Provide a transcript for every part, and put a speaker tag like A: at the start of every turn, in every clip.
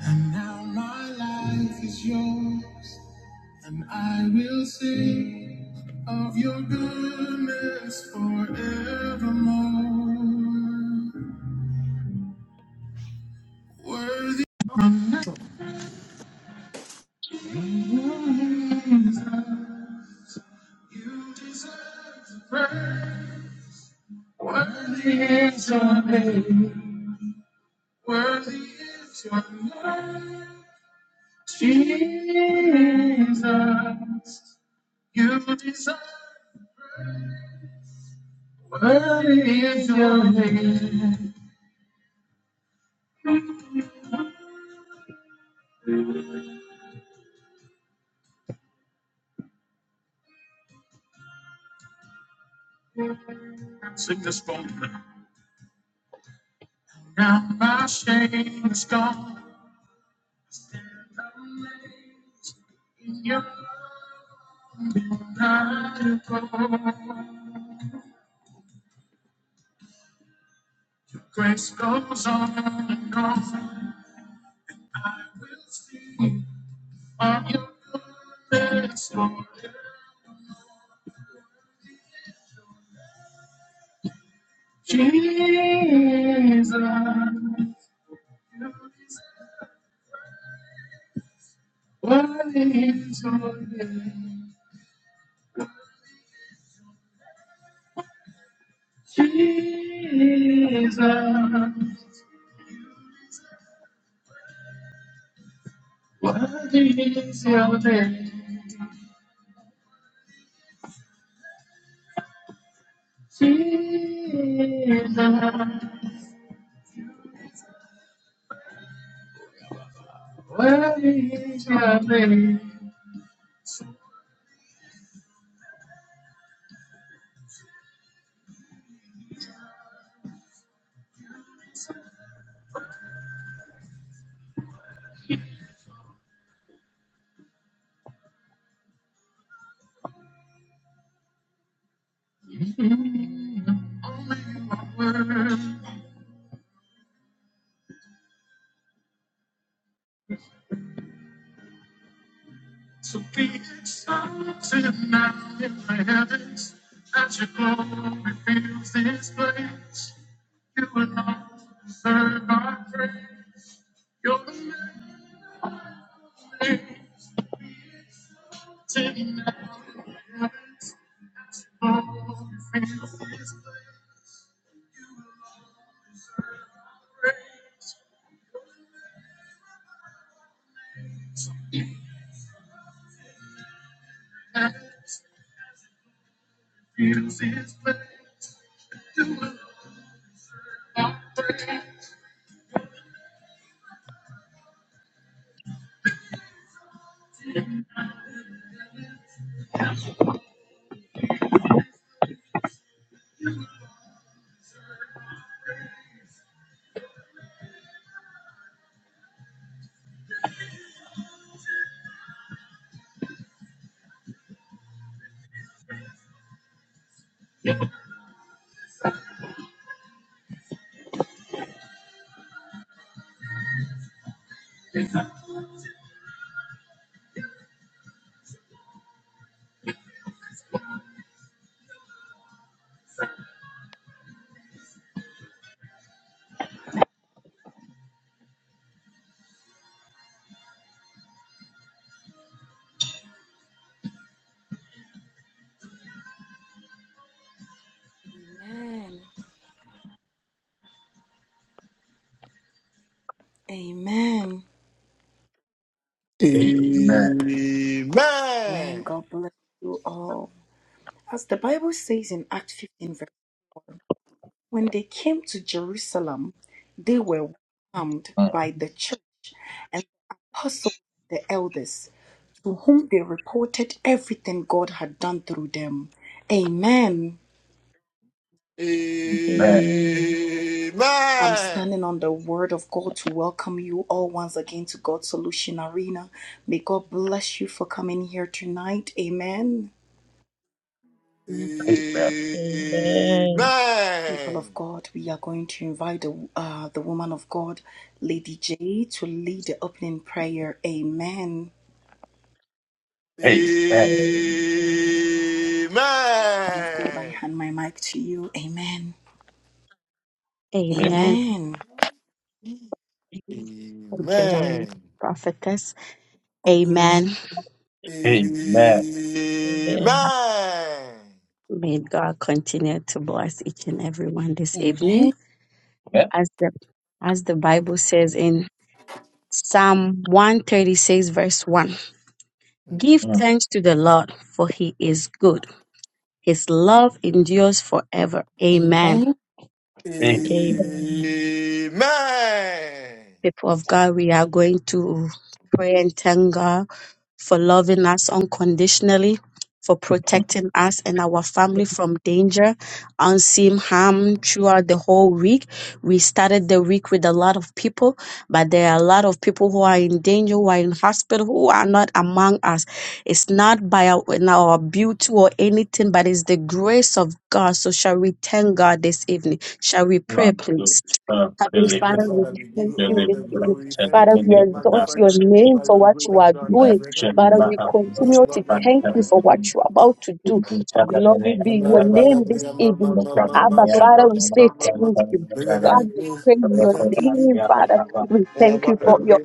A: And now my life is yours, and I will sing of your goodness forevermore. Worthy you deserve the praise, worthy is your name, worthy is your name, Jesus. You deserve, worthy is your name. Sing this now, my shame is gone. Your Grace goes on and on. I will sing of your goodness, Lord. Jesus, what is your name? Jesus, what is your name? Jesus, What is your name? Only my word. So be exalted now in the heavens, that your glory fills this place. You alone deserve our praise. you Your name is exalted now in the heavens, that your glory fills this place. And this place, you alone our praise.
B: Amen. Amen.
C: Amen.
B: Amen. God bless you all. As the Bible says in Acts 15, verse 4, when they came to Jerusalem, they were welcomed
A: Amen.
B: by the church and the apostles, the elders, to whom they reported everything God had done through them. Amen.
D: Amen.
B: I'm
C: Amen.
B: standing on the word of God to welcome you all once again to God's Solution Arena. May God bless you for coming here tonight. Amen.
C: Amen.
E: Amen.
D: Amen.
B: People of God, we are going to invite the, uh, the woman of God, Lady J, to lead the opening prayer. Amen.
C: Amen.
A: Amen. Amen.
D: Amen.
C: Amen.
B: Woman of God, I hand my mic to you. Amen.
E: Amen.
B: Amen.
E: Thank you very much, prophetess.
B: Amen.
E: Amen.
A: Amen.
D: Amen.
E: May God continue to bless each and everyone this evening.
B: Amen.
A: Amen.
E: As the as the Bible says in Psalm 136, verse 1. Give
A: Amen.
E: thanks to the Lord, for he is good. His love endures forever. Amen.
B: Amen.
D: Amen.
C: Amen. Amen.
E: People of God, we are going to pray and thank God for loving us unconditionally, for protecting us and our family from danger, unseen harm throughout the whole week. We started the week with a lot of people, but there are a lot of people who are in danger, who are in hospital, who are not among us. It's not by our, in our beauty or anything, but it's the grace of God. So shall we thank God this evening? Shall we pray,
A: Amen.
E: please? Heavenly
C: And Every
A: Pelican,
E: Father, we
C: Father, we give
E: thank
C: you
E: you
C: all
A: Pelican,
E: this
C: the
E: evening.
C: glory.
A: Branson,
C: Thank
E: Father,
C: you.
E: we
C: We
A: Minnie,
E: exalt
C: magnify
E: your
C: your
A: Branson,
C: name
E: name
C: by
E: for
C: your
E: what
C: great
E: you
C: that
E: are
C: you are alive.
E: doing.
C: We can
A: Election,
C: be
E: Father, we
C: praised. May
A: Bahamas,
E: continue to
C: your
E: thank you for what
A: Pantan,
E: you are about to do.
A: Salamene,
E: Glory be your
A: Abdaba,
E: name this evening. Abba,
A: Mokamania,
E: Father, we say thank
A: Pantan,
E: you.
C: name
E: God,
C: be
E: we
C: praised.
E: praise
C: We
E: your
C: thank you. We-
E: name,
A: Rokovania,
E: Father.
A: Ababa,
E: We thank you for your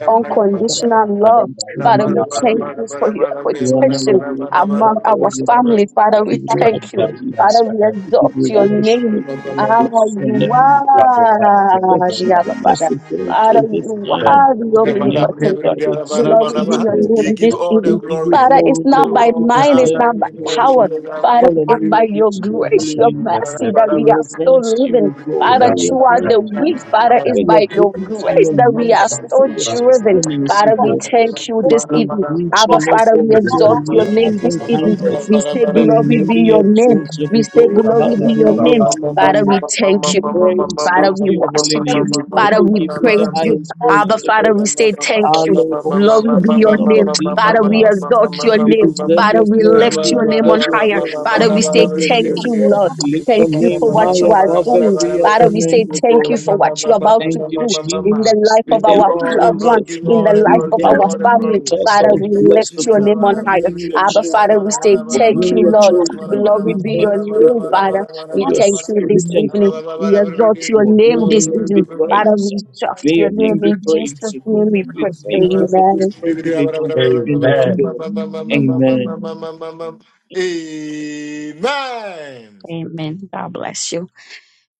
F: Father,
E: unconditional love.
F: thank you and
E: Father, we
F: bless
E: thank
F: you.
E: you for your
F: We honor your
E: protection
F: name, we
E: among our
F: adore your
E: family.
F: name, we
E: Father, we
F: give you the
E: thank you.
F: praise,
E: Father, we
F: we give
E: exalt
F: you
E: your
A: Pantan,
E: name.
F: worship, we
E: Ah,
F: bless your
E: you
F: name, O God.
E: are
F: For
E: the Abba
F: keeping us
E: Father.
F: to go
E: Father,
F: till this
E: you
F: time,
E: are
C: You
E: the
F: your name be
E: omnipotent God.
F: that
E: Beloved
F: exalted,
E: be
F: O
E: your
F: God.
E: name
C: give
E: this
C: you all
F: We
C: the
E: evening.
F: give you
C: glory.
E: Father, it's
C: You
F: glory,
C: give
E: not
C: you
F: Lord,
E: by
F: we
C: all the
E: mind, it's
F: deserve
C: honor
E: not
C: in
F: your
E: by
C: the name of
E: power.
F: glory.
E: Father, it's by
C: Jesus.
F: Hallelujah be
E: your
F: to your
E: grace,
F: holy
E: your
F: name.
E: mercy that
F: We
C: Thank
E: we are still
F: reverence you, O
E: living.
F: God,
E: Father,
F: we
E: throughout
F: reverence
E: the week,
F: you.
E: Father, it's
F: For your
E: by your
F: goodness and
E: grace
F: your
E: that we are
F: mercy, for
E: still
F: your
E: driven.
F: sustenance,
E: Father,
F: O
E: we
F: God
E: thank you
F: the
E: this evening. Abba,
F: provision, O
E: Father, we
F: God, your
E: exalt your name this
F: loving
E: evening.
G: Thank
F: kindness.
E: We say,
F: May your
E: Glory
F: name
E: be
F: be
E: your name.
F: exalted,
E: We
F: O
E: say,
F: God.
E: Glory be your
F: Hallelujah,
E: name. Father,
F: hallelujah.
E: we thank you.
F: Praise be
E: Father,
F: to
E: we
F: your holy
E: worship you.
F: name, O God.
E: Father,
F: We
E: we
F: give you the
E: praise you.
F: highest praise,
E: Abba,
F: O
E: Father, we
F: God.
E: say thank you.
F: Alebo
E: Glory be
F: Santa
E: your name.
F: Labadika
E: Father, we
F: Baya.
E: exalt your
F: You
E: name.
F: deserve
E: Father,
F: your
E: we
F: glory,
E: lift
F: you
E: your name
F: deserve
E: on
F: your
E: higher.
F: glory, you
E: Father, we say
F: deserve your
E: thank you,
F: glory.
E: Lord.
F: We lift your
E: Thank you for
F: name
E: what you
F: high
E: are
F: above
E: doing.
F: every
E: Father,
F: other
C: you.
E: we say
F: name, O
E: thank
C: We
F: God.
E: you
C: give
E: for what you're
F: We
E: about to
F: thank you,
E: do in the
F: Jesus.
E: life
F: We
E: of our
C: you
F: thank you,
C: all the
E: loved one,
C: glory,
F: Jesus.
C: give you
E: in
C: all the
E: the life
F: We
C: glory,
E: of
C: give you
F: thank
E: our
C: all the
F: you.
E: family.
C: glory.
F: thank
E: Father,
C: In the
E: we
F: ourselves,
C: name of
F: bless the
E: lift
C: Jesus,
E: your
F: God,
E: name on
F: for
E: higher.
F: being your
E: Abba, Father,
F: children,
E: we say
F: for
E: thank
F: being
E: you,
F: your
E: Lord.
F: children.
E: Glory
F: We
E: be
F: thank
E: your
F: you, O
E: name,
F: God,
E: Father.
F: that
E: We
F: your
E: thank you
F: spirit
E: this
F: can
E: evening.
F: come from
E: We
F: that,
E: exalt
F: O
E: your
F: God. May
E: name this
F: your name be
E: evening. Father,
F: praised.
E: we shout
F: May
E: your
F: your name
E: name
F: be
E: in Jesus'
F: praised, O
E: name.
F: God.
E: We
F: We
E: pray.
F: thank you for this
E: Amen.
F: privilege you've given us, O
A: Amen.
F: God. Amen.
G: you.
C: Amen.
E: Amen. God bless you.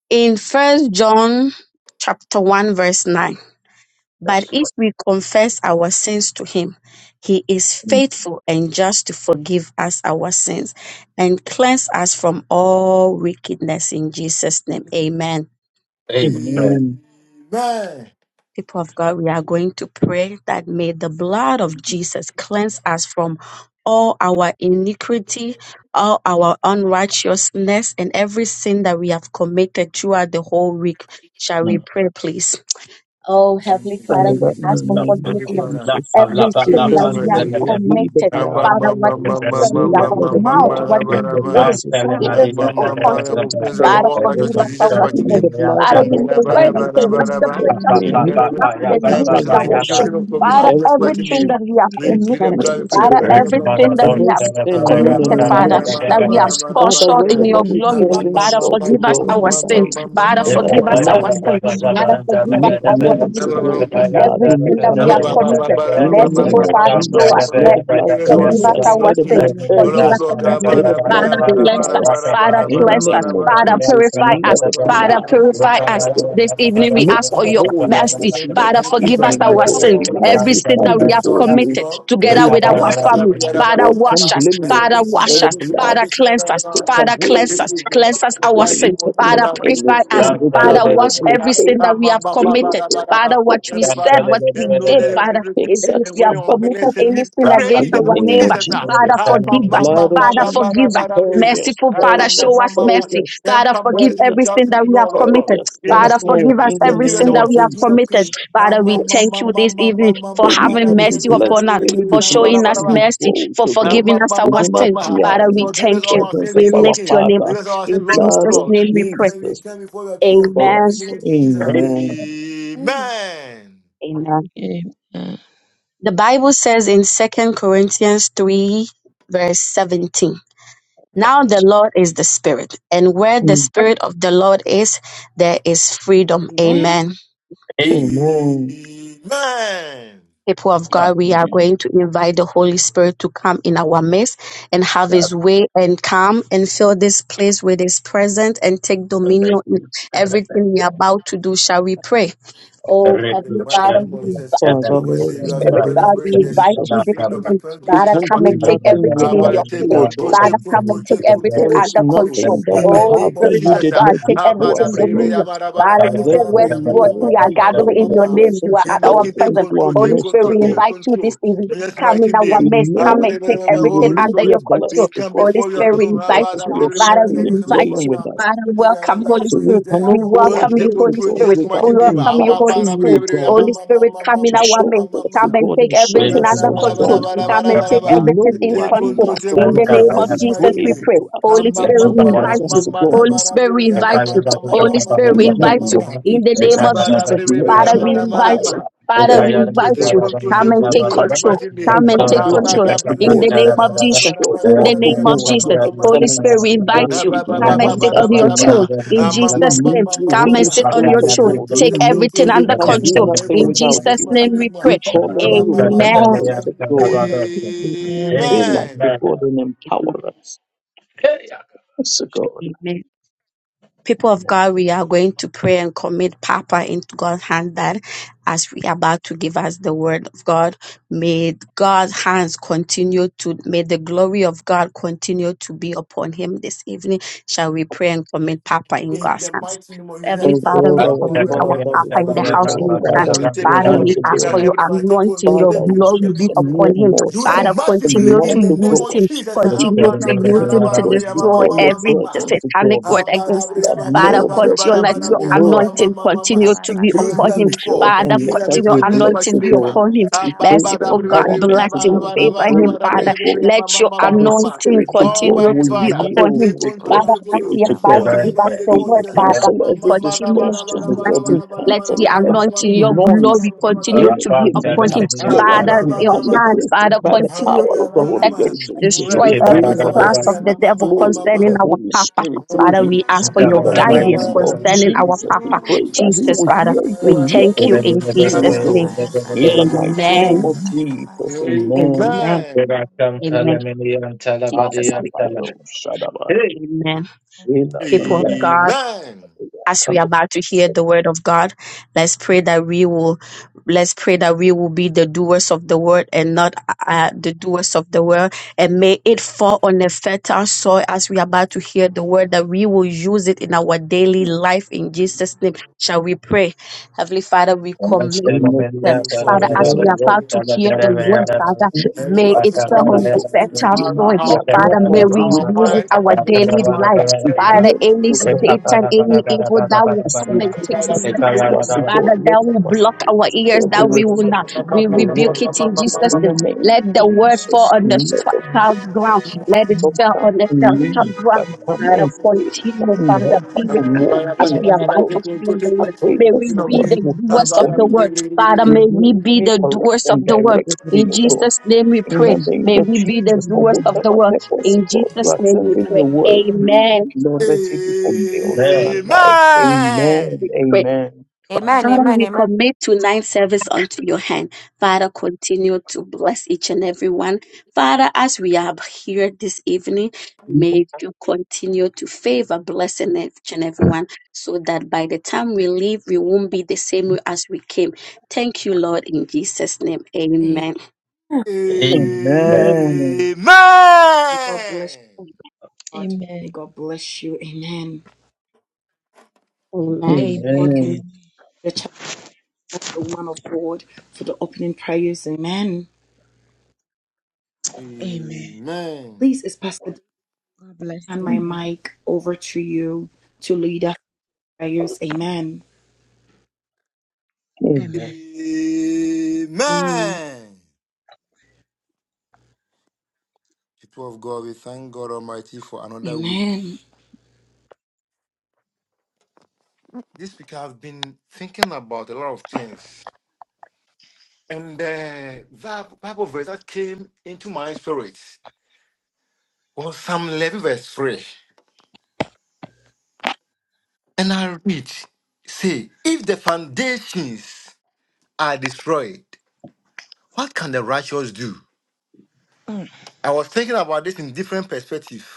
E: In First John chapter 1 verse 9, but
A: Yes,
E: if
A: Lord.
E: we confess our sins to him, he is faithful and just to forgive us our sins and cleanse us from all wickedness in Jesus name.
B: Amen.
E: Amen.
A: Amen.
F: Amen.
C: Amen.
E: People of God, we are going to pray that may the blood of Jesus cleanse us from all our iniquity, all our unrighteousness, and every sin that we have committed throughout the whole week. Shall we pray, please? Oh, Heavenly Father,
A: Thank
E: we
F: Father,
C: Jesus,
F: in
C: uh,
E: ask
F: the
E: for
F: name of
C: every
E: forgiveness.
C: father,
F: Jesus,
C: we
F: we
C: choose
E: Everything
C: your
E: that we have
C: mighty
F: continue to
C: name.
F: plead the
E: committed,
F: blood.
E: Father, what we
F: You
E: said with
F: see,
E: our
F: the
E: mouth,
F: blood of
E: what we did
C: Abba-ba-ba-ba-ba-ba-ba-ba-ba-ba-ba-ba-ba.
E: in
F: Jesus go
E: consciously,
C: Abba-ba-ba-ba. We
E: unconsciously,
C: praise
G: Thank
C: God for
F: for
E: Father,
F: us.
G: you.
C: all
E: forgive
C: righteousness in
E: us
C: Jesus'
E: our
C: mighty
F: We need
E: sin.
C: name.
F: the blood
E: Father,
F: of
E: in
F: God
E: the
F: to
E: word you
F: wash
E: say, what
F: us
C: Ba-da-ba-da-ba-da-ba-da-ba.
E: separates us
F: every
E: from you is us
C: Ba-da-ba-da-ba.
F: iniquity,
E: and
F: every
E: you
C: Every
E: is
C: sin of
E: our
C: omission,
E: sin.
C: sin
F: transgression,
C: of
E: Father,
C: commission, just
F: every
C: mighty
E: everything that
C: name.
E: we have
C: We plead the
E: committed,
C: blood,
F: shortcoming
C: we
F: to
C: plead the
E: Father,
C: blood,
F: God,
C: blood, blood, blood,
E: everything that we
C: ourselves.
F: every
E: have
F: sin known and
E: committed, Father,
F: unknown.
E: that we
A: you.
E: have fall
F: Father,
E: short in
C: Abba-da-ba-da-ba-da-ba-da-ba-da-ba-da-ba-da-ba.
F: wherever
E: your
F: we've
E: glory,
F: fallen
E: Father,
F: short to
E: forgive us
F: God,
E: our
F: we
E: sin.
F: pray
E: Father,
F: that the
E: forgive us our
F: blood.
E: sin.
C: Abba-ba-ba-ba-ba-ba-ba-ba-ba-ba-ba-ba-ba-ba-ba.
E: Rather forgive us
F: make
E: our
F: amends, O
E: iniquity,
F: God. The blood
E: every
F: will
E: sin
F: make
E: that we have
C: Forgive
F: amends.
E: committed.
F: In the name
E: Merciful
F: of
E: Father, show us
F: Jesus, let the
E: mercy.
F: blood
C: us our
E: Forgive
F: cleanse
E: us
C: sin,
F: us.
C: King
E: our
F: Let
C: of
F: the
E: sin.
C: Kings.
F: blood
C: Lord
F: purge
E: Forgive
C: of
E: us
F: us.
C: Lords.
E: our sin.
C: Abba,
F: Let the
C: Dabri,
F: blood
E: Father,
C: Abba,
E: cleanse
C: Dabba,
F: purify
E: us.
C: Dabba,
F: us.
C: Dabba,
E: Father,
F: In
C: Dabba,
F: the
E: cleanse
C: Dabba,
E: us.
F: name
C: Dabba,
F: of
E: Father,
C: Dabba.
F: Jesus,
E: purify us.
F: let the
C: Everybody,
E: Father,
F: blood
E: purify us. This evening we
F: make
E: ask for
F: us
E: your
F: whole
E: mercy.
F: this morning,
E: Father, forgive
F: even
E: us
F: in the
E: our
F: God.
E: sin.
F: Even as
E: Every
F: we
E: sin that
F: stand
E: we have
F: before you,
E: committed
F: we
E: together with our
F: want to,
E: family.
F: to
A: Rakabara
E: Father,
F: God,
E: wash
F: come
E: us.
F: blameless.
E: Father, wash
F: Let the
E: us.
F: blood
E: Father, cleanse us.
F: take
E: Father,
F: away
E: cleanse us. Cleanse us our
F: any
E: sin. Father,
F: impediment,
E: purify us.
F: anything, O
E: Father,
F: God, any
E: wash every sin
F: blockade,
E: that we have committed.
F: anything.
E: Father, what we said, what we
C: and know
E: did,
C: that
E: Father,
C: everything,
F: takes
E: even if
C: and
E: we
F: us
C: when
E: have
C: on
F: back
C: the
E: committed
F: to
C: lesson,
F: God.
E: any
C: we
E: sin
C: pray
F: In
E: against
C: in the
F: the
C: name
E: our
C: of
F: name
E: neighbor,
F: of
C: Jesus. ah.
E: Father,
F: Jesus,
C: Ah, ma,
E: forgive
C: ma,
E: us.
C: ma,
F: Lord of
C: ma,
E: Father,
C: ma,
E: forgive
F: Jesus,
E: us.
D: Sacrifice.
F: purge us,
E: Merciful Father,
F: purge
C: ma, ma,
E: show
F: us,
C: ma,
E: us
C: ma, ma.
F: purge
E: mercy.
F: us,
E: Father,
C: Temper
E: forgive
C: mercy
F: purge
C: with
E: every
F: us,
E: sin
C: justice,
F: again,
E: that we have
C: Lord of Lord,
E: committed.
F: purge us
C: King
E: Father,
C: of
F: once
C: Kings.
F: more
E: forgive us
F: in the
E: every
C: Forgive us
E: sin
F: name
C: our
E: that
F: of
E: we have
C: sins, King of
F: Jesus.
E: committed.
C: Kings.
E: Father,
C: Forgive
E: we
F: Yes.
E: thank you this evening for
F: So we
E: having
F: can be
E: mercy
F: blessed,
E: upon us,
F: really be
E: for showing
F: blessed
E: us
F: and be
E: mercy,
F: bold
E: for
F: to God,
E: forgiving us our
F: even as
E: sin.
F: we are
E: Father, we
F: in
C: us
E: thank
F: the
C: all
E: you.
C: our sins,
F: presence of
E: We
C: King of Kings.
F: our
E: lift your name.
F: Father,
C: Forgive us all our sins,
E: In
C: Lord of
F: Lord
E: Jesus'
F: of
C: Lords.
E: name we
C: We
E: pray.
C: come we
F: Jesus
C: come before your throne.
F: for
C: In the
E: Amen.
F: us.
C: name of Jesus.
A: Hey,
F: Amen.
C: Amen.
E: Amen.
D: Amen. Amen.
E: The Bible says in Second Corinthians 3, verse 17, Now the Lord is the Spirit, and where the Spirit of the Lord is, there is freedom.
B: Amen.
E: Amen.
A: hey,
C: Amen.
F: Amen.
C: Amen.
E: People of
A: Father,
E: God, we are
D: Amen.
E: going to invite the Holy Spirit to come in our midst and have His way and come and fill this place with His presence and take dominion in everything we are about to do. Shall we pray? Oh,
C: In The
E: Heavenly
C: mighty
E: Father,
C: name
E: we
C: of Jesus,
E: invite
F: Father,
E: you.
C: I will
F: Lord,
C: say you are
F: in the
E: Spirit
C: spirit,
F: name
C: as
E: God,
F: of
C: well
E: we
C: as
E: invite
C: the
F: Jesus.
C: the
E: you this
C: freedom in
E: evening.
C: Christ
F: We
E: Father,
C: Jesus
F: can
E: come
F: do
E: and
C: fucking name.
E: take
F: nothing
E: everything
C: Ah,
E: in
F: without
E: your
C: but take
F: you,
E: place.
F: O
C: control,
F: God.
E: Father,
C: take
E: come
C: control,
E: and take
C: take control,
E: everything
F: There
C: take
F: is
E: under
C: control.
E: control.
F: nothing that
C: In
F: we
C: the
E: Oh,
F: have
C: name of
F: that
E: Spirit
F: you
E: of
C: Jesus,
F: did
C: ah,
E: God,
F: not
E: take
F: give
C: Ah,
F: to
C: but I
E: everything
F: us, O
C: bring, bring,
F: God.
C: ah,
E: dominion.
C: but I- but I-
E: Father,
C: but
E: you
C: I-
E: said
C: but I
E: where
C: bring,
F: Therefore,
C: ah,
E: two
C: ma,
E: or
C: ma, ma,
E: three
F: Lord,
E: are
C: ma,
F: we
C: ma, ma,
E: gathering
F: call
C: ma,
E: in
F: your
E: your
A: Revolution,
C: ma.
E: name, you are
F: presence, O
E: at
C: King of
E: our
C: King,
F: God,
C: take
E: presence.
F: into our
C: control,
E: Holy
C: take
F: midst,
E: Spirit,
F: O
C: control,
E: we
F: God.
C: take
E: invite you this
C: control.
E: evening.
C: In His
E: Come in
C: mighty
E: our
F: We
C: name,
E: midst.
C: Ah,
E: Come
F: know
C: but I-
E: and
C: but
F: if
E: take
C: I- but I-
F: we will
E: everything
C: Holy
F: be
E: under your
C: Spirit,
E: control.
C: we
F: blessed, O
C: come
F: God,
E: Holy
C: before
F: it
C: your
E: Spirit, we
F: is
C: throne. Ah,
F: because
E: invite
C: but
F: of
C: I
E: you.
C: bring,
F: your
C: bring, bring,
E: Father,
C: bring, bring,
E: we
F: spirit
C: bring, bring, bring, bring, bring, bring, bring, bring, bring,
E: invite
C: bring,
F: dwelling
E: you.
C: bring,
F: with
C: bring, bring,
F: us.
E: Father,
C: Maybe I don't
E: welcome,
C: know
E: Holy
F: So
C: what is
F: we
E: Spirit.
C: there.
E: We
F: cannot go
C: Holy we
E: welcome
C: take
E: you,
F: ahead, O
E: Holy
C: control in
F: God,
E: Spirit.
C: Jesus'
E: We
C: mighty
F: without
C: name.
E: welcome you,
F: inviting
C: Ama
E: Holy
C: bara
F: you,
C: bria
F: O
E: Spirit.
C: bria
F: God,
C: ama
E: Holy
G: Thank
C: ma ma
E: Spirit,
C: ma
E: come
C: ma
E: in
F: to
C: ma
E: our
C: ma
F: share
C: ma
E: midst.
C: ma
F: with us, O
E: Come
C: ma.
E: and
F: God,
E: take
F: and show
E: everything
C: Bara bara
E: under
F: yourself
C: bara bara
E: control.
F: strong.
C: bara
E: Come
C: bara
E: and
C: bara
E: take
F: We
C: bara.
F: know
E: everything in
F: you are
C: Take
F: in
E: control.
C: control,
F: us,
C: take
F: O
E: In
C: control
E: the
F: God,
C: in
E: name of
F: and
C: Jesus'
F: we
E: Jesus,
C: mighty
F: pray
E: we
C: name.
E: pray.
F: to
E: Holy
C: Ama
F: activate
E: Spirit,
C: ma
F: your
E: we
C: ma ma
E: invite
C: ma
E: you.
F: presence, O
C: bara
F: God.
E: Holy
C: bara
E: Spirit,
C: bria
E: we
C: bria ama
E: invite
C: ma
E: you.
C: ma ma
E: Holy
C: ma
F: Fire
C: ma ma
E: Spirit,
F: in
E: we
F: the
C: ma ma
E: invite
C: ma
F: name
E: you.
F: of
C: ma.
E: In the
F: Jesus.
E: name
C: Ama
E: of
C: bara
E: Jesus,
C: bria bria
F: Let
C: bria
E: Father,
F: your
E: we
C: ama ma ma ma
E: invite you.
C: ma.
F: fire
E: Father,
C: Take
F: fall,
E: we
F: O
C: control,
E: invite
C: take
E: you.
F: God.
C: control,
E: Come
C: take
E: and
F: Let
E: take
C: control in
F: your
C: Jesus'
F: fire
E: control.
C: mighty name.
E: Come and
F: encamp
E: take
F: round
E: control.
F: us,
C: Abada
F: O
C: bria
E: In
C: bria
E: the
F: God.
E: name
C: bria
E: of
C: bara
E: Jesus.
C: bara
F: Show
C: bara
E: In the
F: forth,
C: bara
F: O
E: name
C: bria
E: of
C: ama ma
F: God,
C: ma
F: your
E: Jesus.
C: ma ma.
E: Holy Spirit,
F: excellence,
E: we
F: O
E: invite
F: God,
E: you.
F: even
E: Come and sit
F: amongst
E: on
F: us
E: your
F: tonight.
E: throne.
C: Ba-ba-ba-ba-ba-ba-ba-ba.
E: In
C: Ah, ma,
F: We
C: ma,
E: Jesus'
C: ma,
E: name,
F: need
C: ma, ma,
F: you,
E: come
C: ma,
E: and
F: Holy
E: sit
C: ma.
E: on
F: Spirit
E: your
F: of
C: Take
E: throne
F: God.
C: control,
F: We
E: Take
C: take
F: need you.
C: control,
E: everything
F: We
E: under
F: can
C: citizen.
F: do
E: control.
C: Take
F: nothing
E: In
C: control,
F: without
C: Jesus,
E: Jesus'
F: you.
C: my
E: name we
C: name.
E: pray.
C: ma.
F: We call
C: Ah,
F: on
C: ma,
F: you,
C: ma, ma,
F: Holy
C: ma,
E: Amen.
C: ma, ma.
F: Spirit of God. Fill us,
C: Amen.
F: O
A: Amen.
F: God, and empower us. Yes, O God.
E: Amen. people of God, we are going to pray and commit Papa into God's hand that as we are about to give us the word of God, may God's hands continue to, may the glory of God continue to be upon him this evening. Shall we pray and commit Papa in
C: in
E: God's
C: the
E: hands?
C: mighty name of Jesus,
E: Heavenly
C: Heavenly
F: O
C: Father,
E: Father,
C: come to
F: God,
E: we
A: Hey,
C: our
F: our
E: commit
C: government and
E: our
C: our
F: Father,
C: boss,
F: we
E: Papa in the
C: Lord.
F: commit
C: Lord.
E: house
F: our
E: in your
C: I
E: hands.
F: Father
C: don't
F: into
C: take
F: your
E: Father,
C: over,
F: hands,
E: we
C: we
F: O
C: pray
E: ask
C: that
F: God.
E: for your
C: Heavenly Father, take
E: anointing,
C: control,
E: your
F: Father
C: take
F: is
C: control,
E: glory
C: take
E: be
F: just a
C: control.
F: mere
E: upon him.
C: Use him
E: Father,
F: mortal.
C: massively
E: continue
C: in
E: to
F: Tonight,
C: the
F: O
C: name
E: use
C: of
F: God,
E: him,
C: Jesus.
F: we
C: Ah,
E: continue
C: ba,
F: bring
E: to
C: da, bri,
E: use
C: ah,
F: him,
C: da,
E: him
F: O
C: ba,
E: to
C: da,
F: God,
C: bri, ah, ma, ma,
E: destroy
F: before
C: ma,
F: your
C: ma, ma,
E: every
C: ma.
F: presence, O
E: satanic
F: God.
C: Ah,
E: word
C: ba, da,
E: against him
C: bri, ah,
F: that
C: ba, ba,
E: Father,
C: da,
F: Lord,
C: ba, da,
F: let
C: ba,
E: continue,
C: da,
F: him
E: let
C: ba, da,
F: be
E: your
C: bri,
F: an
C: ah, ma, ma, ma,
E: anointing
F: oracle.
C: ma, ma,
E: continue
C: ma.
E: to
F: Speak
E: be
C: Use
F: through
C: him
E: upon
C: than
E: him.
F: him,
C: before.
F: God,
E: Father,
F: and
C: Use him than
F: let us
E: continue
C: before
F: be
C: in Jesus' mighty
F: blessed,
E: anointing be
C: name.
F: God.
E: upon him.
C: Ah,
F: We
C: ba,
F: pray
C: ba,
F: for
C: da,
E: Merciful
C: bri, bri,
E: God,
C: bri, bri,
F: empowerment
C: ah,
E: bless
F: to
C: ba, da,
E: him,
F: God.
C: ba, da,
F: We
C: ba,
E: favor
C: da,
F: pray
E: him,
C: ba, da, bri,
E: Father.
F: for
C: ah, bri, bri,
F: God.
C: ah,
E: Let
C: ma, ma,
E: your
C: ma,
F: That
C: ma, ma,
F: his
C: ma.
E: anointing
F: spirit to God
E: continue
C: Almighty
F: will
E: to be
C: Father,
E: upon
F: yield
E: him.
C: take
F: with your
C: control,
E: Father,
C: take
E: as
C: control,
F: spirit
E: he is
F: to
C: speak to
E: about
F: God.
E: to
C: yourself
E: give
C: in
E: us
C: the
E: the
C: name
F: We
C: of
E: word,
C: Jesus. Ah,
E: Father,
F: cancel
C: ma, ma,
F: every
C: ma, da, ba,
E: continue
C: da,
E: to
C: ba,
F: distortion
C: da,
F: of
C: ba,
E: bless
C: da,
F: God.
C: ba,
E: him.
F: We
C: da, ba, da,
E: Let
C: ba, da, ba,
F: cancel
E: the
C: da, ba, da, ba, da, ba, da, ba,
F: every
E: anointing, your
C: da,
F: noise,
E: glory continue
F: anything
E: to be upon him.
C: ba, da, ba, da, ba, da. Ah, ba,
F: interference.
E: Father,
C: ba,
F: We
C: ba,
E: your
C: ba,
F: come
C: ba, ba.
E: hands,
F: against it
E: Father,
F: by the
C: Ah,
E: continue
C: ba,
F: power
E: to
C: ya,
F: of the
C: ma, na,
F: Holy
E: protect
C: ma.
E: him.
F: Ghost.
C: Mm, da, di,
E: Destroy
F: We
C: di, ah,
F: pray
C: ba,
E: every
C: da,
F: for
C: ba, da,
E: class
C: di,
F: the
E: of
C: ah,
E: the
C: ma, ma, ma,
E: devil
C: ma,
F: flow
C: ma,
F: of
C: ma.
E: concerning
F: the
C: Ma,
E: our
F: Holy
E: Papa.
F: Spirit
C: ma, ma,
F: through
E: Father,
F: him.
E: we ask for
F: In
E: your
C: ma,
F: the
C: da, ba, da, ba,
E: guidance
C: da,
F: name
C: ba, da,
F: of
C: di, di.
E: concerning our
F: Jesus, we
E: Papa,
F: pray that he
E: Jesus,
F: will
E: Father.
F: hear it
E: We
F: and hear
E: thank you
F: only
E: in
F: you, O
E: Jesus' name.
F: God. In the mighty name
E: Amen.
F: of Jesus,
C: Amen.
F: amen.
E: Amen. Amen. Jesus, we pray.
F: Alabadoshadabai.
E: Amen.
F: Elabadabadabadabada.
E: People of God. as we are about to hear
F: In
E: the word of God, let's pray that we will let's pray that we will be the doers of the word and not uh, the doers of the word and may it fall on a fertile soil as we are about to hear the word that we will use it in our daily life in jesus name shall we pray heavenly father we
F: the
E: commit
F: name of
E: ourselves
F: Jesus,
E: father as we
F: Lord,
E: are about to hear the word father
F: let we
E: may
F: have
E: it fall
F: come, O
E: on the
F: God, to
E: fertile
F: hear you.
E: soil
F: We have not
E: father
F: come
E: may
F: to
E: we
F: waste
E: use
F: our
E: it our
F: time,
A: Amen. Amen.
E: daily life
F: but to
E: Father,
F: hear you,
E: any
F: O God.
E: Satan, any evil that will
F: As
E: come
F: you
E: and
F: come
E: take the
F: to speak
E: light
F: to
E: away.
F: us, O God,
E: Father,
F: let
E: that will
F: our
E: block
F: spirit
E: our ears,
F: today be
E: that we will
F: receptive
E: not.
F: to
E: We
F: your
E: rebuke
F: word.
E: it in Jesus'
F: In
E: name.
F: the name
E: Let
F: of
E: the word fall
F: Jesus,
E: on the
F: let the word
E: sound ground. Let it
F: not
E: fall
F: come
E: on the
F: and
E: sound
F: leave,
E: ground.
F: but come
E: Father,
F: and stay, come
E: continue,
F: and
E: Father,
F: help us
E: be
F: to
E: with us
F: walk
E: as
F: in it
E: we are
F: to
E: about
F: go.
E: to feel the
F: I
E: word.
F: pray
E: May
F: this
E: we be
F: word
C: Amen.
E: the
F: will
C: Ah,
F: come
E: doers
C: ba,
E: of
F: for
C: da,
E: the
C: di,
F: me.
C: di,
E: word.
C: di, di, di, di.
E: Father, may we
F: Rebuke
E: be
F: me,
E: the
F: correct,
E: doers
F: and
E: of the word.
F: direct me,
E: In
F: O God.
E: Jesus' name we
F: In
E: pray.
F: the name
E: May
F: of
E: we be the
F: Jesus, for
E: doers of the
F: whatever
E: word.
F: purpose, O
E: In
F: God, you
E: Jesus'
F: are
E: name we
F: sending
E: pray.
F: your word,
G: you.
E: Amen.
F: Lord, let it be fulfilled in my life.
C: Amen.
F: Amen.
E: we pray.
F: Amen.
H: Amen,
E: Father,
H: amen,
E: we
H: amen.
E: commit tonight's service unto your hand. Father, continue to bless each and every one. Father, as we are here this evening, may you continue to favor, blessing each and everyone, so that by the time we leave, we won't be the same way as we came. Thank you, Lord, in Jesus' name. Amen.
B: Amen.
F: Amen.
C: Amen.
B: May God bless you, God.
D: Amen.
B: May God bless you. Amen.
E: Amen.
B: God can
D: Amen.
F: Amen.
B: the child bless the woman of God for the opening prayers. Amen.
D: Amen.
C: Amen.
B: Please, it's Pastor D.
D: God bless
B: Hand my
D: you, man.
B: mic over to you to lead us. prayers. Amen.
F: Amen.
D: Amen.
B: Amen.
C: Amen. People of God, we thank God Almighty for another week.
B: Amen.
C: This week I've been thinking about a lot of things. And uh, that Bible verse that came into my spirit was Psalm 11, verse 3. And I read, say, if the foundations are destroyed, what can the righteous do?
D: Mm.
C: I was thinking about this in different perspective.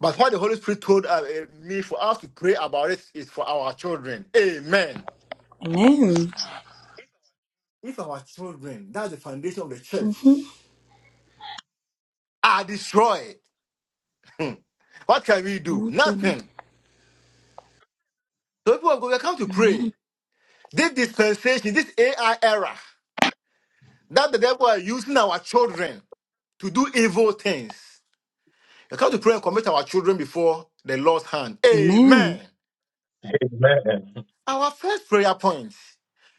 C: But what the Holy Spirit told uh, eh, me for us to pray about it is for our children. Amen.
B: Amen.
C: If our children, that's the foundation of the
B: Mm-hmm.
C: church, are destroyed, hmm, what can we do?
B: Nothing.
C: Nothing. So people are going We come to pray.
B: Amen.
C: This dispensation, this AI era, that the devil are using our children to do evil things. We come to pray and commit our children before the Lord's hand.
B: Amen.
C: Amen. Our first prayer point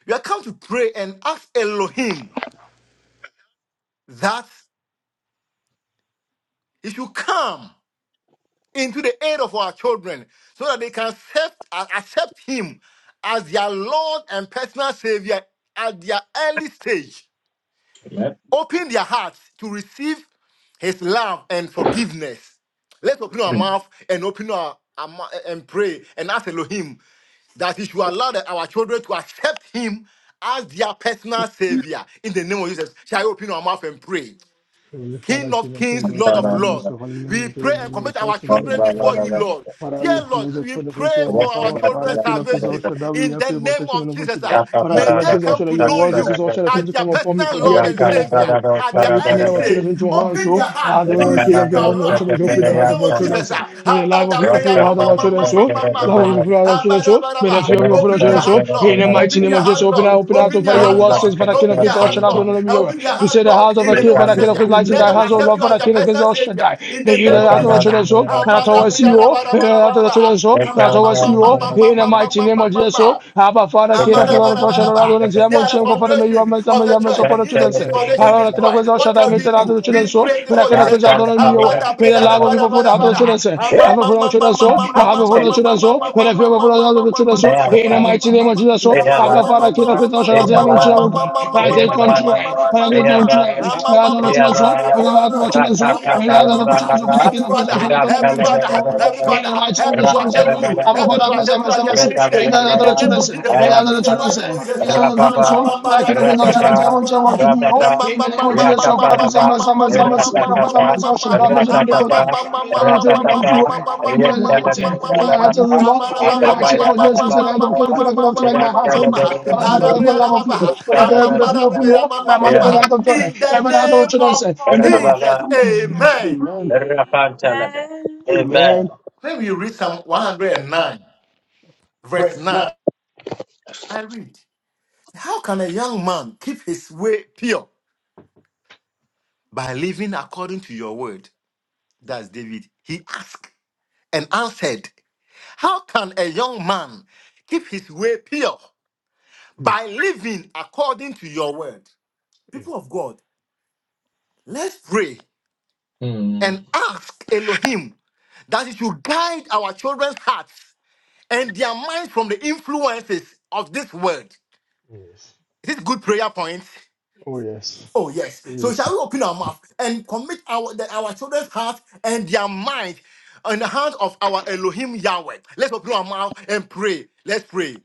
C: we are come to pray and ask Elohim that he should come into the aid of our children so that they can accept, uh, accept him as their Lord and personal Savior at their early stage.
A: Amen.
C: Open their hearts to receive his love and forgiveness. Let's open our
A: Amen.
C: mouth and open our, our mou- and pray and ask Elohim that he should allow that our children to accept him as their personal savior in the name of Jesus. Shall I open our mouth and pray?
I: Heavenly
C: King
I: Father,
C: of
I: King of
C: kings,
I: Kings, I
C: Lord
I: should
C: of
I: have blessed
C: lords.
I: your holy name,
C: We
I: your
C: pray
I: great
C: and
I: name, your
C: commit our
I: salt, and
C: children
I: magnify
C: before
I: you
C: you,
I: more.
C: Lord.
I: Father,
C: Dear
I: we
C: Lord,
I: commit the
C: we
I: children into
C: pray
I: your
C: for
I: hands,
C: our
I: our Father,
C: children's
I: King of Kings, I
C: salvation
I: should have we
C: in
I: have
C: the
I: your
C: name
I: protection
C: of
I: and over
C: Jesus.
I: today.
C: ah.
I: Father,
C: May
I: King
C: they
I: of Kings, all
C: come
I: shall
C: to
I: your
C: know
I: words. This is
C: you
I: all shall
C: as
I: to
C: their
I: come
G: Thank
I: upon me
C: personal
I: for thee are
C: Lord
I: the other
C: and
I: kingdom of
C: Savior
I: heaven.
C: at
I: Father,
C: their
I: we
C: early
I: commit our
C: stage
I: children into your hands.
C: Open
J: Open
C: your
J: your
I: So,
C: heart
J: heart to
C: to
I: Adonai, King
C: receive
J: receive
I: of
J: your
C: your
I: Kings, not so
C: love
J: love
I: much open
C: in
J: in
C: the
I: the
J: the name
I: heart
C: name
I: of our
C: of
J: of
I: children.
C: Jesus.
J: Jesus.
I: Sir.
C: ah.
J: ah.
I: May the life
J: Abba,
I: of
J: da,
I: people
J: bre,
I: full
C: Habadabriya
I: the
C: ma-
I: heart of
C: ma-
I: our
C: ma-
I: children.
C: ma- ma-
I: So,
C: ma- ma-
I: love of
C: ma.
I: people full the heart of our children. So, may the
C: Habadabaraba.
I: fear of people full our
J: Open
C: Open your
I: children.
J: your
C: heart,
I: So,
J: heart,
C: Lord.
I: in
J: Lord.
I: the mighty
C: Open
J: Open
I: name
C: your
J: your
I: of Jesus,
C: heart,
J: heart,
I: open
C: Lord.
I: out,
J: Lord.
I: open out
C: Open
I: to
J: Open
C: your
I: Father,
J: your
I: your
C: heart,
J: heart,
I: words.
J: Lord.
C: Lord.
I: Says, Father, King of
C: Open
J: Open your
C: your
I: Kings, all
C: heart,
I: shall
J: heart,
C: Lord.
J: Lord.
I: Adonai, let me hear.
J: Open
C: Open your
J: your
I: You
C: heart,
I: say
J: heart,
I: the
J: Lord.
C: Lord.
I: heart of
C: In
J: In
I: a
J: the
C: the
I: king,
C: name
J: name
C: of
J: of
I: Father,
A: Rakakakala
I: King
C: Jesus.
I: of
J: Jesus.
C: ah.
I: Kings,
J: ah.
I: light in
C: Let
J: Let
I: thy
C: them
J: them
I: house, O
C: accept
I: Lord,
J: accept
C: you
J: you
C: as
I: Father,
J: as
C: their
J: your
I: King of Kings,
C: personal
J: personal
I: all shall
C: savior.
J: savior.
I: die.
C: In
J: In
I: May
J: the
C: the
I: you
C: name
J: name
I: the
C: of
J: of
I: heart of our
C: Jesus.
J: Jesus.
I: children.
C: ah.
J: ah.
I: So, and I
J: Abba,
I: told
J: da, bre,
I: us
C: Hamadabriya
I: you, and I told the
C: rabarabaraba.
I: children so, and
C: Ah,
I: I
C: ma-
I: told
C: ma-
I: us
C: ma- ma-
I: you,
C: ma- ma-
I: in the the
C: ma-
I: mighty
C: ma-
I: name
J: They
C: ma-
I: of
C: ma-
I: Jesus.
J: are
C: ma.
I: Oh, Abba,
C: They
I: Father,
C: are
I: King of glory, for Shadow, Lord, and Zion, Munchi,
C: the
J: the
I: and Confirm, may you
J: foundation
I: have
C: foundation
I: mercy,
J: of
C: of
I: may you
C: the
J: the
I: have mercy
C: church.
J: church.
I: upon the
C: If
J: If the
I: children.
C: this
I: Say,
J: people they
C: foundation
J: give
I: Lord,
J: it
I: I cannot
C: destroyed,
J: twice,
I: quench out,
C: what
J: what
I: I
J: can
C: can
I: meet
J: we
C: we
I: the
J: do?
C: do?
I: of the
J: We
I: children.
C: We
I: So,
J: pray
C: pray. You
I: when
C: know
J: no
I: I
C: what
J: they
I: cannot
J: say,
C: Jesus
I: quench out,
C: said.
J: "Ah,
I: don't let me
J: ah, bah,
I: away.
J: bah, bah,
I: May the
J: bah, bah,
I: love of
J: bah,
I: people
J: bah,
I: for the of
J: bah,
I: the children.
J: ah,
I: Say, and
J: ah, bah,
I: have it
J: bah,
I: for the
J: bah,
I: children. So, and have it for the children. So, when I feel for the heart of the children. So, in the mighty name of Jesus. So, Abba, Father, King of glory, Shadow, Zion, Munchi, and Confirm, I take control, I give control, and
C: Every
I: I
C: father,
I: don't let the children.
C: every
I: So, I don't let children.
J: ah,
I: So,
J: bah,
I: I
J: bah, bah."
I: don't let children. So, for the King of glory,
J: Everybody,
C: father,
I: Shadow, I don't let me
J: everybody,
C: every
I: away.
C: father,
I: In
J: everybody,
I: the mighty
C: help
I: name of
C: them to
A: Amen.
I: Yeshua
J: everybody, help
C: accept
I: Messiah,
J: you,
C: you, help them
I: father
C: to
J: everybody,
I: mercy,
C: accept you at
I: mercy,
J: everybody,
C: their
J: at
C: early
I: mercy.
J: any
C: stage.
I: May
J: stage,
I: the
C: In
J: in the
C: the
I: the
C: name
J: name
I: children
J: of
C: of
I: say,
J: Jesus,
C: Jesus,
I: may the
J: ah, in
C: in the
J: the
I: children
A: Amen.
C: mighty
J: mighty
C: name
J: name
I: say,
C: of
J: of
C: Jesus.
I: may
J: Jesus, I'm
I: the children
J: bah,
I: say,
J: bah,
I: may
J: I'm
I: the
J: bah,
I: King
J: bah,
I: of the
J: I'm
I: Lord
J: bah,
I: shall
J: ah, I'm bah, bah, ah,
I: to do. In the name of Jesus, so father mercy, mercy, mercy, mercy, King of the children, our Father, mercy, I shall die, mercy, and devote him. the children belong to the name of the the heart
C: In
J: bah, bah, bah, ah, bah, bah,
I: in
C: the
I: the
J: bah,
I: mighty name of Jesus, I don't care if I can have tonight, my heart, i father of love of you. But if the fear of you, I manifest the of joy.
J: in the
I: Every heart the
J: name
C: name
I: children
C: of
J: of
I: in the
J: Jesus.
I: name of
C: Jesus,
I: Jesus
J: Amen.
C: amen.
I: amen.
J: Amen.
I: Amen.
C: Then
J: Let
C: we
J: me read
C: read Psalm
J: Psalm 109,
C: 109, verse
J: verse
C: 9.
J: 9.
C: I read, How can a young man keep his way pure? By living according to your word. That's David. He asked and answered, How can a young man keep his way pure? By living according to your word. People of God. Let's pray and ask Elohim that he should guide our children's hearts and their minds from the influences of this world.
I: Yes.
C: Is this good prayer point?
I: Oh, yes.
C: Oh, yes. So shall
I: Yes.
C: we open our mouth and commit our, the- our children's hearts and their minds in the hands of our Elohim Yahweh? Let's open our mouth and pray. Let's pray.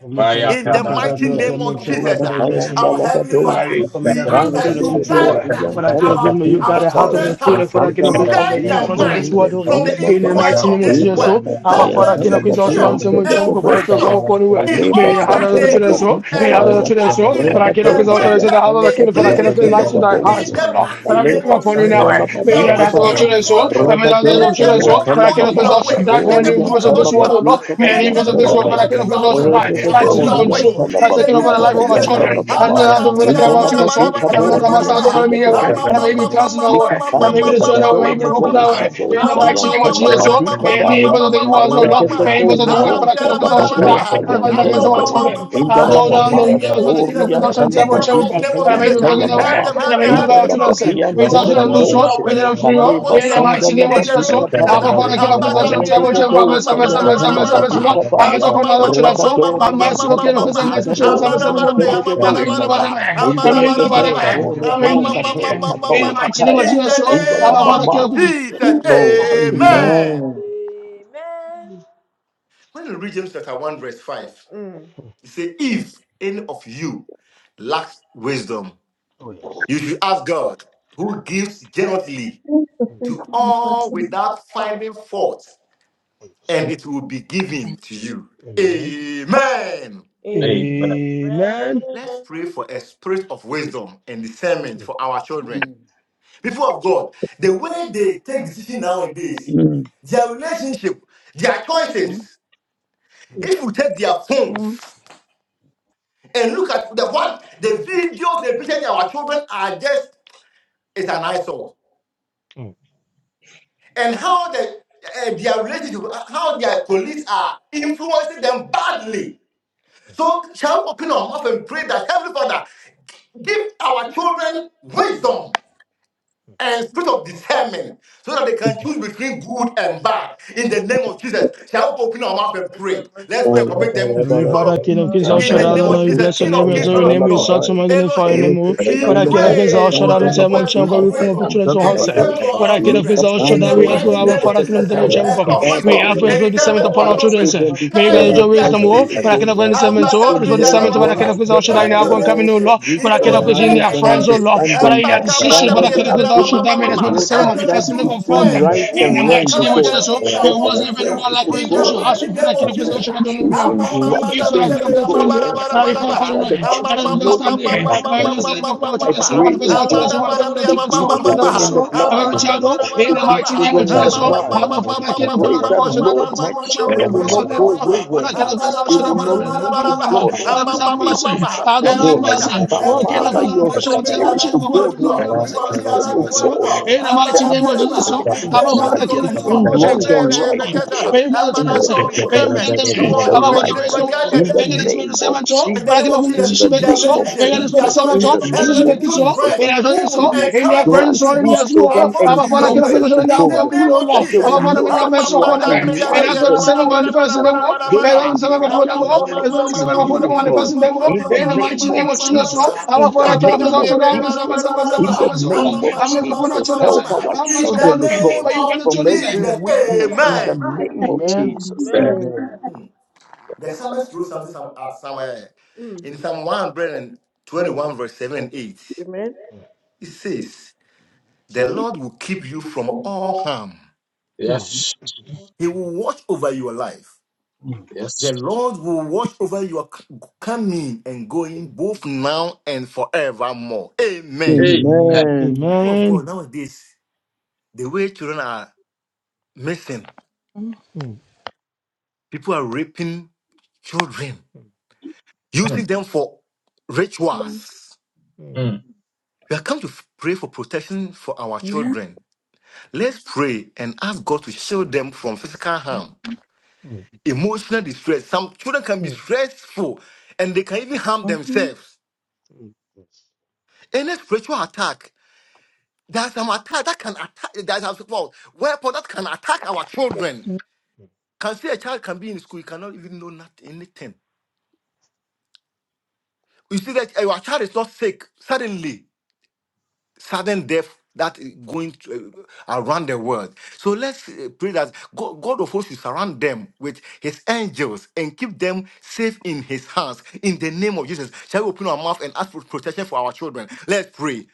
I: Heavenly Father,
C: In
I: King
C: the
I: of Kings, all
C: mighty
I: shout out
F: Rabado
I: to your
C: name of
I: much name,
J: Jesus,
I: God,
C: Jesus,
I: for the
C: ah,
F: Kayan
I: blessing
C: our
I: name.
J: our
F: Talamama,
I: oh.
C: Heavenly
J: Heavenly Father,
C: Father,
I: Father, you
A: Thank
I: commit
C: we
J: we
I: the hands
C: ask
I: of
J: ask
I: the
C: that
J: that
I: children
J: you
C: you
I: into
C: guide
J: guide
I: war. Father,
C: the-
I: King of
J: our,
I: Kings,
C: our,
I: may you guard
C: our
J: our
I: the heart of the
C: children's
J: children's
I: children,
C: hearts.
J: hearts.
I: Father, King of
C: You
I: Kings,
J: You
I: from the
J: guide
C: guide their
J: their
I: influence of this
J: minds
C: mind
I: world, oh Lord.
C: from
J: from
C: the
J: the
I: In the
C: influence
J: influence
I: mighty
C: of
I: name
J: of
I: of
C: this
J: this
I: Jesus,
C: world.
J: world.
I: oh. Abba,
J: Help
C: Help them
J: them
I: Father,
C: to
J: to
I: King
C: be
J: be
I: of Kings, all shout
J: pure
I: out to
C: pure
I: your much name,
J: and
I: God,
C: and
I: for the children come
C: righteous
J: righteous
I: upon the way.
C: in
J: in
I: May
J: all
C: all
I: the heart
C: that
J: that
I: of the
J: they
C: they
I: children
J: do
C: do,
I: so. May the
J: and
C: and
I: heart of the
C: to
J: to
I: children
C: walk
J: walk
I: so.
J: in
I: Father,
C: in
I: King of
C: the
I: Kings,
J: the
I: all
J: way
I: shout
C: way
I: out to the
C: that
J: that
I: heart of the
C: is
J: is
I: King, Father, King of
C: pleasing
J: pleasing
C: to
I: Kings,
J: to
I: lights in
C: you,
J: you.
I: thy
C: in
I: hands,
J: In
I: oh
C: the
J: the
I: Lord.
C: mighty
J: mighty
I: Father, we
C: name
I: come
J: name
C: of
J: of
I: upon you
C: Jesus,
J: Jesus,
I: now,
C: sir,
J: ah,
I: eh.
J: their
I: May
C: their
I: the heart
C: ways
J: ways
I: of the
C: are
J: are
I: children
C: before
I: so.
J: before
I: May
C: you.
J: you.
A: you.
I: the heart
C: Then
I: of the
C: let
J: Let
C: them
I: children
J: them
I: so.
C: walk
I: world, but I
C: according to
I: cannot
C: your
J: your
I: possess shall
C: ways.
J: ways.
I: die from
C: Let
I: any
C: them
F: Kaborian
C: walk
I: influence
J: Walk
I: of this
C: according to
J: according to
I: world, O
C: your
J: your
I: Lord.
C: ways.
F: Talabazuka
J: will.
I: May any
J: Let
C: Let
J: them
I: influence of
C: them
I: this
C: walk
I: world,
J: walk
F: Kayan
I: but I
C: according to
J: according
I: cannot
J: to
C: your
J: your
I: possess shall
J: will.
C: ways.
I: die.
C: It
J: In
I: I
F: Rededede
C: according to
J: according
I: seeking
J: to
C: your
J: your
F: oriyan
C: ways.
J: ways.
I: control. I
C: In
F: talaba
J: In the
C: the
I: seeking
J: name
I: over
C: name
I: the
F: zulta
I: life
C: of
I: of our
F: kayan
C: Jesus, sir.
I: children.
F: talaba
I: And
J: of
F: ma.
I: now the Lord, I can
F: Inda
I: our
F: laba
I: children's
F: di
I: soul. And I
F: kabo
I: Lord, I must
F: oriyan
I: not honor me
F: telebe
I: away. And I may
F: boşaya.
I: be cast
F: Lika
I: away. And I
A: Amen.
I: may be
F: panda da
I: destroyed
F: da
I: away. May be
F: doğru
I: broken
F: boşa
I: away. In the
F: doğsa
I: mighty
F: yan
I: name of Jesus,
F: talaba
I: O Lord.
F: di
I: May any
F: kabaya.
I: influence of the evil, O Lord.
F: Harekete
I: May influence of
F: koru
I: the world, but I
F: boşa
I: cannot
F: da ba
I: possess shall die.
F: doğsa
I: And I
F: yan
I: fight
C: In the
I: against our
F: telebe.
I: children.
F: Inda
I: Adore,
F: lama
J: in
F: ma
J: the
I: adore,
C: name
J: name
F: kabo
J: of
I: when
C: of
I: I came
C: Jesus,
I: up
J: Jesus,
I: with
F: oriyan
C: ah.
I: those hands, I
C: in
J: in
F: talaba
C: the
J: the
C: mighty
J: mighty
F: zulta
C: name
J: name
C: of
J: of
I: And I
J: Jesus,
F: kayan
I: may
C: Jesus,
I: be
C: ah.
I: broken
F: talaba
C: help
F: ma.
J: help
I: away.
J: the
C: them,
I: And I
C: help
J: Lord
C: them,
I: may
J: to
I: be
C: help
F: Inda
J: help
C: the
J: the
I: about
C: King
J: King
I: to
F: laba
C: of
J: of
F: di
I: say,
C: Kings
J: Kings
F: yan
C: to
I: we
J: to
I: shall
C: walk
I: should
J: walk
F: telebe
I: lose
C: according
J: according
C: to
J: to
I: all,
C: your
J: your
F: boşa.
I: we
C: will,
J: will,
I: shall free
C: walk
J: walk
I: all,
F: Kaleba
C: according
I: we
J: according
I: in
J: to
C: to
I: the
C: your
J: your will.
F: sanda
C: words.
I: mighty name of
F: laba
C: In the
F: di
I: Jesus.
C: name
I: So,
C: of Jesus,
I: Abba,
C: ah.
I: for
F: kapande.
I: I get up with those
C: Abada
I: hands,
C: bre
I: I
C: bre,
I: watch
F: Arredede
I: out
C: ama
I: God.
C: ma
I: Mercy,
C: ma ma
F: doğsa
C: ma
I: mercy,
F: yan
C: da ba da ba
F: talaba
C: da
F: di
C: ba,
I: I
F: kabaya.
I: mess
C: ama
I: up
C: ma
I: another
C: ma ma
I: children,
C: ma
I: so
C: ma ma ma
I: I'm
F: Rabadorian
I: mercy,
C: ma ma
I: okay, look,
C: ma
I: I'm
C: ma,
F: Telebazika
I: mercy,
C: ama da ba
F: Borian
C: da bre, ama ma
I: And I
C: ma da
I: may
C: ba da
I: deliver
F: Tededosaya,
I: them,
C: ba,
I: eh.
F: in
C: ama
F: the
I: I
C: da
I: may
C: ba da ba
I: deliver
C: da
I: them,
F: Lebepe,
I: eh.
C: ba,
I: I
J: In the
I: may
C: ama
F: Borobo,
C: ma
I: deliver
C: ma ma ma
F: Cape,
I: them,
C: ma ma
I: eh. in
C: ma.
I: the
F: Cato,
C: ma.
I: mighty name of
J: In
C: In
F: Cataya,
I: Jesus.
C: the
J: the
I: So,
F: in the
J: name
C: name
I: Abba, for
C: of
I: I
J: of
I: get
F: Lamama,
J: Jesus.
C: Jesus,
F: Lord,
J: Amen.
I: Amen.
C: Amen.
F: Amen.
J: Amen.
C: When
J: When
C: you
J: you
C: read
J: read
C: James
J: James
C: chapter
J: chapter
C: one
J: 1,
C: verse
J: verse 5,
C: five.
J: Mm.
C: He
J: he
C: said,
J: said,
C: if any
J: Any of
C: of you
J: you,
C: lacks wisdom,
I: Oh yes.
C: you
J: you
C: should
J: should
C: ask
J: ask God,
C: God, who
J: who gives
C: gives
J: generously
C: generously
I: Mm.
C: to
J: to all
C: all without
J: without finding
C: finding fault,
J: fault,
I: Oh yes.
C: and
J: and
C: it will be given to
J: to you.
C: you.
J: Amen.
I: Amen.
C: Amen.
J: Amen.
I: Amen.
C: Let's pray
J: pray
C: for
J: for
C: a
J: pray
C: spirit
J: for
C: of wisdom and
J: and discernment
C: discernment for
J: for
C: our
J: our
C: children. People
J: people
C: of
J: of
C: God,
J: God.
C: the
J: The
C: way
J: way
C: they
J: they
C: take
J: take
C: decision
J: decision nowadays,
C: nowadays, their
J: their relation,
C: relationship, their
J: their choices.
B: Amen.
C: choices.
I: Mm.
C: If we take
J: take
C: their
J: their
C: phones
B: Mm-hmm.
J: phones
C: and
J: and
C: look
J: look
C: at
J: at
C: the,
J: the
C: what
J: what
C: the
J: the videos
C: videos and
J: the pictures
C: pictures that
J: that
C: our
J: our
C: children
J: children
C: are
J: are
C: just
J: just
C: It's
J: is
C: an
J: an
C: eyesore.
J: iPhone.
I: mm,
C: And
J: And
C: how
J: how
C: the
J: the
C: uh,
J: uh,
C: their
J: their
C: relationship,
J: relationship,
C: uh, how
J: how
C: their
J: their
C: colleagues
J: police
C: are
J: are
C: influencing
J: influencing
C: them
J: them
C: badly.
J: badly.
C: So
J: So
C: shall we
J: shall we
C: open
J: open
C: our
J: our
C: mouth
J: mouth
C: and
J: and
C: pray
J: pray
C: that
J: that
C: Heavenly
J: every
C: Father
J: father
C: give
J: give
C: our
J: our
C: children
J: children wisdom
C: wisdom and
J: and
C: spirit
J: spirit
C: of
J: of
C: discernment
J: discernment
C: so
J: so
C: that
J: that
C: they
J: they
C: can
J: can
C: choose
J: choose
C: between
J: between
C: good
J: good
C: and
J: and
C: bad
J: bad.
C: in
J: In
C: the
J: the
C: name
J: name
C: of
J: of
C: Jesus.
J: Jesus,
C: Shall
J: shall
C: we
J: we
C: open
J: open
C: our
J: our
C: mouth
J: mouth
C: and
J: and
C: pray?
J: pray?
C: Let's
J: Let's
C: pray and
F: Father,
C: commit
J: recommit
C: them
J: them
F: we
J: to
C: to a
I: Heavenly
J: the
F: remember
C: lot of
I: Father, King of
J: Lord.
I: Kings, all
A: Thank
C: in
J: In
F: our
C: the
J: the
I: Shaddai,
C: name
J: name
C: of
I: Adonai,
J: of
I: we
C: Jesus,
I: bless your
C: King
J: King
I: name,
C: of
I: we
J: of
C: Kings,
J: Kings,
I: adore your
C: Lord of
J: Lord
I: name, we
J: of
C: Lords.
J: Lords.
I: exalt your magnify your
J: Elohim,
C: Elohim,
I: name, O.
C: we
J: we
I: When I get up
J: pray
I: against
C: pray
I: all shut
C: for
J: for
I: out
C: the
I: and
J: the
I: say,
C: for
J: for
C: a
I: Mon
J: a
C: spirit
I: Chang,
J: spirit
C: of
I: we
J: of
I: come up
C: wisdom
I: with
J: wisdom
I: children so
C: and
J: and
I: handsome.
C: discernment
J: discernment
C: for
J: for
I: When
C: our
I: I
J: our
I: get up
C: children
I: against
J: children
I: all
C: in
I: shut
J: in
I: out,
C: the
J: the
I: we ask for
C: mighty
J: mighty
I: our
C: name
J: name of
C: of
I: Father, kingdom,
C: Jesus.
J: Jesus.
I: the Mon
J: ah,
I: Chang,
C: A
J: And
C: spirit
I: come.
C: of
J: of
I: We
C: wisdom
J: wisdom
I: have for us
C: and
J: and
I: will be sent
C: discernment
J: discernment
C: for
I: upon
J: for
C: our
I: our
J: our children.
I: children,
C: children.
I: sir.
F: children
I: May you
F: before
I: guys
C: Guide
J: Guide
F: your
I: your
C: their
J: their
I: wisdom,
F: presence,
I: oh,
F: O
I: when I
C: decisions
I: get
J: decisions.
F: God.
I: up against the
J: Ah,
F: We
I: sermon,
J: ba,
F: say,
I: oh, it
J: da,
I: is
J: bri,
I: what the
J: ya,
F: Lord,
I: sermon, when I
F: grant
I: get
C: Abadabriyarabaraba.
I: up against all
F: them,
I: shut
F: O
I: out,
C: Guide
J: Guide
I: now
C: their
J: their
I: go and come in,
F: God,
I: oh
C: relationship
J: relationship.
I: Lord.
C: in
I: When
J: In
C: the
I: I
J: the
I: get
C: know,
F: wisdom,
I: up
J: Lord,
I: against in
C: guide
J: guide
F: knowledge,
I: their
C: their
J: their
F: and
I: friends, oh
C: choices.
J: choices.
I: Lord. When
J: Ah,
I: I
C: And
F: understanding.
I: in their
C: back up, help
I: decision, when
F: Father,
I: I
F: the
I: get up against all shut out,
F: ability,
I: may it is
F: O
I: what the
F: God,
I: sermon
F: to
J: Help
C: them
J: them to
C: to
F: judge
I: manifesting
C: choose
J: choose
I: before
F: between
I: them.
C: friends
J: friends
F: right
C: who
J: who
I: In the
C: will
F: and
J: will
F: wrong,
I: mighty
F: O
I: name
C: encourage
I: of
J: encourage
F: God.
C: them
J: them
I: Jesus, oh,
C: in
J: in
C: their
I: it
J: their
F: The
C: walk
J: walk
I: wasn't
C: with
I: if
J: with you.
C: you.
I: anyone
F: differences,
I: like
F: O
J: In
C: In
I: wisdom
C: the
J: the
I: should
F: God,
I: ask
C: mighty
J: mighty
I: you for
C: name
I: that
J: name
C: of
I: kingdom,
J: of
I: because
F: the
I: I
C: Jesus.
J: Jesus.
C: ah.
I: don't know
J: ah.
I: where
J: Ah,
F: choosing the
I: you
F: right
I: give so I can
F: things
I: have
F: to
I: the friend,
F: God and
I: oh. Marika
C: Amamamadabriyarabarabarabaraba.
F: by the
I: Hallelujah.
F: con-
A: you.
I: That I understand
F: knowing the
I: here. My
F: consequences.
I: understanding of your
F: I
I: children, so
C: Amamamamamamamamamamamamama.
F: pray,
I: one
F: oh
I: person, children,
F: God,
I: so one person,
F: soak
I: children, so
F: these
I: one person,
F: children in the
I: so
C: Amadabriyamamamamama.
F: blood.
I: every
C: Every father,
I: child, oh,
C: every
I: in
F: Soak
I: the
F: these
I: mighty name of
F: children in the
I: Jesus, so
F: blood.
I: I'm a
F: I
I: father, king of the
F: pray
I: Lord of
F: that,
I: all, should I
F: Lord,
I: don't say
F: my
I: what shall
F: children
I: we
F: will
I: bless
F: not
I: your name,
F: go
I: oh, when
F: wayward.
I: I can bless our
F: They
I: should I
F: will
I: for the
F: not
I: business
F: look,
I: and the
F: oh
I: Lord.
F: God,
I: Let me
F: unto
I: some
F: filthy
I: mercy.
F: stuff,
I: I
F: oh
I: don't have
F: God.
I: mercy.
F: But
I: Oh, king of the
F: Father,
C: father,
I: Lord of
F: your
I: all,
C: we
I: should I
C: commit
I: say
C: their
I: what
F: spirit,
C: life
I: shall
F: oh
I: we for
C: before
I: the
F: God,
C: you,
I: people
F: will
C: Lord.
I: here,
C: We
I: mercy,
C: commit
F: grant
I: mercy,
C: their
F: them,
I: mercy,
C: life
F: oh
I: mercy,
C: before you,
I: oh,
C: Lord.
F: God,
I: in the
F: the
I: mighty name of Jesus, so
F: ability
C: We
F: to
C: pray
I: I'm a
C: for a
I: father,
C: spirit
F: judge
C: of
I: king of the Lord of
F: between
C: wisdom.
I: all, should
C: We
I: I
F: wrong
I: say
C: pray
I: what
F: and
I: shall we
F: right, oh
I: God.
C: against us.
F: God,
I: May you
C: And
I: gather to
C: man,
F: and
C: I
F: then
C: saw
I: yourself.
C: with
F: for
I: May
F: them
I: you
F: to
C: discernment
F: choose
C: for our
F: the
C: children, Jesus,
F: right.
C: for guide their
F: In the
C: decision.
F: name of
J: And then it will
F: Jesus,
J: be
F: in the
J: their
F: name
I: so
F: of
J: relative, their
F: Jesus, in
J: choices,
F: the
J: and they
F: name
J: will
F: of
J: be good
I: so
F: Jesus,
J: friends
F: uh,
J: who will
I: so
F: please
J: encourage them
F: grant
J: to
I: so
F: these
J: walk
F: children
J: according to your way.
F: encounters to God
J: In the name of
F: that they
J: Jesus,
F: will know that you are alive and that they will give their lives to you, O God, in the name of
I: so
F: Jesus, in the name of Jesus, in the name of Jesus. Help our children, O God, from every weakness in
J: amen.
F: the name of Jesus.
J: Amen.
F: Amen.
C: The
J: The
C: psalmist
J: psalmist
C: wrote
J: wrote
C: something
J: something
C: some,
J: from
C: uh,
J: us somewhere
C: somewhere
J: Mm.
C: in
J: in
C: Psalm
J: Psalm 121.
C: 121, verse 7 and 8.
J: Amen.
C: It
J: It says,
C: says, The
J: The Lord
C: Lord will keep you from
J: from
C: all
J: all.
C: harm,
I: Mm.
A: Yes, yes,
C: He will watch over your life.
A: yes.
C: The Lord will watch over your c- coming and going both now and forevermore. Amen.
A: amen.
F: Amen.
C: People of
I: Amen.
C: God, nowadays, the way children are missing,
I: Amen.
C: people are raping children,
I: Mm,
A: Hmm,
C: using them for rituals.
I: mm,
A: hmm.
C: We have come to f- pray for protection for our
B: Amen.
C: children Let's pray and ask God to shield them from physical harm,
I: mm,
C: emotional distress. Some children can be
I: mm,
C: stressful and they can even harm
B: Mm-hmm.
C: themselves.
I: mm. yes.
C: Any spiritual attack, there's some attack that can attack, there's some well, weapon that can attack our children. Can see a child can be in school, you cannot even know nothing, anything. You see that your child is not sick suddenly. sudden death that is going to, uh, around the world. So let's uh, pray that God, God of hosts will surround them with his angels and keep them safe in his hands. In the name of Jesus, shall we open our mouth and ask for protection for our children? Let's pray.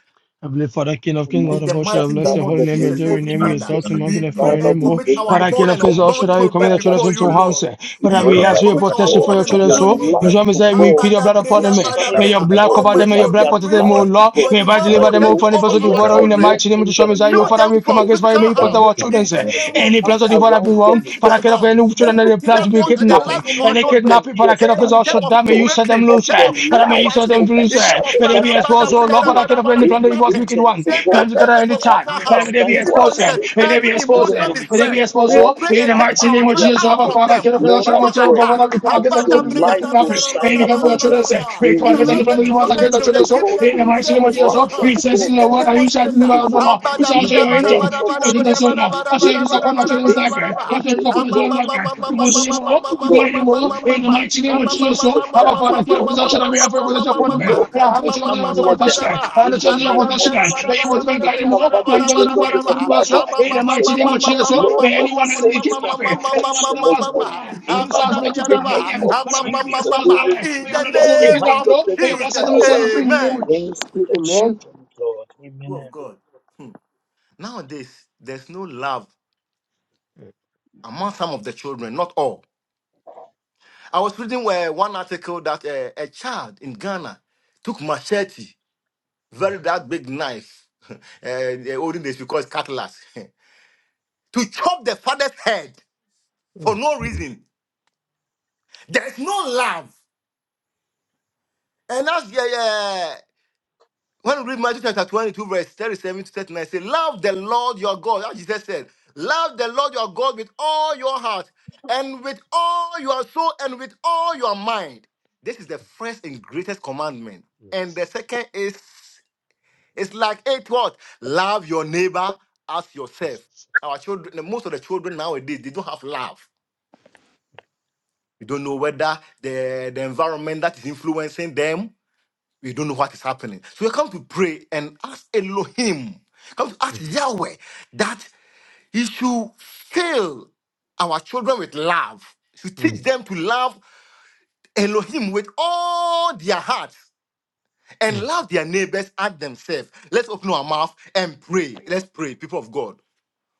I: Heavenly Father, King of Kings,
F: Almighty
I: Lord
C: In
I: of
C: the
I: all, should I
C: mighty
I: bless
C: name
F: Father,
I: your
F: in
I: holy
C: of
F: the
I: name, your
C: Jesus,
F: name
I: dear
F: of
C: every
I: name,
A: Thank
I: your
C: father,
I: exalt
F: Jesus,
I: and
C: we
I: magnify for
C: pray
I: your
F: Father,
C: and
I: name,
F: we
I: oh.
C: commit
F: pray
C: our
I: Father,
F: for
C: born
I: King of
C: and
I: Kings, Lord, should
C: unborn
F: protection
I: I
F: over
I: commit
C: children
I: your
F: our
I: children
C: before
I: into
C: you,
I: your
F: children.
I: hands,
C: Lord.
I: eh.
F: We
I: Father,
C: We
F: pray
I: we
C: pray
I: ask
C: and
F: that,
I: for your
F: oh
C: commit our
I: protection
F: God,
I: for
C: born
I: your
C: and
F: with
I: children,
F: your
C: unborn
I: so, whose
F: light,
C: children.
I: name is
F: oh
I: that we
F: God,
I: plead your blood upon
F: would
I: them,
C: Habadabreya,
I: eh. May
F: shine,
I: your
C: badabreha.
F: oh
I: blood
F: God,
I: cover them,
C: Almighty
I: may
F: over
I: your
C: God,
I: blood
C: we
F: their
I: protect
C: pray
I: them, oh
C: for
F: life, oh
I: Lord.
C: your
I: May
F: God,
I: your blood
C: divine
F: that
I: deliver
F: they
I: them, oh,
C: protection
F: will
I: from the
C: over
I: presence of
C: our
I: devourer
F: forever
I: in the
C: children.
F: walk
I: mighty name of
F: in
I: Yeshua
F: the
I: Messiah, oh.
C: Shield
F: light,
C: them
I: Father, we
F: oh
I: come
C: from
I: against
F: God,
I: fire,
C: physical
I: may you
F: that
I: protect
C: harm
I: our
F: no
I: children,
C: in the
I: eh.
F: darkness
C: name
F: will
C: of
I: Any plans
F: come
I: of
C: Jesus.
I: devourer be
F: around
I: wrong,
C: Any
F: them, oh
C: physical
F: God.
I: Father, King of
C: harm,
I: Kings, any
F: Even
I: children
F: if
I: that
F: it
I: they
C: anything
I: plan to
C: that
F: comes,
I: be
F: oh
C: wants the
I: kidnapped,
F: God,
I: eh.
C: life of our
I: Any
F: let there
C: children,
I: kidnapping,
F: be a
I: Father, King of
C: in terms
I: Kings,
F: standard,
C: of
F: oh
I: Shaddam, you
F: God,
I: set
C: raping,
I: them
C: in
F: of
I: loose.
C: terms
I: eh.
C: of
F: your
I: And may you
F: light
I: set
F: to
I: them
C: sacrificing,
I: loose.
C: in
I: eh.
C: terms of
F: overshadow
I: they
F: that
I: be
C: ragabada,
I: exposed,
F: darkness,
I: oh
F: oh
I: Lord,
C: briada,
F: God
I: but I
C: bada,
I: cannot
C: bada,
I: any plan of
F: Every
I: evil,
C: kidnapping.
I: wicked
F: agent,
I: one.
F: so
C: Save them,
F: God,
I: Plans
F: that
C: save
I: together
C: them
I: any
C: for
F: have
C: physical
I: time.
F: been
I: But may
C: harm.
I: they be
F: assigned
C: In the
F: to
C: name
F: our
C: of
I: exposed. eh.
C: Jesus,
I: May they
F: children,
I: be
C: every
I: exposed.
F: even
I: eh.
C: emotion
F: in
I: May they be
C: distress,
F: school
I: exposed.
C: we
I: oh,
F: or
C: pray
F: even
I: In the
C: and take
I: mighty
F: among
C: our
I: name of
C: children
F: their
I: Jesus,
C: out
I: our
F: peers,
C: from
I: Father, I
C: them.
I: cannot feel
F: Lord, I
I: Shaddam,
C: Spiritual
I: whichever
F: pray
I: governor
C: attack.
I: we come
F: that
I: against every
F: your
C: Habada,
I: children of
C: briada,
F: light will
I: kidnapping.
C: briada,
I: May you
F: shine
C: manda,
I: become your
C: bada,
F: upon
I: children.
C: bada,
F: them.
I: eh.
C: briada.
I: May
F: We
I: you come against any
C: Surround
I: plan
C: them
I: of
F: release
C: with
I: evil
C: your
I: against the
C: angels
F: angels
I: children.
F: of
C: and
I: So
C: keep
F: God
I: in
F: to
C: them
I: the mighty
C: safe
I: name
F: encamp
I: of
C: in
I: Jesus,
C: your
I: oh,
F: around them,
I: we
F: O
C: hands.
I: sense
F: God,
C: In
I: in the
F: to
C: the
I: word
C: name
I: and you
C: of
I: shall
F: protect
C: Jesus, sir.
I: deliver
F: the
I: us, O
F: God.
I: Lord. We
C: Habada,
I: shall
F: In
I: show
F: the
C: briada,
I: your
C: bada,
I: angel.
F: name
C: bada,
F: of
I: to go
C: bada,
I: to the
C: briada,
F: Jesus,
I: soul,
C: bada,
I: Lord.
F: we
C: bada, in
I: I
C: the
F: pray to
I: shall children's
F: activate
I: library.
F: their
I: I thank you,
F: angels
I: Lord,
F: of
I: for the
F: God
I: children's library.
F: to
I: You
F: be
I: want the name of
F: sharp, O
I: You got the
F: God.
I: name of all?
F: In the
I: In the
F: name
I: mighty name
F: of
I: of Jesus, Lord.
F: Jesus,
I: Abba,
F: That
I: Father,
F: O
I: get up
F: God,
I: with us,
F: our
I: and I may have a possession of every with us upon them.
F: children,
I: And
F: no
I: I
F: harm
I: have the
F: will
I: children's
F: come
I: library to
F: near
I: what us
F: them.
I: today. I have the
F: In the
I: children's library to
F: name
I: us
F: of
I: today. That you will
F: Jesus,
I: make
F: we
I: that name of all.
F: cover the
I: And whether the
F: children
I: way you
F: with the
I: will do us,
F: blood of
I: Lord. In the
F: Jesus.
I: mighty name of Jesus, Lord.
F: Lord,
I: May
F: for
I: anyone has been
F: safety and
I: kidnapped, eh, anyone
F: protection,
I: that
F: O
I: was
F: God.
I: planned,
F: In
I: any
F: the
I: source brought to
F: mighty
I: kidnap them,
F: name of
I: whatever they be
F: Jesus,
I: exposed
F: we
I: now, eh, may have
F: rebuke
I: those who be
F: every
C: name
F: hand
I: kidnapped,
C: of
F: of
I: Lord.
F: the
I: May have not set
C: Jesus,
I: them to
F: devourer
I: serve free in the name
C: amen.
I: of Jesus.
F: against the children, Lord.
C: People of
F: Amen.
C: God, hmm, nowadays there's no love among some of the children, not all. I was reading uh, one article that uh, a child in Ghana took machete, very that big knife, uh, the olden days because cutlass, to chop the father's head for no reason. There's no love, and that's yeah, yeah. When you read Matthew chapter 22, verse 37 to 39, say, Love the Lord your God. As Jesus said, Love the Lord your God with all your heart and with all your soul and with all your mind. This is the first and greatest commandment. And the second is, it's like eight what? Love your neighbor as yourself. Our children, most of the children nowadays, they don't have love. We don't know whether the, the environment that is influencing them we don't know what is happening. So we come to pray and ask Elohim, come to ask Yahweh that He should fill our children with love, to
I: Amen.
C: teach them to love Elohim with all their hearts and love their neighbors as themselves. Let's open our mouth and pray. Let's pray, people of God.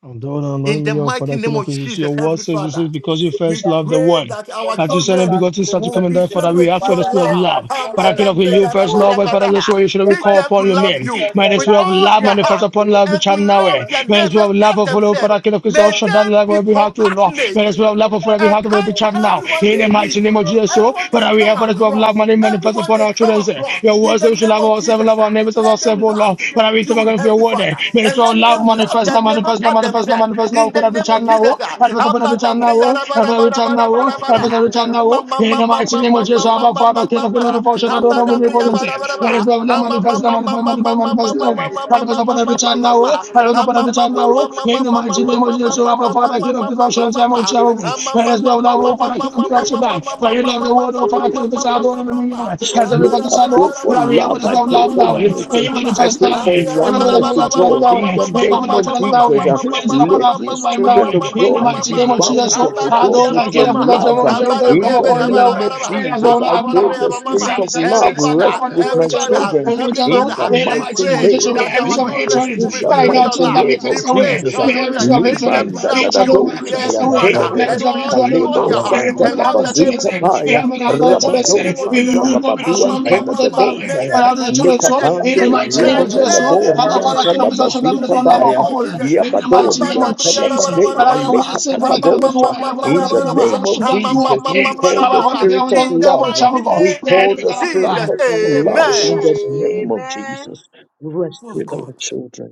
I: And thou art
C: In
I: anoint me
C: the
I: your
C: mighty
I: Father, King
C: name
I: of
C: of
I: Israel.
C: Jesus,
I: Your word
C: Heavenly
I: says, it
C: Father,
I: says, because you first
C: we
I: loved the
C: pray
I: world,
C: that our
I: that you sent a
C: children
I: begotten Son to
C: will
I: come and
C: be
I: die for that.
C: filled
I: We
C: with
I: ask for
C: your
I: the
J: Father,
I: spirit of
J: let
C: love.
J: us
I: love.
J: know
I: But I
J: that
I: cannot with
J: you are
I: you first,
J: good.
I: Lord, but Father,
C: abadabreya
I: this way you should we
J: The
C: Teach
I: call
J: man
C: them to
I: upon your
C: love
I: name.
J: is
C: you
I: May
J: the
I: as
C: with
I: well of
J: last
C: all
I: love
C: their
I: manifest
J: reward
C: heart
I: upon
J: you.
I: love
C: and
I: which
C: to
I: are now. May
C: love their
I: Might as of
C: neighbors
I: love
C: as
I: of follow,
C: themselves.
I: Father, King of Kings, all
C: May
I: shall that
C: them
I: love
C: be
I: every heart to Lord. May
C: compassionate
I: as well
J: What
I: of
J: the
I: love for every
J: last
C: and
I: heart of every
C: kind
J: reward
C: to
I: child now.
J: you
C: everyone
I: In
C: they
I: the
J: gave
C: meet,
I: mighty
J: to O
I: name of Jesus,
J: Lord.
I: so,
C: everyone they
I: Father, we
C: come
I: have, for as well of love
C: across,
I: manifest
C: everyone
I: upon
C: they
I: our
C: come
I: children. eh.
C: across.
I: Your
C: In
I: words
C: the
I: that we should love
C: name of
I: ourselves, love
C: Jesus,
I: our
C: ah,
I: neighbors as
C: let
I: ourselves,
C: them
I: oh
C: love
I: Lord. Father, we still
C: you,
I: going for your
C: Heavenly
I: word. eh.
C: Father,
I: May Might as
C: and
I: of
C: let
I: love
C: them love
I: manifest
C: their
I: now,
C: neighbors
I: manifest now,
C: as
I: manifest now,
C: themselves.
I: manifest
C: In
I: now,
C: the
I: every
C: name of
I: tongue now,
C: Jesus,
I: oh,
C: ah.
I: help us upon every
C: Abada
I: tongue now,
C: breya
I: oh,
C: raba
I: help us
C: raba
I: every tongue
C: raba
I: now,
C: raba
I: oh,
C: raba
I: help us
C: raba.
I: every tongue now,
C: I'ma
I: oh,
C: ma
I: in
C: ma
I: the
C: ma
I: mighty
C: ma
I: name
C: ma ma
I: of Jesus,
C: ma
I: our
C: ma ma
I: Father, King
C: ma
I: of the
C: ma
I: Lord
C: ha
I: of Ocean, I don't know when you're
C: ha!
I: born there.
C: Bara bara bara bara
I: Let us
C: ha!
I: go
C: I'ma ma
I: manifest, now,
C: ma ma
I: manifest,
C: ma
I: manifest,
C: ma ma ma ma
I: manifest now,
C: ma ma
I: eh.
C: ma ma ma
I: help us upon every
C: ma ma
I: tongue
C: ma
I: now, oh,
C: ma ha!
I: help us upon
C: I'ma
I: every
C: ma
I: tongue
C: ma
I: now,
C: ma
I: oh,
C: ma ma
I: in
C: ma
I: the
C: ma
I: mighty
C: ma
I: name of
C: ma ma ma ma ma ma
I: Jesus,
C: ma ma
I: our Father,
C: ma
I: King of the Lord of Ocean,
C: ma ha!
I: Jehovah,
C: I'ma
I: let
C: ma
I: us
C: ma
I: go
C: ma
I: now,
C: ma ma
I: oh,
C: ma
I: Father,
C: ma ma ma ma
I: King of the Lord
C: ma ma ma
I: for you
C: ma
I: love the world, oh, Father, King of the
C: ma
I: South,
C: ma ma ma
I: oh, as
C: ha!
I: every
C: Bara
I: father,
F: I
I: son,
C: bara
F: pray
I: oh,
C: bara
F: for
C: bara ha!
I: we are
F: love. I
I: show of
C: I'ma
F: pray
I: love
C: ma
F: for
C: ma
I: now. eh?
C: ma ma.
I: May
F: unity.
I: you
C: Every
F: I
I: manifest
F: pray
I: now.
F: for
I: eh?
C: father,
I: May you manifest
F: oneness to
I: our children
F: God.
I: now.
F: In
I: eh?
F: the
I: May you open
F: name
I: our
F: of
I: children now.
F: Jesus,
I: May
F: uh,
I: you open
F: let
I: our children
F: these
I: life now.
F: children
I: eh?
F: of
I: In the
F: God
I: mighty
F: be
I: name of Jesus, so
F: bounded, oh
I: I
F: God,
I: don't
F: with
I: Adonai, get
F: your
I: up with us,
F: love.
I: Lord,
F: Uh,
I: Jehovah, come
F: In the
I: upon you now.
F: name
I: eh?
F: of
I: May us
F: Jesus,
I: all
F: I
I: love
F: pray
I: now.
F: the spirit
I: Send,
F: of
I: send,
F: love
I: send, send now,
F: rest with
I: whatever we
C: every
F: my
I: shall do,
C: father,
F: children.
I: whatever we
C: every
I: shall do.
C: father,
F: In the
I: In the
C: we
I: mighty
F: mighty
I: name of
C: pray
I: Jesus, oh,
F: name
I: may
F: of
C: that
I: every
C: our
I: sort of
C: children
F: Jesus,
I: hatred,
C: will
F: in
C: be
F: the
C: filled
I: right
C: with
I: now,
C: your
F: mighty
I: children, that
C: love.
I: be
F: name
C: We
F: of
I: cast
C: pray
I: away.
F: Jesus. uh,
C: our
I: May every
C: children
I: sort of
C: teach them to
I: hatred,
F: Libanda da
C: love
F: da
I: hatred,
C: you.
I: over that we
F: dosha
I: cast
C: Yeah,
F: yan
C: big Father,
I: away. There
F: telebe,
I: is
C: and
I: something
C: all
I: to
C: with all
I: Adonma.
F: kalebo
C: your
I: We
C: heart,
F: sanda
I: will
C: and
F: la
I: have
C: love
I: the
C: their neighbors
F: bazika
C: as
I: children. We
F: paya.
I: have
C: themselves. In
I: another
C: the mighty
I: children.
C: name of
I: We
F: Rabadozanda
C: Jesus,
I: will
C: ah,
I: go with the
C: ah, ma,
I: soul. We
C: ma,
I: have
F: Labaduantela
I: put
C: ma,
F: the
I: it
C: ma.
I: down.
C: may
F: Boshaya,
I: But
C: they be
I: out of the children's
C: compassionate
I: soul,
C: and
I: in the
C: give
F: Likapande,
I: mighty name of
C: kind to
I: Jesus,
F: Rebebele
I: Lord, i
C: everyone they
I: father,
F: Borianta
C: came
I: king of this
C: across.
I: ocean, that is
F: Lamazika
C: In
I: one
C: the
I: love of
F: Baya,
C: name
I: a
C: of Jesus, ah.
I: In the
C: Ah,
I: mighty
C: ba,
I: name
C: da,
I: of
F: Yabadorianta
C: bri, ya, ra, ba, ra,
I: Jesus.
C: ba, ra,
I: But
C: ba,
F: Labadea,
I: I
C: ra, ba,
I: will say,
C: Ah,
I: Father,
F: Lekataka
C: ma,
I: king of
C: ma,
I: this
C: ma,
F: Bosha.
I: world, I
C: ma,
I: have a
C: ma, ra,
F: In
I: father,
C: ba,
F: the
I: king
C: ra,
I: of
C: ba,
I: this
F: name
I: ocean,
F: of
C: Ah,
I: that
C: ma,
I: you
C: ma,
I: are
F: Jesus,
C: ma,
F: we
C: ma,
I: king.
C: ma, ra,
F: call
I: I'm
C: ba,
F: the
I: a
C: ra,
I: father,
C: ba.
I: king of
F: spirit
I: this
F: of
I: ocean, that
C: in the
F: love.
C: mighty
I: you are
F: We
C: name
I: king. The
C: of
F: call
I: enemy
F: the
I: cannot be
F: spirit
I: bound.
C: Jesus,
F: of
I: Oh,
F: love
C: amen.
F: in the
I: Jesus,
F: name of
J: Amen.
F: Jesus. Rest with our children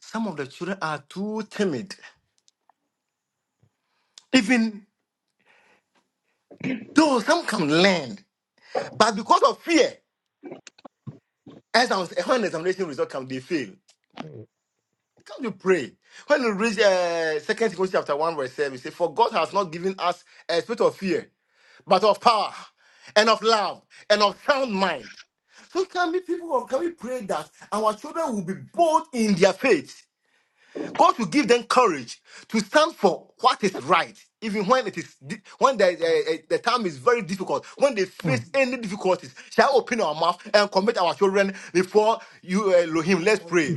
C: Some of the children are too timid, even though some can learn, but because of fear. As I'm, when examination result come, they fail.
I: amen.
C: Can't you pray? When you read uh, Second Timothy chapter one verse seven, it say, "For God has not given us a spirit of fear, but of power, and of love, and of sound mind." So can we people can we pray that our children will be bold in their faith? God will give them courage to stand for what is right, even when it is di- when the, eh, eh, the time is very difficult, when they face any difficulties. Shall I open our mouth and commit our children before you, eh, Elohim? Let's pray.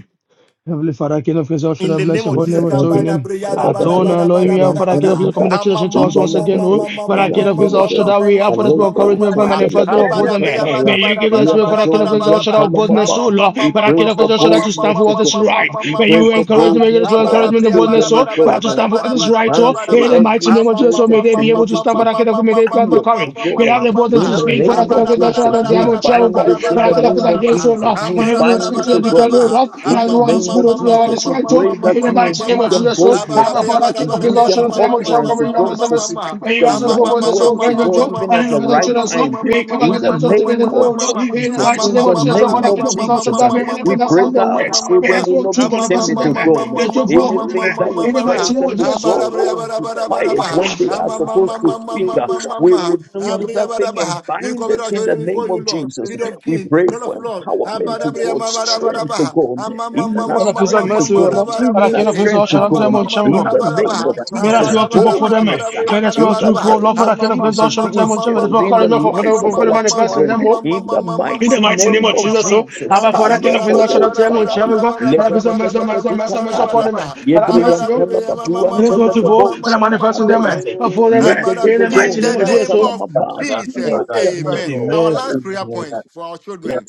I: Heavenly Father, King of Kings, all should
C: In
I: I
C: the
I: bless
C: name
I: your
F: We
C: of
I: holy name
C: Jesus,
F: pray
I: and joy in
C: kabada
I: him.
C: briyada
F: for
C: bada
I: Adonai,
C: bada
I: Elohim,
C: bada
I: yeah,
C: bada
I: Father,
C: bada
I: King of
C: ha.
I: Kings, commit the
C: Ama
I: children to
C: ma
I: us
C: ma
I: once
C: ma
I: again,
C: ma
I: oh.
C: ma ma ma ma ma
I: Father, King of
C: ma
I: Kings, all should I,
J: Let
I: we
C: ma ma ma
I: have for this more
C: ma ma ma ma
I: encouragement
C: ma
I: for
C: ha.
I: manifest name of
J: them
C: Abada
I: holy man.
C: briya bada
I: May you
C: bada
I: give us,
C: bada
I: will,
C: bada
I: Father, King of
C: bada
I: Kings, all
C: bada
I: should
C: ba
I: I,
C: ha.
I: of boldness, oh
C: Ama ma
I: Lord.
C: ma ma
I: Father, King
C: ma ma ma ma
I: of
C: ma ma ma
I: Kings, all should
C: ma ma
I: I, to stand
F: boldness
I: for
F: to
I: what is
F: God.
C: ma
I: right.
F: We
I: May
F: pray
I: you
C: ma ma ma
F: for
C: ma
I: encourage
C: ha.
I: me, give us
F: boldness
I: more
F: for our
J: let
C: Abada
I: encouragement and
C: briya bada
I: boldness,
F: children, O
I: oh.
C: bada bada
I: Father, to
F: God.
C: bada
I: stand for what
C: bada
I: is
F: We
C: bada
I: right,
C: bada
I: oh.
C: bada
F: cancel
C: ba
I: In
J: you.
I: the
C: ha.
I: mighty
F: every
I: name of
C: Ama
I: Jesus,
C: ma
F: spirit
I: oh, may
C: ma
F: of
I: they
C: ma
I: be
C: ma
I: able to
C: ma ma
I: stand,
F: timidity,
C: ma
I: Father,
C: ma ma
I: King of
C: ma
I: Kings, may
C: ma
I: they
C: ma
I: have the
F: fear,
C: ma
F: O
I: courage.
C: ma
I: May they have
F: God.
C: ma
I: the
C: ma ma
I: boldness
J: They
F: In
C: ha.
I: to
F: the
I: speak,
J: will
I: Father,
F: name of
C: Abada
I: Revelation
C: bada
I: of
F: Jesus,
I: the
C: bada
F: we
I: devil,
C: bada bada
F: bind
I: Jericho.
C: bada
J: Let
F: it
J: them
F: in
I: When
C: bada
I: I
F: the
I: get up
C: bada
I: with
F: name
I: that
C: bada
F: of
C: ba
I: gates, oh
C: ha.
F: Jesus. We
I: and every will
F: bind
I: speak
F: it,
I: to
F: O
I: the defender, oh
F: God.
I: Lord, and
F: In
I: I
F: the
I: do what is
F: name
I: good, oh,
F: of
I: to do what
F: Jesus,
I: is
F: we
I: right, oh,
F: pray that
I: in the
F: you will
I: mighty name
F: give
I: of
F: them
I: Jesus, oh, I'm
F: boldness uh,
I: a father, king
F: and
I: of his
F: give
I: Lord,
F: them
I: shall tell him, oh, Jericho,
F: utterance to
I: bring
F: God
I: mercy,
F: to speak
I: When
F: the
I: you ask us for
F: right
I: boldness, oh,
F: words to
I: great rich,
F: God,
I: oh,
F: even
I: and
F: at
I: every
F: the
I: without
F: right
I: children, so,
F: time.
I: we come
F: In
I: against
F: the
I: every sort of wickedness,
F: name of
I: oh Lord, in the
F: Jesus,
I: mighty
F: in
I: name
F: the
I: of Jesus, oh,
F: name
I: father,
F: of
I: king of his Lord, shall
F: Jesus, uh,
I: damn and
F: we
I: everything that's
F: pray
I: on the
F: that our
I: way. May
F: children
I: that's
F: will
I: what
F: not
I: true
F: be
I: manifest in
F: timid
I: them,
F: to
I: eh,
F: God.
I: it's true for all of
F: Anything
I: eh,
F: that will
I: in the mighty
F: cause
I: name
F: them,
I: of
F: oh
I: Jesus,
F: God,
I: oh,
F: to be quiet when they are supposed to speak.
J: let
F: uh, we rebuke that thing and bind it in the name of Jesus. We pray for empowerment to God, strength to God, inner
I: and if his
F: strength to
I: mercy, oh
F: God,
I: Lord, and I
F: inner
I: king of his Lord,
F: strength to
I: shall
F: God,
I: oh,
F: in the name of
I: May us
F: Jesus,
I: well to
A: you.
I: for them. eh.
F: boldness, uh,
I: May us well
F: in the
I: to for Lord
F: name
I: Father
F: of
I: King of Kings, all
F: Jesus,
I: shall
F: be
I: unto them unto them. May us
F: instilled
I: well
F: in
I: call
F: the
I: him for for them
F: lives of
I: for for the
F: our
I: manifest in
F: children,
I: them. Oh.
F: in the
I: In the
F: mighty
I: mighty name
F: name
I: of
F: of
I: Jesus, so
F: Jesus.
I: Abba Father for that kind of Kings, all shall unto them unto
F: Kalebodosaya,
I: them. God, and I be some mercy, mercy, mercy, mercy
F: lebelebelebedikataya.
I: upon them. eh. And have
F: Yebriyan
I: mercy, oh.
F: Talabaduan
I: May us well to for and I
F: Telebosha,
I: manifest in them. eh,
F: Madose,
I: and For them. eh.
C: Amara,
I: In the
C: in
I: mighty
C: the
I: name of
F: Legedorian
I: Jesus,
C: name
I: so
C: of
F: Talamama.
A: Amen.
C: Jesus,
F: Help
J: Jesus
F: them, O
J: Christ.
C: amen. Our
I: Amen.
C: last prayer
F: God.
C: point for our children.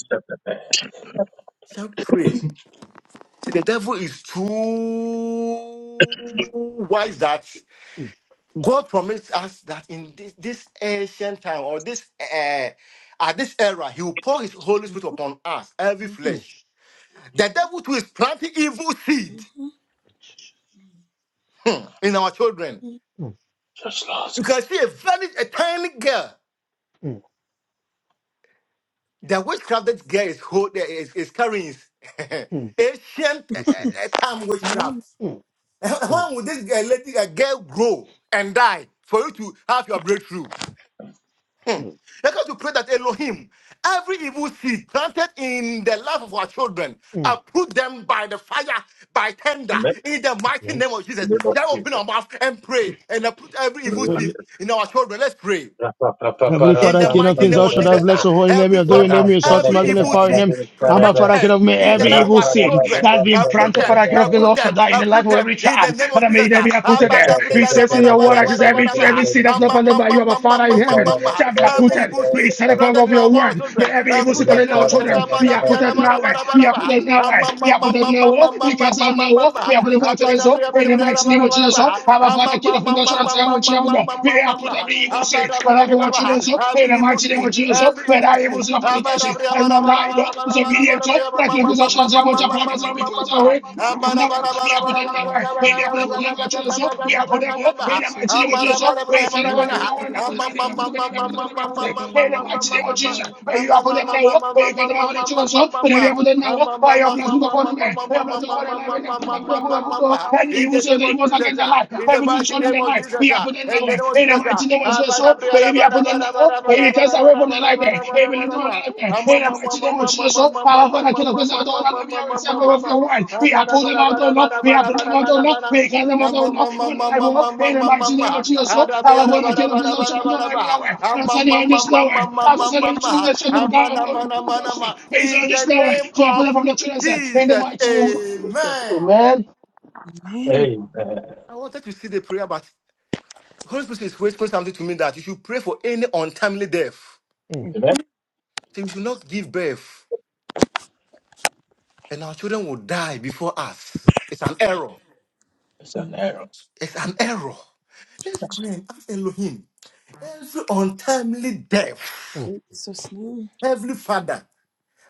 C: Shall pray. The devil is too wise that God promised us that in this, this ancient time or this uh, at this era, He will pour His Holy Spirit upon us, every
B: Mm-hmm.
C: flesh. The devil too is planting evil seed
B: Mm-hmm.
C: in our children.
I: Mm,
C: You can see a very a tiny girl
I: mm,
C: The witchcraft that girl is, hold, is, is carrying is
I: mm.
C: ancient
I: Yes,
C: uh, uh,
I: yes.
C: time witchcraft.
B: Amen.
I: Mm,
C: Uh,
I: mm,
C: When would this girl, lady, uh, girl grow and die for you to have your view? You're going to pray that Elohim, every evil seed planted in the life of our children,
I: mm.
C: uproot them by the fire, by tender,
A: Amen.
C: in the mighty name
I: Yeah.
C: of Jesus. Shall we open our mouth and pray and uproot every evil seed in our children? Let's pray.
I: Heavenly
C: In
I: Father,
C: the
I: King of
C: mighty
I: Kings,
C: name
I: all
C: of
I: shall I
C: Jesus, ah,
I: bless your holy name,
C: every
I: your doing
C: father,
I: name, You start to
C: every evil
I: magnify your
C: seed
I: name. And my Father, King
C: planted
I: of me,
C: in the
I: every
C: life of
I: evil
C: our
I: sin
C: children,
I: that's been
C: uproot
I: planted,
C: them,
I: Father, King of Kings,
C: uproot
I: all shall
C: them,
I: die in the life
C: uproot
I: of
C: them
I: every
C: in the
I: child.
C: name of
I: And I
C: Jesus.
I: may there
C: ah.
I: be uprooted there. He says in your word, I just every tree,
C: Abadabriyadabadabadabadabadaba.
I: every sin that's not planted by you, my Father in heaven,
C: Amamamamamamamamama.
I: shall be
C: Every
I: uprooted.
C: evil
I: We
C: seed
I: set the power
C: planted
I: of
C: in
I: your
C: our
I: word. May
C: children,
I: every evil
C: uproot
I: sin
C: them in
I: planted in
C: the name
I: our
C: of Jesus.
I: children be uprooted now. eh. Be
C: Abadabriyadabadabadabadaba.
I: uprooted now. eh. Be uprooted now. oh. We cast out now. oh.
C: Amamamamamamamamamamama.
I: We uprooted now. oh? In the mighty name of Jesus, oh. Our Father, King of Kings, all
C: Abadabriyadabadabadabadabadaba. Every
I: shall I we have put every evil seed wherever our children so in the mighty
C: busi,
I: name of Jesus. So
C: every
I: where that
C: busi,
I: evil seed of fornication and not lie, no disobedient so that you can
K: Michael
I: shall say
K: and
I: much of
K: Grace
I: promise and we
K: were
I: cast away. We are put them nowhere. We have put them
K: and
I: nowhere. Maybe I put them
K: rebuke
I: wherever our
K: us
I: children
K: in
I: so
K: the
I: we are put them
K: name
I: all
K: of
I: in the mighty
K: Jesus
I: name of Jesus.
K: Christ.
I: So where you send them over
K: Every
I: your word and put
K: evil
I: them in there, put
K: seed
I: them in there, put them in there, put them in
K: planted
I: there. In the
K: around
I: mighty
K: my
I: name of Jesus.
K: life,
I: Where you are put them now, where you can them over the children so where you have
C: Abba,
I: put them
C: in
I: now,
C: the
I: by your blessing upon them, by your blessing upon them,
K: I
I: and you will say
C: name
I: they
C: of
I: must
C: Jesus,
I: against the
C: ah.
I: light.
C: in the
I: Everything
C: mighty
I: shown in
C: name
I: their
C: of
I: life, be
C: Jesus, ah.
I: happening now.
C: in the name of
I: In the
C: Jesus,
I: mighty
C: ah.
I: name of
C: Ah,
I: Jesus,
C: ba, da,
I: oh,
C: ba,
I: may we
C: da,
I: are be
C: ba, da,
I: happening
C: ba, da, ba,
I: now.
C: da, ba,
I: May
C: da,
I: it cast
C: ba,
I: away
C: da, ba, da,
I: from the
C: ba, da,
I: life. eh.
C: ba,
I: May it
C: da,
I: be
C: ba,
I: lifted
C: da,
I: the
C: ba.
I: life. eh.
C: Ah, ma,
I: In the
C: ma, ma,
I: mighty
C: ma,
I: name of
C: ma, ma,
I: Jesus,
C: ma,
I: oh,
C: ma, ma,
I: our
C: ma, ma, ma,
I: Father,
C: ma,
I: King of
C: in
I: Kings,
C: the
I: our Lord, let me have yourself of your word. We are pulling them out, oh Lord. We are pulling them out, oh Lord. We cast them out, oh Lord. From the life, oh Lord. In the mighty name of Jesus, oh, our Father, King of Kings, our Lord, let me have your word. On Sunday, in this now, eh. After Sunday, to move the children of God, oh, oh, Joshua. May it be on this now, eh.
C: name
I: So I put
C: of
I: them from the children's eh. In the
C: Jesus,
I: mighty name of Jesus.
C: amen.
I: Amen.
B: Amen.
C: I wanted to see the prayer, but Holy Spirit is whispering something to me that you should pray for any untimely death. So you should not give birth, and our children will die before us. It's an error.
A: It's an arrow.
C: It's an error. Let's pray and ask Elohim every untimely death,
B: In Jesus' name.
C: Heavenly Father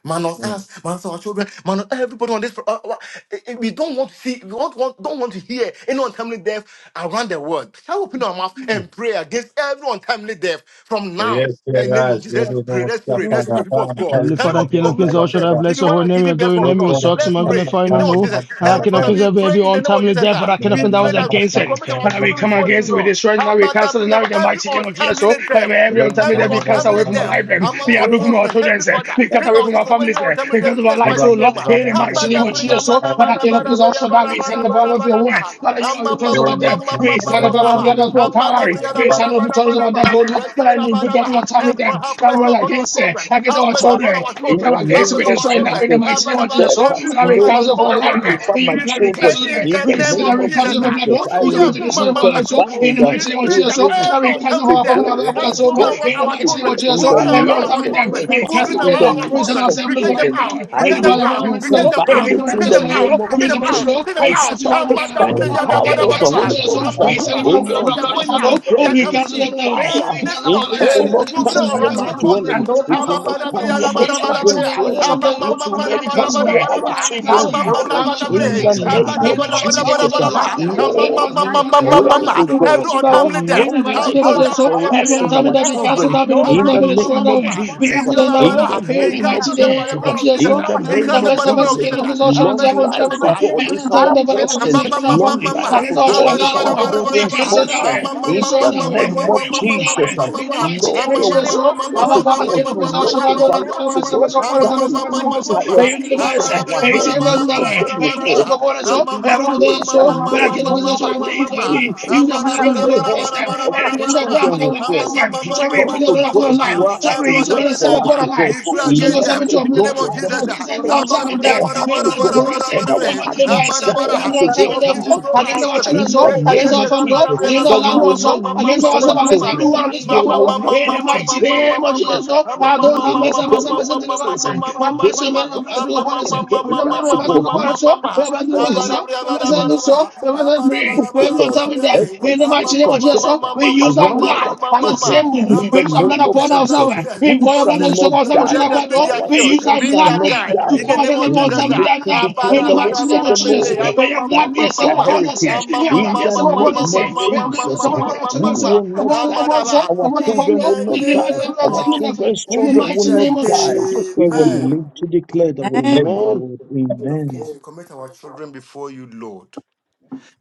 C: man on us, man on our children, man on everybody on this. pro- uh, uh, eh, eh, we don't want to see, we don't want, don't want to hear any untimely death around the world. Shall we open our mouth and pray against every untimely death from
A: Hey,
C: now? In the name of Jesus, let's pray, let's pray, let's pray, people of God.
I: Heavenly
C: Can you
I: Father, King
C: people
I: of
C: mute
I: Kings, all should
C: yourself?
I: I
C: If
I: bless
C: you
I: your
C: want
I: holy
C: to
I: name,
C: give him
I: your
C: birth
I: holy
C: or
I: name, you
C: not,
I: sought to
C: let's pray.
I: magnify your
C: In the
I: name,
C: name of
I: oh.
C: Jesus,
I: And I, King
C: everybody,
I: of Kings,
C: we
I: every,
C: pray
I: every
C: in the name of
I: untimely
C: Jesus.
I: death,
C: ah.
I: Father, King of
C: We
I: Kings, that
C: pray
I: was
C: that
I: against
C: we
I: it.
C: commit our
I: And we
C: children
I: come
C: before you,
I: against it, we
C: Lord.
I: destroy it,
C: How
I: now we
C: about that?
I: cancel it, now in the
C: Every
I: mighty name of Jesus, oh.
C: untimely
I: And may
C: death.
I: every untimely
C: Every
I: death be cancelled
C: untimely
I: away from our
C: death
I: life, eh.
C: among
I: be
C: our
I: removed from our
C: children,
I: children,
C: Heavenly
I: eh.
C: Father,
I: be cut
C: take
I: away
C: us
I: from
C: away
I: our
C: from any
I: families, eh.
C: untimely death.
I: because
C: in
I: from our
C: Jesus'
I: lives,
C: mighty
I: oh Lord,
C: name.
I: in the mighty name
C: Abada
I: of
C: priya
I: Jesus, oh.
C: mana
I: Father,
C: mana
I: King of
C: bara
I: Kings, all
C: bara
I: should I,
C: bara
I: we
C: bara bara
I: send the power
C: bara
I: of your word.
C: bara.
I: Father, you are
C: Amma
I: the
C: ma
I: cause of
C: ma
I: our
C: ma
I: death.
C: ma ma
I: We
C: ma
I: send the
C: ma
I: power of
C: ma.
I: your blood of
C: Amanda
I: Calvary.
C: priya bara
I: We grace. I
C: bara
I: know we
C: bara
I: told them
C: bara
I: about that
C: bara.
I: for long,
C: Let you
I: but I
C: in a
I: knew with
C: bara bara.
I: everyone time with
C: Heavenly
I: them
C: Father, have
I: that we
C: mercy
I: were
C: upon our
I: against it,
C: children.
I: against
C: Have
I: our
C: mercy
F: Father,
C: upon
I: children.
C: our
I: We
F: in
I: come
F: the
C: children. Have
I: against it
F: name
C: mercy
I: with
F: of
C: upon
I: this
C: our
I: right now
F: Jesus,
C: children.
I: in the mighty name
C: Abada
I: of
C: bara.
F: there
I: Jesus. So
C: Every
F: has
I: that we
C: father and
F: no
I: cancel for
C: unborn
I: our life.
F: power
I: eh.
C: children.
F: over
I: In
F: my
I: your
C: We
I: blood, we
C: pray
F: children.
I: cancel
C: in
I: it.
F: In
C: the
F: the
I: We
C: name
I: see
C: of
F: name
I: that we
F: of
C: Jesus.
I: cancel your
C: ah.
I: blood.
F: Jesus,
C: We
I: Lord.
C: say,
F: I
I: We
C: oh, yeah,
I: just to
C: mm,
I: destroy
C: mm,
F: rebuke
I: for our
C: mm,
I: life.
C: but
F: and
C: you
I: So in
F: bind
I: the
F: uh,
C: We
I: mighty name of
C: pray
I: Jesus.
C: that
I: So
F: every
I: that
C: every
I: we
F: effect
I: cancel for
C: untimely
F: to
I: our
C: death
I: family, our loved
F: God
C: that
I: ones.
F: that
C: is
I: So
C: moving
I: Lord,
F: death
C: around
I: in the
F: has
C: our
F: to
I: mighty name of
C: children,
F: God
I: Jesus.
C: who
F: in
I: So
C: will
F: the
C: be
B: Father, we
I: everyone
C: around
I: time
F: life
C: our
I: with
F: of
B: cancel
I: them,
B: any
F: my
C: children,
I: we
C: who will
I: cast
C: be
B: untimely
F: family, in
I: away
F: the
B: death
C: around
I: Lord.
C: our
B: in
I: We send
F: life
C: children,
B: Jesus'
F: of
I: ourselves
C: we
I: loose
C: take
I: from
C: them
B: mighty
I: it
F: children.
B: name.
C: out,
I: now.
C: we
F: I
I: We
C: take
B: And
C: them
I: depart
B: Lord,
I: away
C: out,
I: from
B: Mama,
F: rebuke
I: it,
C: we take
F: and
I: Lord.
C: them
I: We
F: bind
C: out,
I: think
F: it
I: of
C: we
I: it
F: in
C: take
I: just
F: the
C: them
I: We
C: out,
F: name
C: we
F: of
C: take
I: make
C: them
I: them to the name of Jesus.
F: Jesus.
C: out, we take
I: We
C: them
F: I
I: we
C: out.
I: cancel
F: stop
I: right
C: Ah,
F: it
C: mata,
F: by
I: now.
F: the
I: All
C: breja, da,
I: right,
C: ba,
I: name
C: da,
F: power
I: in the
C: ba,
F: of
C: da,
F: the
I: name of
C: ba.
F: Holy
I: Jesus.
B: Mama,
C: Ma,
F: Ghost.
C: ma,
F: uh,
I: We
C: ma,
B: Kendra,
I: send it
C: ma.
B: Mama,
I: from the
F: Any
C: What
B: Sandra,
C: they're
I: blood of
C: going
B: Mama,
I: Father.
F: untimely
C: out,
B: Kendra,
I: And
F: death
C: they're
I: we
C: coming
I: cancel
F: receive
I: them
C: in.
I: now. eh. We
F: fire
C: Any
I: cancel
C: spirit
F: in
I: all
C: of
I: right
C: death.
F: will
I: now.
B: Jesus,
F: not
I: Because
C: Mugre
I: we,
F: come
B: Jesus,
I: because we,
F: near
C: oran
I: because we,
F: my
C: o
B: Jesus.
I: because we,
F: dwelling.
C: chonpen.
I: because we,
B: Andor
F: It
B: Mama,
F: will
I: because
C: Ama
I: all
F: not
I: right
C: bara
B: Sinduri
C: bre
I: now.
F: come near
B: Mama,
C: ana
F: my
I: In
C: bara
I: the
B: Kendra,
C: bara
I: mighty
B: Mama,
C: bre.
F: children's
I: name of Jesus,
B: Sinduri
F: dwelling.
I: the
C: Ama
B: Mama,
F: It
I: Lord,
C: mama
F: will
I: the
B: Kenduri
I: way
C: bara
F: not
I: we
B: Mama,
C: bara
F: come
I: cancel
C: bara
F: near
I: it.
B: Kenduri
C: bara
I: The
F: our
C: ba.
B: Mama.
I: way we
B: Father,
I: cancel
F: children's
B: we
C: Ama
I: it.
B: soak
C: mama
F: dwelling.
I: And the
B: our
C: bara
I: way
B: children
I: we
F: In
B: in
C: bre.
B: the
F: the
I: cancel
C: Bara
I: it.
B: blood.
F: name
B: We
F: of
I: In the
B: soak
C: bara
I: mighty
C: bara
I: name
B: ourselves
F: Jesus,
I: of
C: bara
B: in the
C: bara
F: uh,
I: Jesus,
C: ba.
I: all the
B: blood.
I: way we cancel
C: Ama
I: it.
B: Any
I: Because we,
F: Lord,
I: because
C: mama
I: we,
C: mama
F: we
B: untimely
C: mama
B: death, Father,
F: pray,
C: mama.
B: we
F: oh
I: because we,
B: cancel
F: God,
C: Every
I: because
B: it in
I: we,
B: the
I: because
F: that
B: name of
C: untimely
I: we, in
C: death.
B: Jesus.
I: the
F: long
I: mighty
F: life
I: name of
B: Our
F: is
C: Abora
I: Jesus.
C: bre
F: for
C: bre bre.
B: household
F: us
B: will
I: Everyone
B: be
F: and
I: tell
C: Abre
I: me
F: our
C: bre
I: that
C: bara
I: we
B: blessed.
C: bara ba.
I: cancel
F: children
I: now. We don't
B: No
C: Ama
F: in
I: now.
B: bad
F: the
I: We
B: news
C: mama
I: destroy
B: will
C: mama
F: name
B: reach
F: of
I: now. eh.
B: anyone
I: We
B: in
F: Jesus,
C: We
I: have put it
C: bara
B: Jesus'
F: in
I: now.
F: the
B: mighty
I: In
B: name.
C: We
I: the
F: name of
I: mighty
C: cancel them
B: Kandori,
F: Jesus,
C: by the
I: name
B: Mama,
I: of
C: blood of
I: Jesus.
C: Jesus.
B: Sinduri
I: Oh,
F: in the
B: Mama,
C: We
I: remember
F: name
I: the
C: cancel
B: Kenduri
C: them
F: of
C: by
I: mess
C: the
I: of
B: Mama.
I: us,
F: Jesus.
C: blood of
I: King of his ocean and
F: Long
I: Jabon
B: Jesus'
F: life for
I: Jabuko.
C: Jesus.
B: mighty
F: God
B: name.
I: Remember
F: is
I: the time
B: Father,
F: our
I: that
B: we pray for
I: against
F: portion.
I: against our
B: preservation in
F: Long
I: family,
F: life
B: Jesus'
I: against
F: for
I: our
B: mighty
F: God
I: children,
B: name.
F: is
I: God,
F: our
I: our
B: Andore
I: we
B: yema
F: children's
I: cancel
B: kendare,
I: that
B: mama
F: portion.
I: way, we
B: sunduri
F: In
I: destroy
B: mama
F: the
I: that way,
B: kundore
F: name
B: yema
I: we
F: of
I: rebuke
B: sunduri
I: that
B: mama
F: Jesus,
I: way.
B: kinduri
I: In the
B: yema
I: mighty
F: Lord,
I: name of
F: your
B: kendare,
I: Jesus,
F: word
B: mama
I: oh,
F: says to
I: our
B: sunduri mama
I: Father,
F: God,
I: King of
B: kunduri
F: you
I: his
B: mama
F: walk
I: ocean, I don't
B: kandori
F: over
I: know,
B: yema
F: us,
I: tell
F: O
I: us, tell us,
F: God,
B: dori
I: tell
B: mama
I: us,
F: that
I: tell us,
B: sunduri
F: in
I: tell us,
B: mama
I: tell us,
B: kindori
F: the
B: mama
I: we are in the
B: sunduri
F: strength
I: device,
B: yema.
F: of
I: and
F: our
I: he
F: head,
B: In
I: saved us
F: none
I: that
F: of
I: way.
B: Jesus'
F: them
I: We
F: will
I: are
B: mighty
F: fall.
I: blessed
B: name.
I: with God,
F: Thank
I: so
F: you,
I: we
F: we
I: are over
F: pray
I: there,
F: that
B: Kendare,
I: so,
B: mama
I: but I
F: Lord,
I: King of
B: sunduri
I: his ocean,
B: mama
I: I'm the
B: kunduri yema
C: Amamba
F: nothing,
I: Israeli.
C: we
F: a
I: Use
B: sunduri
C: pray
I: the
B: mama
C: against
I: blood of the
B: kandori
I: Lord,
F: single
B: mama
I: lost
F: head
I: them,
B: sunduri
F: of
B: mama
I: and
F: our
I: in the
B: kendare,
I: name
B: mama
F: children
I: for the
F: will
I: Lord
B: sunduri
F: fall.
I: pass
B: mama
I: them.
B: kundori
I: Jerry,
F: Because
I: put
B: yema.
I: your
F: to
I: blood upon the
F: God, you
I: line.
F: are
B: Jesus'
F: at
I: Jerry, use
B: mighty
I: your
F: work
I: blood and
B: name.
I: symbol
F: for us
I: upon the
F: to
I: line.
F: God.
I: Glory to the
F: Let
C: them
I: seven
F: to
I: to
C: in the name
I: blood.
C: of
F: God the
I: Oh,
C: Jesus.
I: against every
B: Dori
I: on
B: mama
I: time
F: meditations of
I: and death.
F: our
B: sunduri mama
F: heart
I: We
F: to
I: must do
B: kandori
F: God
I: for
B: mama kendare, mama kandori mama sunduri
I: us.
F: and
I: We
F: our
I: must
F: heart
I: deliver us.
F: desires
I: Every
B: Mama
F: to
I: on
C: King
I: time
F: God
I: and
C: of
I: them,
F: come
C: kings, you
F: to
C: know my
I: Against
F: pass
I: our
C: hospital.
I: children's
F: in the
I: home,
B: Kindori Yama.
I: against
F: name
I: our
F: of
I: family home,
F: Jesus.
B: Amen.
I: against our
F: That we
I: loved
F: will
I: ones
F: not
I: home, against
F: lose our
I: ourselves, against
F: children.
I: everyone on this
F: They will
I: platform. oh,
F: not
I: In the
F: come to
I: mighty
F: bury
I: name of
F: them.
I: Jesus, oh,
F: Yes,
I: I
F: we
I: don't
F: will
I: have
F: not
I: mercy, mercy,
F: bury
I: mercy,
F: our
I: deliver us.
F: children.
I: I'm
F: They
I: mercy,
F: will
I: mercy,
F: rather
I: mercy,
F: come
C: Let
I: upon us.
F: and
I: We
F: bury
I: shall
F: us
I: never
F: to
I: pass people
F: God.
I: upon
F: We
I: us. oh. We
F: ask
I: must deliver us. oh. We must
F: only
I: set oh, we set free.
F: Oh
I: We will
F: God,
I: tell with them.
F: every
I: In the mighty
F: spirit
I: name of
F: of death
I: Jesus, oh, we use that
F: around our
I: blood as a
F: children
I: symbol.
F: in
I: We
F: the
I: use that blood
F: name of
I: upon
C: the brown
F: Jesus.
I: ourselves.
C: Jesus,
I: We
F: We
I: pour your
C: everyone
F: shall
I: blood and
C: Jesus,
F: not
I: ourselves into
F: die.
C: protect
I: that
C: them,
I: blood,
C: be
I: oh.
C: their
F: Our
I: We
C: shield,
I: use
F: children
I: that
C: be
F: shall
I: blood
C: their
F: not
C: guide.
I: now to
C: In the
I: come
F: die.
I: and
C: name
I: let
F: They
C: of
I: them all
F: will
I: tell
C: Jesus,
I: with
C: ah,
F: live
I: them
F: to
C: ah,
I: now.
C: ba,
F: declare
I: In
F: the
I: the mighty
F: works
I: name
F: of
I: of
F: the
I: Jesus,
C: baby.
F: Lord.
C: Ah, ma,
I: may your
C: ma, ma,
F: That
I: blood be
C: ma,
F: is
I: a
C: ma,
F: their
I: symbol
C: ma.
I: upon us,
C: Ah,
I: eh.
F: heritage.
I: May your blood
F: In
I: be a
F: the
I: symbol upon
F: name
I: us, eh.
F: of
I: May your blood be a
F: Jesus,
I: symbol upon our children,
F: we
I: oh.
F: will not
C: Ah,
I: Upon our
F: die.
I: ones, oh.
F: Our
I: Upon our
C: In
I: family,
F: children
C: the
I: oh.
F: will
I: We
F: not
I: deliver
F: die.
I: them
C: name
I: all
F: Our
I: tell with
C: of
I: them. eh.
F: children's
I: In the
F: children will
I: mighty
F: not
C: Jesus,
I: name of
F: die.
I: Jesus Christ,
F: We
I: we
F: will
I: pray.
C: amen.
F: live to declare the works of the Lord.
C: King of
F: Amen.
C: Kings, we commit our children before you, Lord.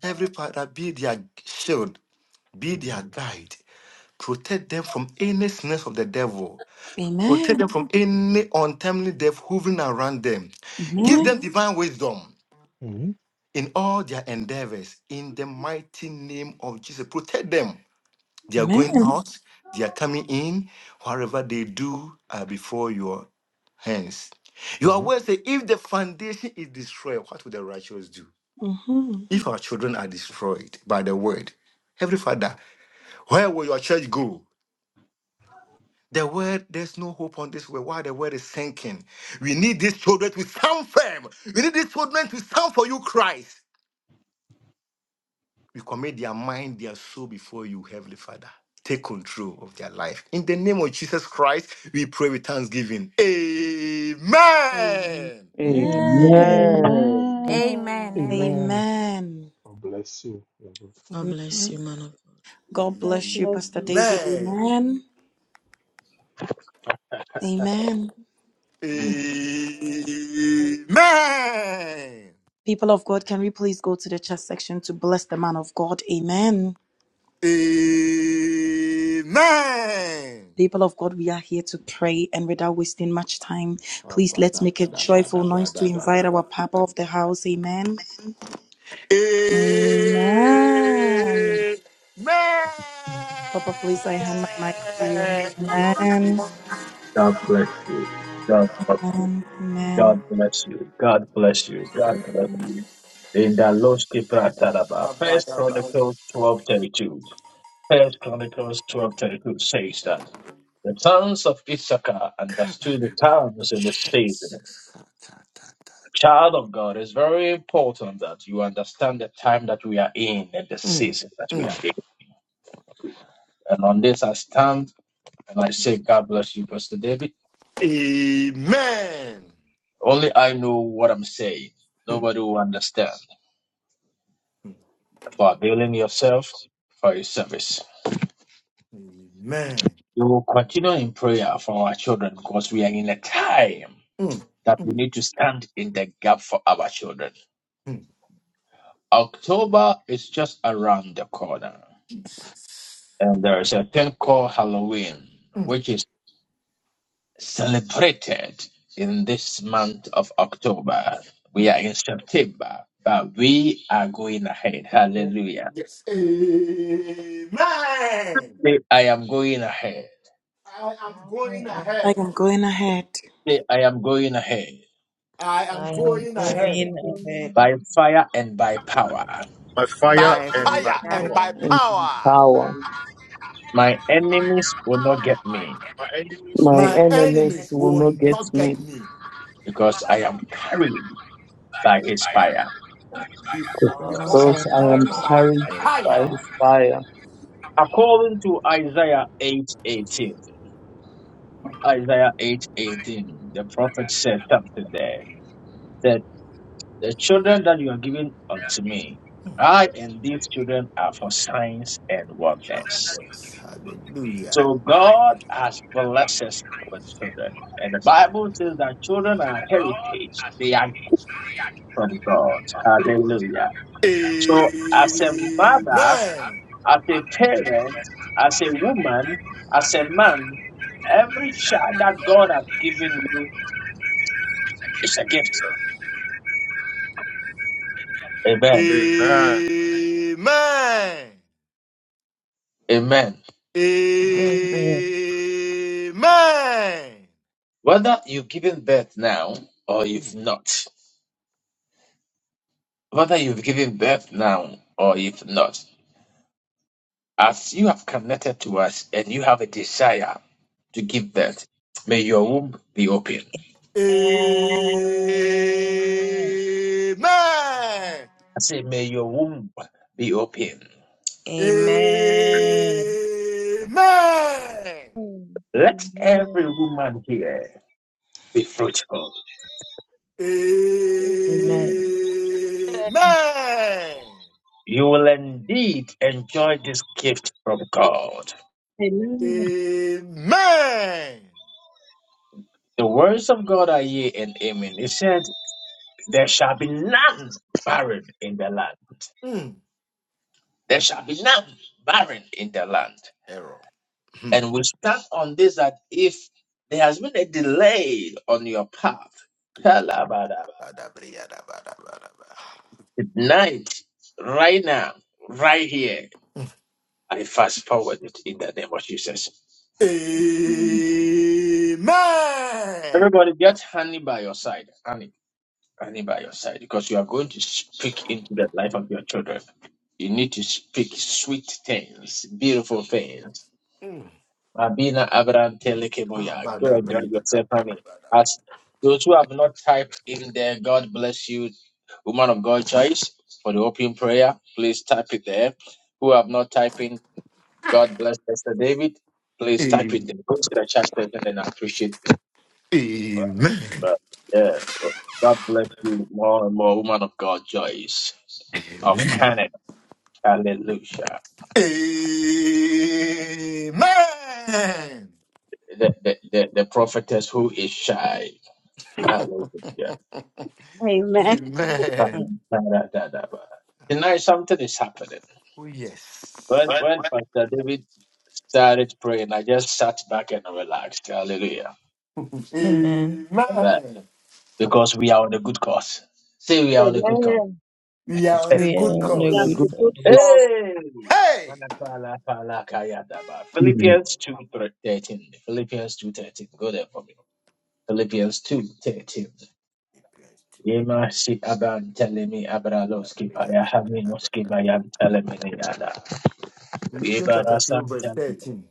C: Every father, be their shield, be their guide. Protect them from any snares of the devil. Protect
B: Amen.
C: them from any untimely death hovering around them. Give
B: Amen.
C: them divine wisdom
I: Mhm.
C: in all their endeavors. In the mighty name of Jesus, protect them. They are going out, they are coming in. Whatever they do are before your hands. Your
I: Amen.
C: word say, if the foundation is destroyed, what will the righteous do?
B: hmm
C: If our children are destroyed by the word, Heavenly Father, where will your church go? The word, there's no hope on this world. Why the word is sinking? We need these children to stand firm. We need these children to stand for you, Christ. We commit their mind, their soul before you, Heavenly Father. Take control of their life. In the name of Jesus Christ, we pray with thanksgiving. Amen.
B: Amen.
D: Amen.
F: Amen.
H: Amen.
L: Amen.
H: Amen.
B: Amen.
I: Amen.
D: God bless you,
B: Amen.
D: man. of
B: God
L: God
B: bless you,
L: bless
B: Pastor
L: you.
B: David.
C: Amen.
B: Amen. Amen.
C: Amen.
B: People of God, can we please go to the chat section to bless the man of God? Amen.
C: Amen.
B: People of God, we are here to pray, and without wasting much time, please let's make a joyful noise to invite our Papa of the house. Amen. Amen. Papa, please, I hand my mic to you.
C: Amen.
B: Amen.
A: God bless you. God bless you.
B: Amen. Amen.
A: God bless you. God bless you. God bless you. In the Loski Prataraba. First Chronicles twelve thirty two. First Chronicles twelve thirty two says that the sons of Issachar understood the times and the season.
C: Jesus.
A: Child of God, it's very important that you understand the time that we are in and the
C: Mm.
A: season that we are in. And on this, I stand and I say, God bless you, Pastor David.
C: Amen.
A: Only I know what I'm saying.
C: Mm.
A: Nobody will understand. for availing yourself for your service.
C: Amen.
A: We will continue in prayer for our children because we are in a time
C: Mm,
A: that we need to stand in the gap for our children.
C: mm,
A: October is just around the corner, and there is a thing called Halloween,
C: mm,
A: which is celebrated in this month of October. We
C: mm.
A: are in September, but we are going ahead.
C: Oh,
A: Hallelujah.
C: yes. Amen.
A: Say, I am going ahead.
C: I am
D: God.
C: going
D: I am
B: I
C: ahead.
B: am
D: going.
B: going ahead.
A: Say, I am going ahead.
C: I
D: I
C: am
D: am
C: going ahead
K: am
D: going
K: going
D: ahead
A: by fire and by power.
M: by fire
C: by
D: by
M: and
K: right
M: by
C: fire
D: fire
C: and
M: power.
C: by
K: now.
F: and
C: power.
F: power.
A: My enemies will not get me
M: My enemy
F: My
C: My
F: enemies
D: and
C: enemies
F: will
C: will
F: not get
C: not
F: me,
C: get me
A: because I am carried by his fire.
C: before because
D: because I
F: because
C: I'm
F: I
D: am
F: am
C: carried by the
F: carried
D: going.
F: by
C: fire.
F: his fire.
A: According to Isaiah 8:18, Isaiah 8:18, the prophet said something there that the children that you are giving unto me, I and these children are for signs and wonders.
C: Wonders. Hallelujah.
A: So God has blessed us with children. And the Bible says that children are heritage. They are from God. Hallelujah. So, as a mother,
C: Amen.
A: as a parent, as a woman, as a man, every child that God has given you is a gift. Amen.
M: Amen.
C: Amen. Amen.
A: Amen.
D: Amen.
C: Amen.
A: Whether you've given birth now or if not, whether you've given birth now or if not, as you have connected to us and you have a desire to give birth, may your womb be open.
C: Amen.
A: I say, may your womb be open.
D: Amen.
C: Amen.
A: Let
K: Amen.
A: every woman here be fruitful.
C: Amen.
D: Amen.
K: Amen.
N: Amen.
A: You will indeed enjoy this gift from God.
C: Amen.
A: The words of God are yea and amen. He said, There shall be none barren in the land.
C: Mm.
A: There shall be none barren in the land.
C: Error. Hmm.
A: And we stand on this that if there has been a delay on your path, kalabadaba,
C: Badabriyadabadabada.
A: tonight, right now, right here, I fast forward it in the name of Jesus.
C: Amen.
A: Everybody, get honey by your side. Honey. standing by your side because you are going to speak into the life of your children. You need to speak sweet things, beautiful things. Abina Abraham
C: Ah,
A: Telekeboya. Go and grab yourself,
C: badabriyadabada.
A: honey. As those who have not typed in there, God bless you, woman of God choice, for the open prayer. Please type it there. Who have not typed in, God bless Pastor David. Please type it there. Go to the chat section and appreciate.
C: Amen.
A: But yeah, well, God bless you more and more, woman of God, Joyce of
C: Amen.
A: Canaan. Hallelujah.
C: Amen.
A: The, the, the, the prophetess who is shy. Hallelujah.
E: Amen.
C: Amen.
D: Mm.
A: Da-da-da-da-da-da. Tonight something is happening.
C: Oh, yes.
A: When when Pastor David started praying, I just sat back and relaxed. Hallelujah.
D: Amen.
C: Amen.
A: Amen. Because we are on a good course. See, we are on a good course.
N: Amen.
C: We are on the
D: We are
C: good
N: That
D: on a
F: May
D: good
C: course.
N: the
F: good
N: good
D: course.
N: cause.
F: Christ,
A: Hey!
C: Hey!
A: Palapalapalakayadaba. Philippians 2.13. Philippians 2.13. Go there for me. Philippians 2.13. Yema si aban telemi abraloski payahami noski bayam telemini yada.
C: Philippians
A: Yeba
C: chapter 2,
A: rasam
C: verse
A: telemi.
C: 13.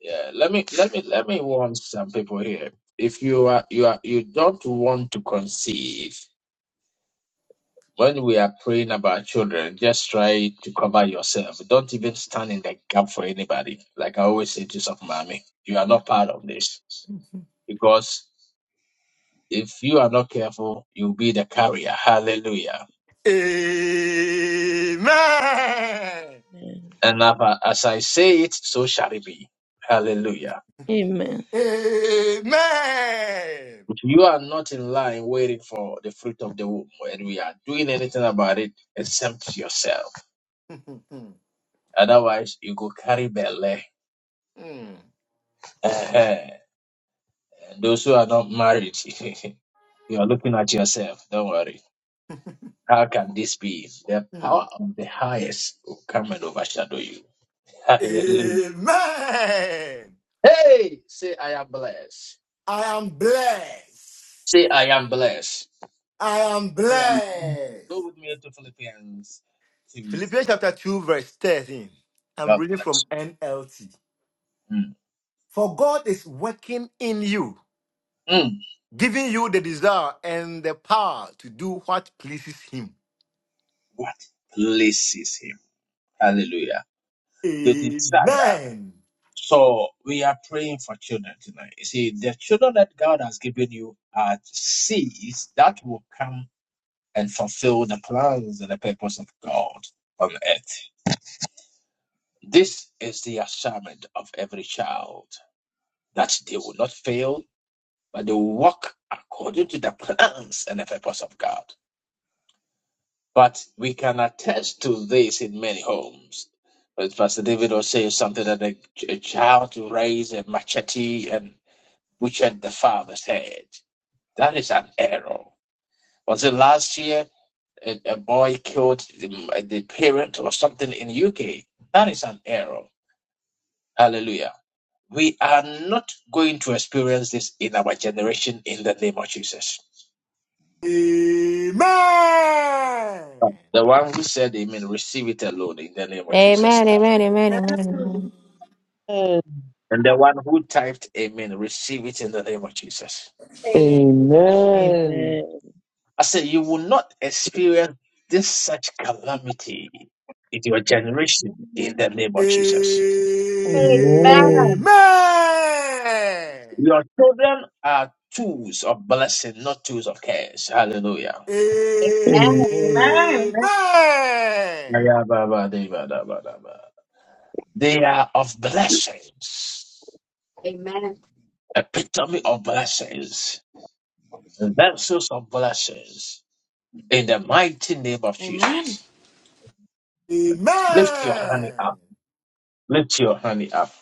A: Yeah, let me let me let me warn some people here. If you are you are you don't want to conceive, when we are praying about children, just try to cover yourself. Don't even stand in the gap for anybody. Like I always say to some mommy, you are not part of this. Because if you are not careful, you'll be the carrier. Hallelujah.
C: Amen.
A: And as as I say it, so shall it be. Hallelujah.
D: Amen.
C: Amen.
A: If you are not in line waiting for the fruit of the womb, and we are doing anything about it, exempt yourself. Otherwise, you go carry belly.
C: Mm.
A: Those who are not married, you are looking at yourself. Don't worry. How can this be? The
C: Hmm.
A: power of the highest will come and overshadow you. Hallelujah.
C: Amen.
A: Hey, say I am blessed.
C: I am blessed.
A: Say I am blessed.
C: I am
F: I am.
C: blessed.
A: Go with me to Philippians 2 3.
C: Philippians chapter 2, verse 13. I'm
A: God
C: reading
A: bless
C: from NLT.
A: you. Mm.
C: For God is working in you,
A: Mm.
C: giving you the desire and the power to do what pleases Him.
A: What pleases him? Hallelujah. The desire.
C: Amen.
A: So we are praying for children tonight. You see, the children that God has given you are seeds that will come and fulfill the plans and the purpose of God on earth. This is the assignment of every child that they will not fail, but they will walk according to the plans and the purpose of God. But we can attest to this in many homes. But Pastor David was saying something that a, a child raised a machete and butchered the father's head. That is an error. Was it last year? a, a boy killed the, the parent or something in the UK. That is an error. Hallelujah. We are not going to experience this in our generation in the name of Jesus.
C: Amen.
A: The one who said amen, receive it alone in the name of Jesus.
H: Amen, amen, amen, amen. amen.
F: Amen.
A: And the one who typed amen, receive it in the name of Jesus.
D: Amen.
A: I said, you will not experience this such calamity in your generation in the name
C: Amen.
A: of
C: Amen.
A: Jesus.
E: Amen.
F: Amen.
A: Your children are tools of blessing, not tools of curse. Hallelujah.
E: Amen.
F: Amen.
B: Amen.
A: Ayababadabadabadaba. They are of blessings,
E: Amen. Amen.
A: epitome of blessings, vessels of blessings. In the mighty name of
B: Amen.
A: Jesus, lift your hand
C: Amen.
A: up. Lift your hand up.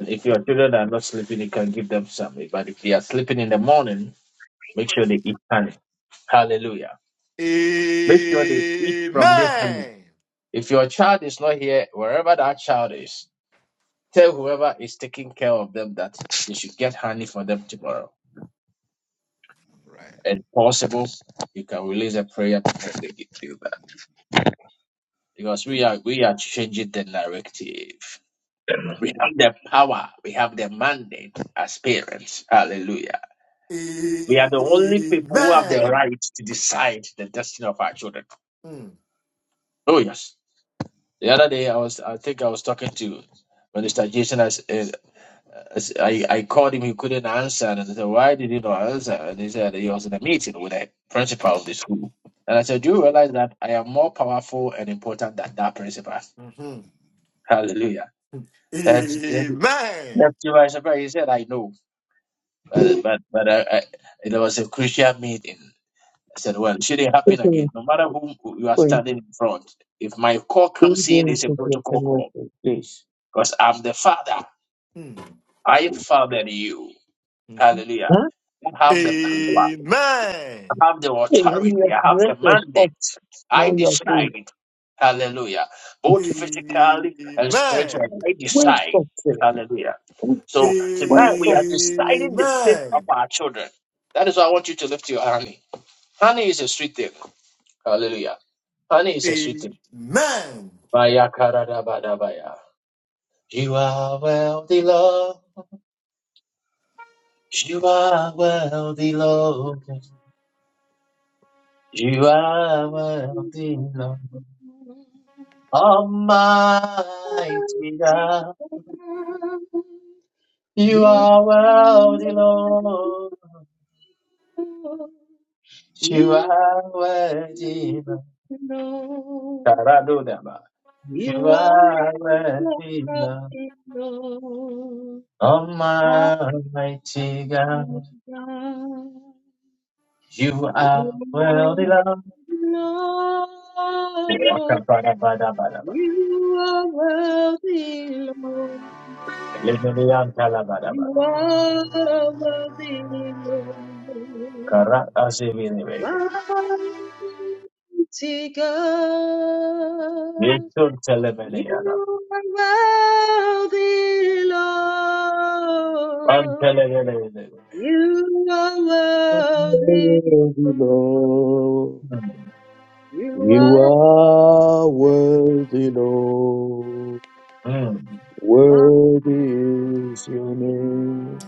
A: And if your children are not sleeping, you can give them some. But if they are sleeping in the morning, make sure they eat honey. Hallelujah. Make sure they eat from this honey.
C: Amen.
A: If your child is not here, wherever that child is, tell whoever is taking care of them that they should get honey for them tomorrow.
C: Right.
A: And possible, you can release a prayer before they get do that. Because we are we are changing the narrative. We have the power, we have the mandate as parents. Hallelujah. We are the only people who have the
C: Amen.
A: right to decide the destiny of our children.
C: Mm,
A: Oh yes. The other day I was I think I was talking to Minister Jason as, I, I called him, he couldn't answer. And I said, Why did you not answer? And he said he was in a meeting with the principal of the school. And I said, Do you realize that I am more powerful and important than that principal?
C: mhm.
A: Hallelujah. And and
C: Amen.
A: left to my surprise, he said, I know. But but, but I, I, it was a crucial meeting. I said, Well, it shouldn't happen again.
F: Quickly,
A: No matter whom you are
F: quickly,
A: standing in front, if my call comes
F: don't go
A: in,
F: and
A: it's a
F: take your
A: protocol
F: pen off
A: call
F: your face.
A: because I'm the father.
C: Mm,
A: I fathered you.
C: mhm.
A: Hallelujah.
F: Huh?
A: I have the power.
C: Amen.
A: I have the
F: Hey, when
A: authority.
F: your
A: I have
F: dress
A: the
F: is
A: mandate.
F: off,
A: I
F: now you are full.
A: decide. Hallelujah. Both
C: Amen.
A: physically and spiritually, I
F: Where
A: decide.
F: stop today?
A: Hallelujah. So
F: Where
A: tonight we
F: stop?
A: are deciding the fate of
C: Amen.
A: our children. That is why I want you to lift your honey. Honey is a sweet thing. Hallelujah. Honey is a sweet
C: Amen.
A: thing. Baya karadabadabaya. You are wealthy, Lord. You are wealthy, Lord. You are wealthy, Lord. Almighty God,
O: Amen.
A: you
O: You
A: are worthy,
O: know,
A: Lord. You
O: you
A: are worthy, Lord.
O: know,
A: God, I do that, man. You
O: you are
A: are worthy,
O: loved
A: Lord.
O: in Lord. I
A: Almighty
O: am
A: God, you are worthy,
O: you
A: Lord.
O: Lord,
A: Wakabadabadabadaba.
O: you are worthy, Lord.
A: Lemelian talabadaba.
O: You are worthy,
A: Karat azibiniwe.
O: Lord. mighty God.
A: Yitun
O: You
A: telemeneyana.
O: are worthy, Lord.
A: Antelelelele.
O: You are
F: Sorry,
O: worthy.
F: Lord.
O: You
F: You
O: are
F: are
O: mighty.
F: worthy, Lord.
A: Mm.
F: Worthy is your name.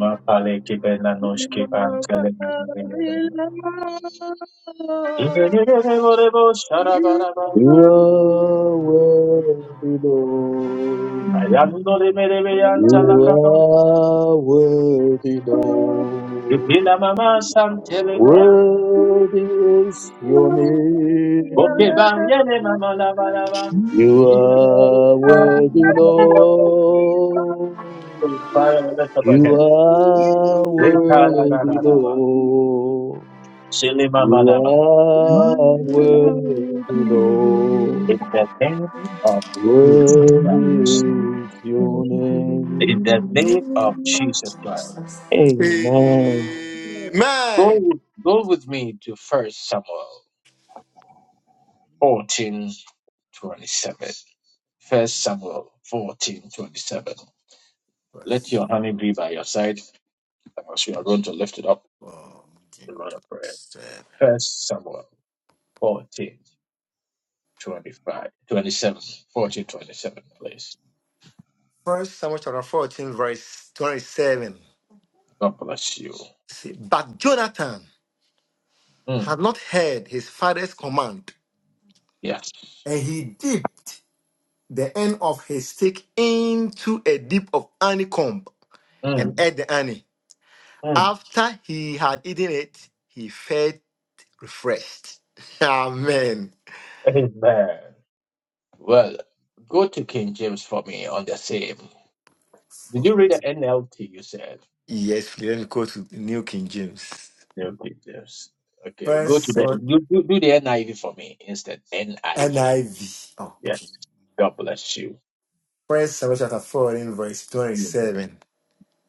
A: Mapale kibela
O: You are
A: noshki pantele
O: worthy, Lord.
A: Igerebo
O: You
A: sharabaraba
F: You
O: are
F: are worthy, Lord.
A: ayandole merebe
F: You
O: mighty.
A: yantalakadon
F: are worthy, Lord.
A: ipila mama
G: you.
A: santele meya
G: Thank
F: Worthy is your
A: oke
F: name.
A: ba yene mama labaraba
O: Oh,
F: You
O: Amen.
F: are worthy, Lord. You are worthy, Lord.
A: Sili mama
F: You
A: laba
F: are worthy, Lord.
A: in the name of Jesus Christ
F: Worthy is your name.
A: in the name of Jesus Christ
F: Amen.
A: Go,
C: Amen.
A: with, go with me to First Samuel fourteen twenty-seven. First Samuel fourteen twenty-seven. Let
C: Verse
A: your honey be by your side as you are going to lift it up in
C: fourteen
A: run of
C: twenty
A: prayer. First Samuel fourteen twenty-five, twenty-seven, fourteen twenty-seven. Please,
C: First Samuel chapter 14, verse 27.
A: God bless you.
C: See, but Jonathan
A: Mm,
C: had not heard his father's command,
A: yes.
C: and he dipped the end of his stick into a dip of honeycomb
A: Mm,
C: and ate the honey.
A: mm.
C: After he had eaten it, he felt refreshed. Amen.
A: Amen. Well, go to King James for me on the same. Did you read the NLT? You said.
C: Yes, please, let me go to the New King James.
A: Okay, yes. Okay, go to
C: First
A: the
C: uh,
A: do, do, do the NIV for me instead. NIV.
C: NIV.
A: Yes.
C: Okay.
A: God bless you.
C: First Samuel chapter 4 verse 27.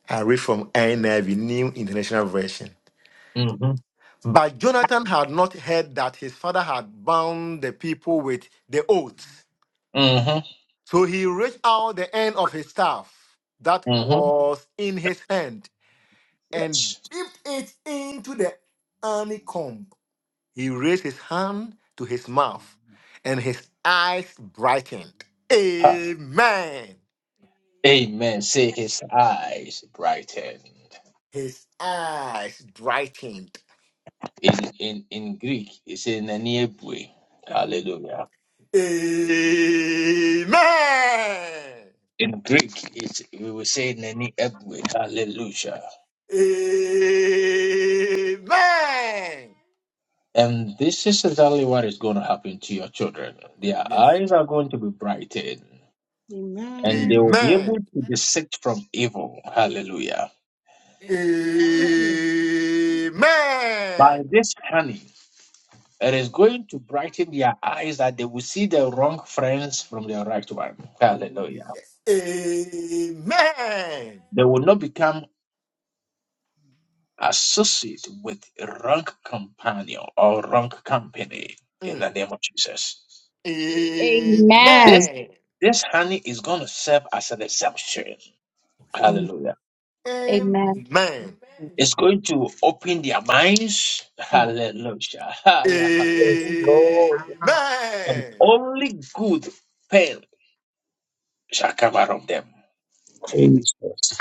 C: I read from NIV, New International Version.
A: Mm-hmm.
C: But Jonathan had not heard that his father had bound the people with the oath.
A: Mm-hmm.
C: So he reached out the end of his staff that
A: Mm-hmm.
C: was in his hand and
A: Yes.
C: dipped it into the honeycomb. He raised his hand to his mouth, and his eyes brightened.
A: Ah,
C: Amen.
A: Amen. Say his eyes brightened.
C: His eyes brightened.
A: In in in Greek, it's in Naniebwe.
C: Mm.
A: Hallelujah.
C: Amen.
A: In Greek, it's we will say Naniebwe. Hallelujah.
C: Amen.
A: And this is exactly what is going to happen to your children.
C: Oh,
A: Their
C: yes.
A: eyes are going to be brightened. and they
O: Amen.
A: will be able
C: Amen.
A: to dissect from evil. Hallelujah.
O: Amen.
A: By
C: Amen.
A: this honey, it is going to brighten their eyes that they will see their wrong friends from their right one.
C: Oh,
A: Hallelujah.
C: yes. Amen.
A: They will not become associated with wrong companion or wrong company in the
C: Mm.
A: name of Jesus.
E: Amen.
A: This
C: Amen.
A: this honey is going to serve as an exemption.
E: Amen.
A: Hallelujah.
C: Amen.
A: It's going to open their minds.
C: Mm.
A: Hallelujah. Yeah, Father.
C: Amen.
F: Yes,
E: Amen.
F: Lord
A: And only good pen shall come out of them.
F: Jesus.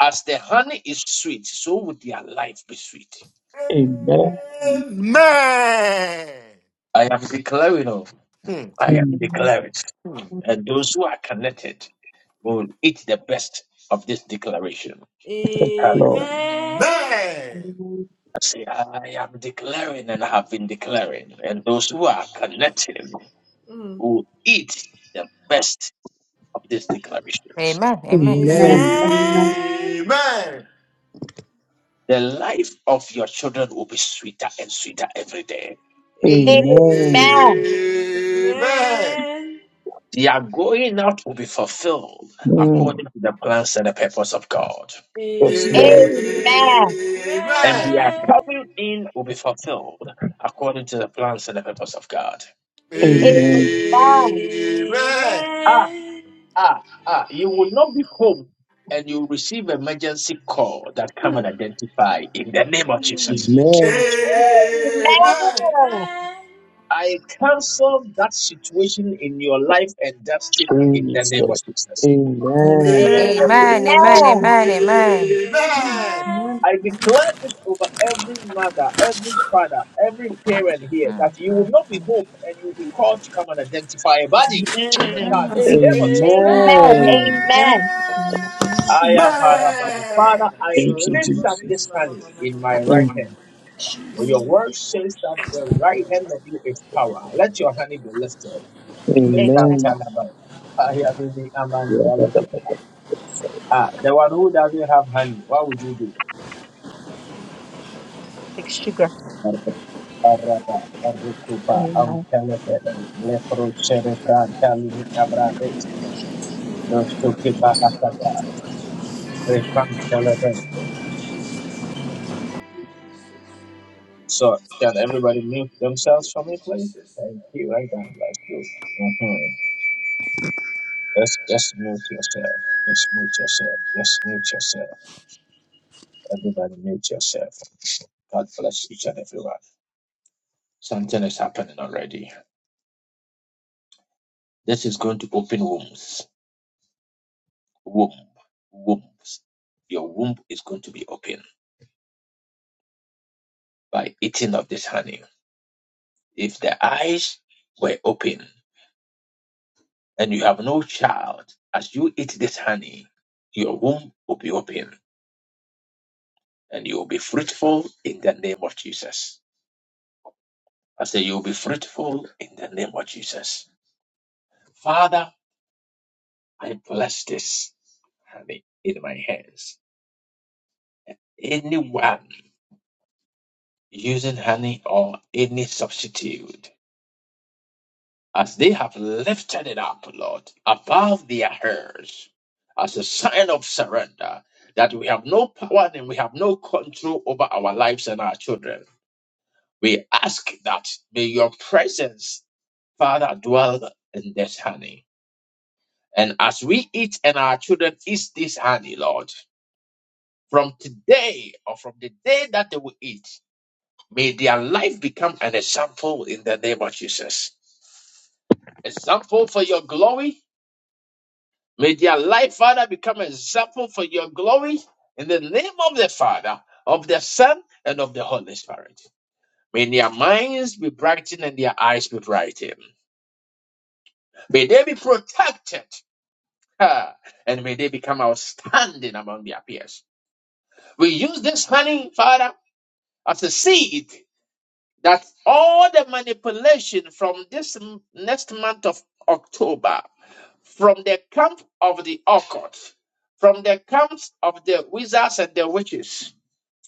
A: As the honey is sweet, so would their life be sweet.
E: Amen.
F: Amen.
C: Amen.
A: I am declaring, oh,
C: Mm. Amen.
A: I am
F: Mm,
E: Amen.
A: declaring, and those who are connected will eat the best of this declaration.
F: Lord.
A: Hallelujah.
J: Amen. Amen.
E: Amen.
A: I say, I am declaring and I have been declaring, and those who are connected
J: Mm.
A: will eat the best of these declarations.
C: Amen.
E: Amen.
F: Amen.
E: Amen.
C: Amen.
J: Amen.
A: The life of your children will be sweeter and sweeter every day.
O: Amen. Amen.
F: Amen.
E: Amen.
J: Amen.
C: Amen.
J: Amen.
A: Their going out will be fulfilled
F: Mm,
A: according to the plans and the purpose of God.
J: Amen.
F: Yes, Lord.
J: Amen.
E: Amen.
A: And their coming in will be fulfilled according to the plans and the purpose of God.
J: Amen.
F: Amen.
J: Amen.
E: Amen.
A: Ah, ah, ah. You will not be home and you will receive emergency call that come and
J: Mm.
A: identify in the name of
E: Mm.
A: Jesus.
J: Amen.
F: Amen.
J: Amen.
E: Amen.
J: Amen.
E: Amen.
A: I cancel that situation in your life and destiny in the name of
F: Jesus.
A: Jesus.
B: Amen.
F: Amen.
N: Amen.
E: Amen.
J: Amen. Amen.
A: I declare this over every mother, every father, every parent here that you will not be home and you will be called to come and identify a body, your child,
N: Amen.
A: in the
B: Consider
A: name of
O: Amen.
A: Jesus.
B: me.
F: Amen.
B: Amen.
E: Amen. Amen.
C: Amen. Amen. Amen.
A: I am Parabana.
C: Amen.
A: Father,
J: Thank
A: I
J: you, Jesus, for Amen. the victory
F: Thank
J: and your
F: you,
A: lift up
J: glory.
A: this
F: Jesus.
J: Ma, ma,
A: honey
J: ma, ma, ma,
A: in my right
F: Mm,
A: hand.
J: ma,
A: For your word says that the right hand of you is power. Let your honey be lifted. Lift up,
F: Amen.
E: Amen.
A: Tanabana. I am in the
F: Oh
A: Amandaleke. Ah, the one who doesn't have honey, what would you do?
E: Take sugar.
A: Araba, Arricuba,
E: Amen.
A: Ampelepele, Lepro Cerebran, Talimi Abradeski,
J: ma, ma, ma.
A: Rostuki Bahasaka,
J: Jesus. Thank
A: Repan
J: you, Jesus. Thank you, Jesus.
A: Televen.
J: Thank you, Jesus.
A: So, can everybody mute themselves for me,
J: Thank you,
A: please?
J: Jesus.
A: Thank you, I don't like you. Mm-hmm. Let's just mute yourself. Just mute yourself. Just mute yourself. Everybody mute yourself. God bless each and everyone. Something is happening already. This is going to open wombs. womb, wombs. Your womb is going to be open by eating of this honey. If the eyes were open and you have no child, as you eat this honey, your womb will be open and you will be fruitful in the name of Jesus. I say you will be fruitful in the name of Jesus. Father, I bless this honey in my hands. Anyone using honey or any substitute as they have lifted it up, Lord, above their heads, as a sign of surrender, that we have no power and we have no control over our lives and our children. We ask that may your presence, Father, dwell in this honey. And as we eat and our children eat this honey, Lord, from today or from the day that they will eat, may their life become an example in the name of Jesus. Example for your glory May their life, Father, become an example for your glory in the name of the Father, of the Son, and of the Holy Spirit. May their minds be brightened and their eyes be brightened. May they be protected. ah, And may they become outstanding among their peers. We use this honey, Father, as a seed that all the manipulation from this m- next month of October from the camp of the occult, from the camps of the wizards and the witches.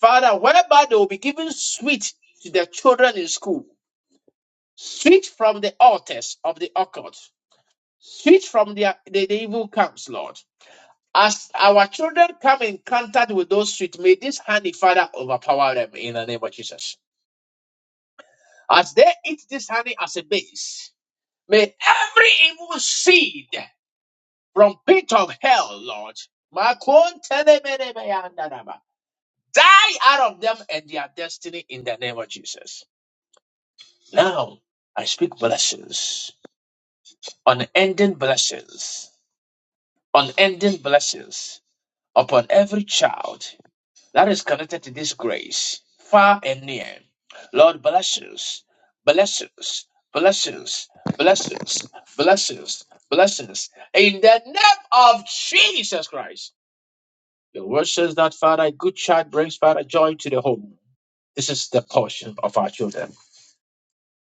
A: Father, whereby they will be given sweet to the children in school, sweet from the altars of the occult, sweet from the, the, the evil camps, Lord. As our children come in contact with those sweet, may this honey, Father, overpower them in the name of Jesus. As they eat this honey as a base, may every evil seed from pit of hell, Lord. Makontenemenemeyandaraba. Die out of them and their destiny in the name of Jesus. Now, I speak blessings, unending blessings, unending blessings upon every child that is connected to this grace, far and near. Lord, blessings, blessings, blessings, blessings, blessings, blessings, in the name of Jesus Christ. The word says that, Father, a good child brings, Father, joy to the home. This is the portion of our children.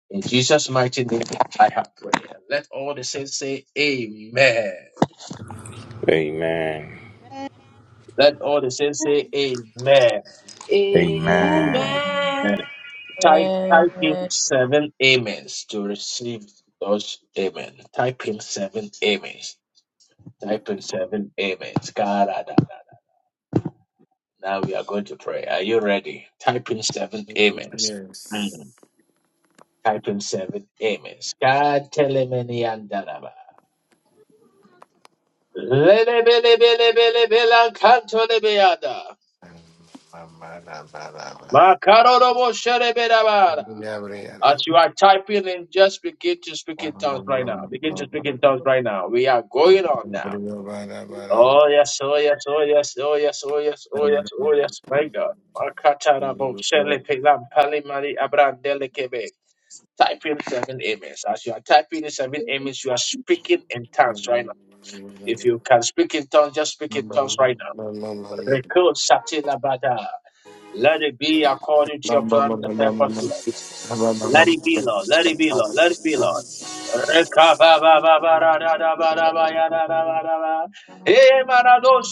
A: In Jesus' mighty name, I have prayed. Let all the saints say, Amen.
P: Amen.
A: Let all the saints say, Amen.
P: Amen.
J: Amen.
A: Type, type in
D: Amen.
A: seven amens to receive those amen. Type in seven amens. Type in seven amens. God, ah, da, da. Now we are going to pray. Are you ready? Type in seven amens. Mm.
C: Yes.
A: Title 7. Amen. Skatelemeniandaraba. Lelebelebelebelakantolebeyada. Makaroroboshereberabara.
C: Amen.
A: As you are typing in, just begin to speak in tongues right now. Begin to speak in tongues right now. We are going on now.
C: Amen.
A: Oh yes, oh yes, oh yes, oh yes, oh yes, oh yes, oh yes, my God. Makatarabo shelepelam palimari abrandelekebe. Type in seven amens. As you are typing in seven amens, you are speaking in tongues right now. If you can speak in tongues, just speak in tongues right now. Record Satilabada. Let it be according to your plan and purpose. Lord. Let it be, Lord. Let it be, Lord. Let it be, Lord. Rekabababababadadabadabayadadabadaba. Eh, manado,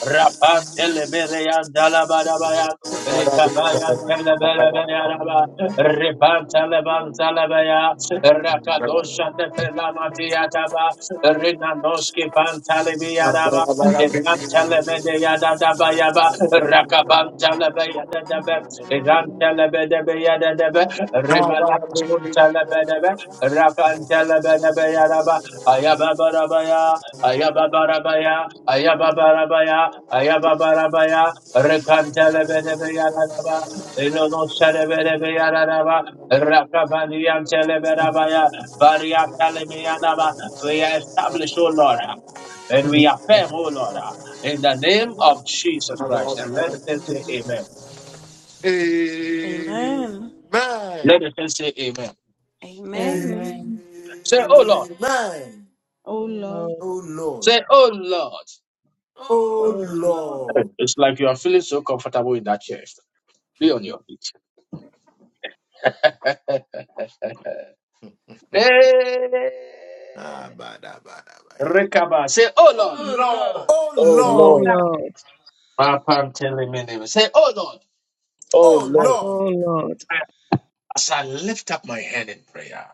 A: Rapantele Rakabantalabayadadaba, Irantalabadabayadadaba, Rimalakasuntalabadaba, Rakantalabadabayadaba, Ayababarabaya, Ayababarabaya, Ayababarabaya, Ayababarabaya, Rekantalabadabayadadaba, Ilonosadabayadadaba, Rakabaniyantalabarabaya, Variakalimiyanaba. We are established, O Lord. And we affirm, O Lord in the name of Jesus Christ. And let the church say amen.
B: Amen.
A: Let the church say amen.
B: Amen.
D: Amen.
O: Amen.
A: Say, oh Lord.
O: Oh
D: Oh
O: Lord.
D: Lord.
C: Oh Lord.
A: Say, oh Lord.
D: Oh
O: Oh
C: Oh
D: Lord.
O: Lord.
C: Lord.
A: It's like you are feeling so comfortable in that chair. Be on your feet. Hey,
C: Ah, bada, bada, bada.
A: Rekaba. Say, oh Lord.
J: Oh, Lord.
C: Oh
D: Oh
F: Lord,
C: Lord.
D: Lord.
A: Papa, I'm telling my name. Say, oh Lord.
F: oh
C: Oh
F: Lord,
D: Oh
C: Lord.
D: Lord.
A: As I lift up my hand in prayer,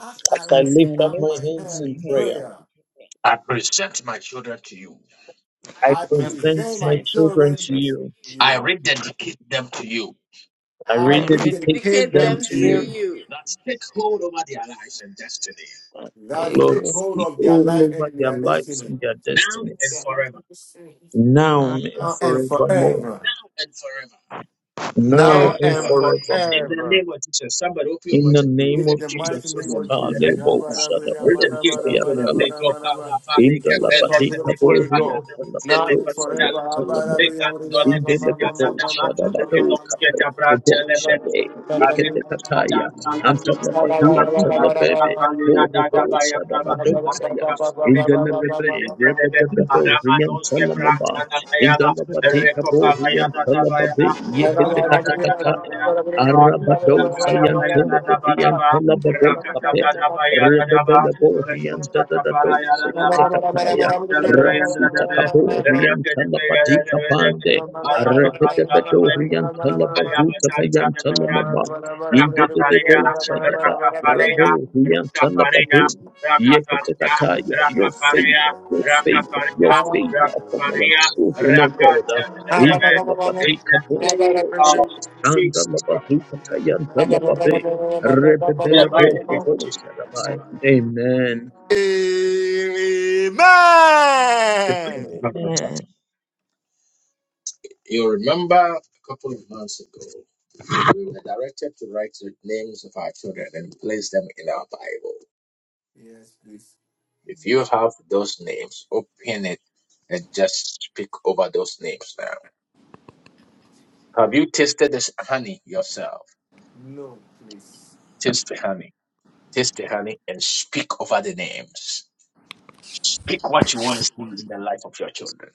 C: As I
F: as I
D: As
C: lift
D: I
F: lift up
C: up
F: my
D: lift
C: my
D: up
F: hands
D: my
C: hand
F: in
C: in
D: head
F: prayer,
C: prayer,
A: I present my children to you.
F: I
D: I
F: present my
C: my
D: present
F: children
C: children
F: to
D: myself.
C: is
F: you.
A: I
C: you.
A: rededicate them to you.
F: I
D: I
C: We
D: read
F: rededicate
C: dedicate
J: Indicate
F: them
C: them
J: them
C: to
F: to
B: You.
C: you.
F: you.
J: see you.
A: That take hold over their lives and destiny
C: That
D: the
F: Lord,
C: take
D: good
C: hold
F: speak
C: of their
F: all
C: life and
F: over their
C: their
F: lives
C: destiny.
F: and their
A: now and
F: destinies,
A: forever.
F: now and
C: now and
F: forevermore,
C: forever.
A: Now and forever
F: now
D: now.
C: Now
J: Amen.
F: and
C: and
A: In
F: forevermore.
A: the
C: forever.
A: name of Jesus, somebody open your
F: In
A: mouth
F: the
A: and pray.
F: name
C: In
F: of
C: the
A: Rededicate your
C: mighty name
F: Jesus,
A: children
C: of
A: to the
C: Jesus.
A: hands of
F: Kalebo
A: God.
F: Shadabado
A: Rededicate your children.
F: Sayantala,
A: Let go para pale kapele pele
F: Indalabadika
A: ke
F: Boria
A: pada na musele pantale le kandole
F: in the
A: pele ya da da ba.
F: Lebebosha, the
A: Re no ske
F: Badoka,
A: ta
F: the
A: brantele
F: Bosha,
A: pele.
F: the
A: Are no ske ta
F: Yeketekataya,
A: kala so se le ya
F: Antanabadu,
A: ba. Are ka
F: Antanabebe,
A: kale ya da da ba ya
F: Lorobosha, the
A: da
F: Badosaya,
A: ba.
F: in the Lebebe, Rebedebedo,
A: Aramanos que branca
F: Riantalamaba,
A: la
F: in the
A: bayaba,
F: Labatika,
A: recopa bayada da baya,
F: Boriantalababe,
A: rakada da
F: Yeketekataya,
A: baya da ba,
F: Arabadosa,
A: rakada baya da ba
F: Yantelebedi,
A: da ba,
F: Antalababo, Pape,
A: rakada da baya da ba,
F: Rebebelabo,
A: recosta
F: Rianta,
A: da
F: the
A: baya
F: Dose,
A: da ba,
F: Ketekataya,
A: yantala baya da
F: Rafuta
A: ba,
F: kabo orienta
A: rakada
F: la
A: baya da
F: badika
A: ba da
F: pande
A: la baya in the name
F: Yekatekataya, your favor, your favor, your favor upon our children, O God. In the Labatika Bokovos,
A: of
F: Kanda
A: Jesus Christ.
F: Labazuka Tayanta Lababe,
A: In the
F: Rebebele
A: mighty name of
C: Amen.
A: Jesus Christ.
F: Bokovokadabai. Amen.
A: You remember a couple of months ago, we were directed to write the names of our children and place them in our Bible. If you have those names, open it and just speak over those names now. Have you tasted this honey yourself? Taste the honey. Taste the honey and speak over the names. Speak what you want to see in the life of your children.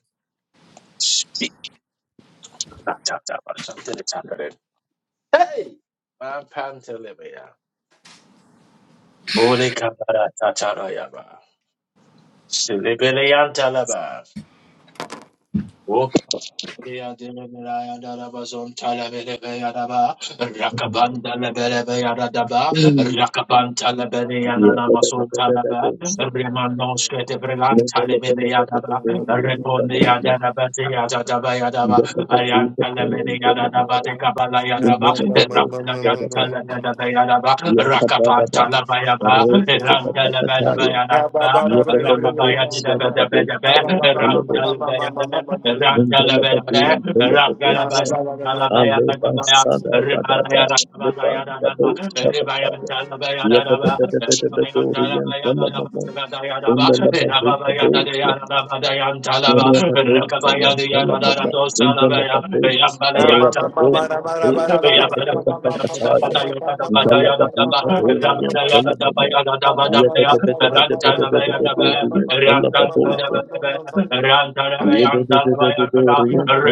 A: Speak. Hey! Man, pan telebea. Ode kabara tatarayaba. Selebele yantalaba. Ria de Meraya Darabazon Talabere Yaraba,
C: Thank
A: Rakabanda Lebere Yaradaba,
F: Mm.
A: Rakabanta Lebere
F: Yeah.
A: Yanamason Talaba, Remandon Skete Brelan Talebere Yadaba, Reponia Darabate
F: In
A: Yadaba
F: Yabba
A: Ribaya Talaba,
F: Rabadota
A: Rakabaya, the
F: Yantala
A: Yanada,
F: Mama, Indalabadate, Rababo, Pate, Yakata Kataya, Indalabadi Padori, Yantala Mama, Yadabedabedabedabedabedori,
C: you.
F: Alebo kapanda da da do, rianda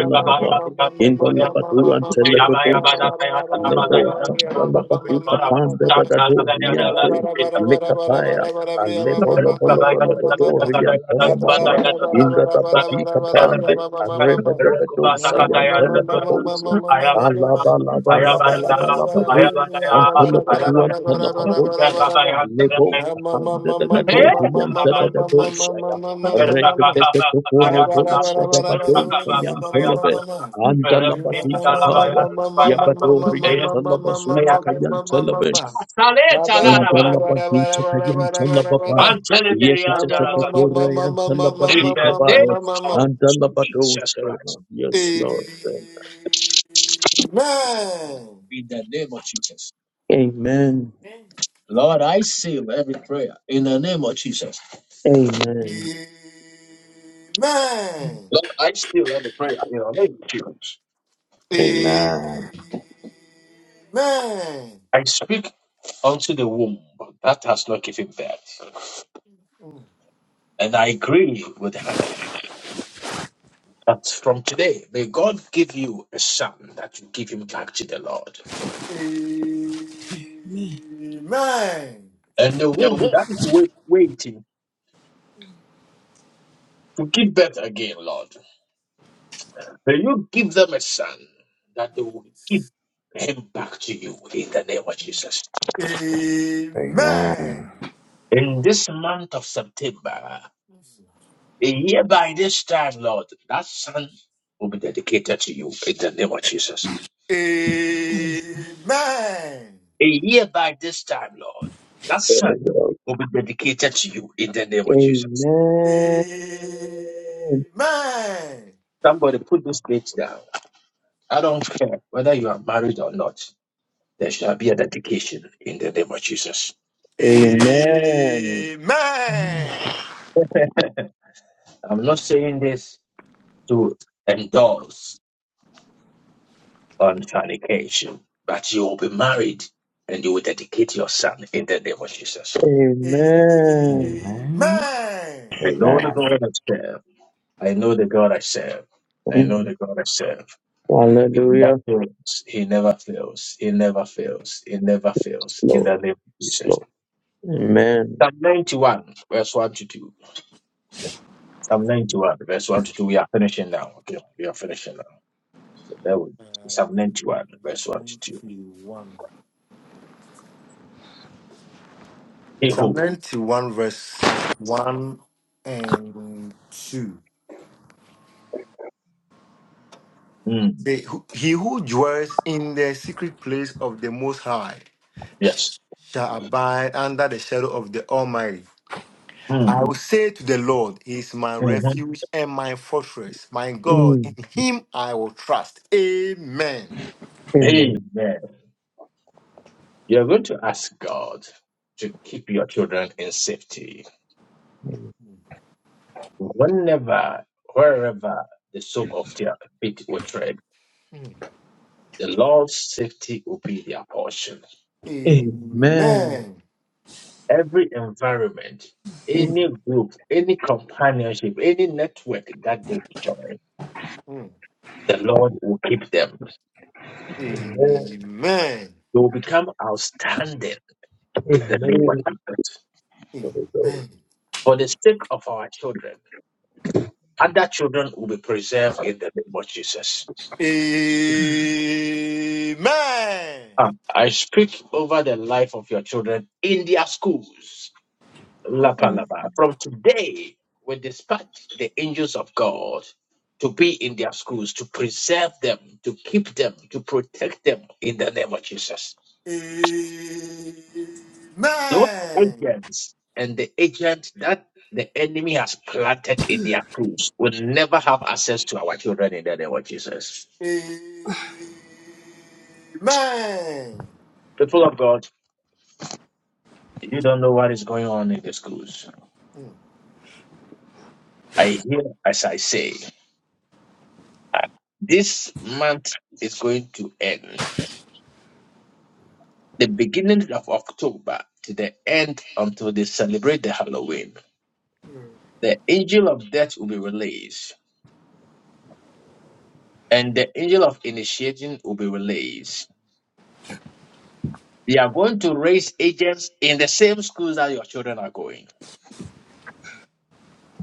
A: Sale,
F: da da da do, shaya. Reketeke pupuru
C: Amen.
F: bolsa da badota
C: Amen.
F: yan telebe. Anda la badika paya. Yabadori yan telaba suta kayan telebe. Anda
A: chalaraba.
F: la baduta kayan telaba paya.
A: Antelendere ya
F: Yekateke
A: dalaka
F: pura yan telaba
A: in
F: tika
A: the name
F: paya.
A: of
F: Anda la
A: Jesus Christ.
F: badota. Yes, Lord.
A: In the name of Jesus.
F: Amen.
A: Lord, I seal every prayer. In the name of Jesus.
F: Amen.
A: Lord, I seal every prayer. In the name of Jesus.
P: Amen.
A: I speak unto the womb that has not given birth. And I agree with Hannah that from today, may God give you a son that you give him back to the Lord.
C: Amen. Amen.
A: And the womb that is wait- waiting to give birth again, Lord. May you give them a son that they will give him back to you in the name of Jesus.
P: Amen.
C: Amen.
A: In this month of September, a year by this time, Lord, that son will be dedicated to you in the name of Jesus.
C: Amen.
A: A year by this time, Lord, that
F: Very
A: son
F: well.
A: will be dedicated to you in the name of Jesus.
F: Amen.
C: Amen.
A: Somebody put this date down. I don't care whether you are married or not. There shall be a dedication in the name of Jesus.
C: Amen.
A: I'm not saying this to endorse on fornication, but you will be married and you will dedicate your son in the name of Jesus.
C: Amen.
F: Amen.
Q: Amen.
A: I know the
P: Amen.
A: God I serve. I know the God I serve. I
F: Amen.
A: know the God I serve. He never
F: Hallelujah.
A: fails. He never fails. He never fails. He never fails. In
F: Slow,
A: the name of Jesus.
F: slow. Amen.
A: Psalm 91, verse 1 to 2. Psalm 91, verse 1 to 2. We are finishing now. Okay, we are finishing now. So there we Psalm 91, verse 1 to 2.
C: Ninety-one.
A: Hey
C: Psalm
A: ho.
C: ninety-one, verses one and two.
A: Mm,
C: Say, "Who- "He who dwells in the secret place of the Most High
A: yes.
C: shall abide under the shadow of the Almighty." I
A: Mm,
C: will say to the Lord, He is my
A: mhm.
C: refuge and my fortress, my God. In
F: Mm,
C: Him I will trust. Amen.
F: Amen.
A: Amen. You're going to ask God to keep your children in safety. Whenever, wherever the sole of their feet will tread,
C: Mm.
A: the Lord's safety will be their portion.
F: Amen.
C: Amen.
A: Every environment, any group, any companionship, any network that they will join,
C: Mm.
A: the Lord will keep them.
F: Amen.
C: Amen.
A: They will become outstanding in the name of
F: Amen.
A: Jesus.
F: Holy
C: Amen.
F: Ghost.
C: Amen.
A: For the sake of our children, other children will be preserved in the name of Jesus. Um, I speak over the life of your children in their schools. Lapa, lapa. From today, we dispatch the angels of God to be in their schools, to preserve them, to keep them, to protect them in the name of Jesus.
C: Amen. Amen.
A: Those agents and the agent that the enemy has planted in their schools will never have access to our children in the name of Jesus. People of God, you don't know what is going on in the schools. I hear as I say. This month is going to end. The beginning of October to the end until they celebrate the Halloween. The angel of death will be released and the angel of initiating will be released. They are going to raise agents in the same schools that your children are going.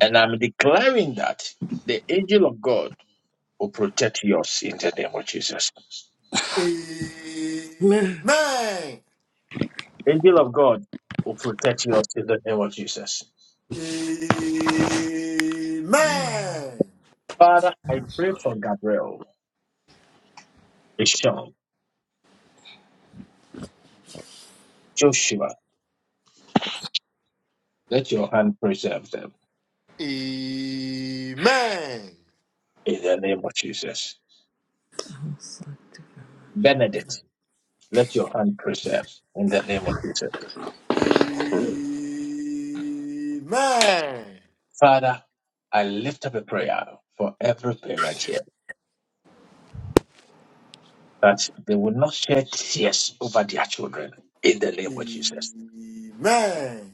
A: And I'm declaring that the angel of God will protect yours in the name of Jesus.
C: Mm.
A: Angel of God will protect yours in the name of Jesus.
C: Mm. Amen.
A: Father, I pray for Gabriel. Ishan, Joshua, let your hand preserve them
C: Amen. Amen.
A: in the name of Jesus.
C: Amen.
A: Benedict, let your hand preserve in the name of Jesus.
C: Amen.
A: Father, I lift up a prayer for every parent here that they will not shed tears over their children in the
C: Amen.
A: name of Jesus.
C: Amen.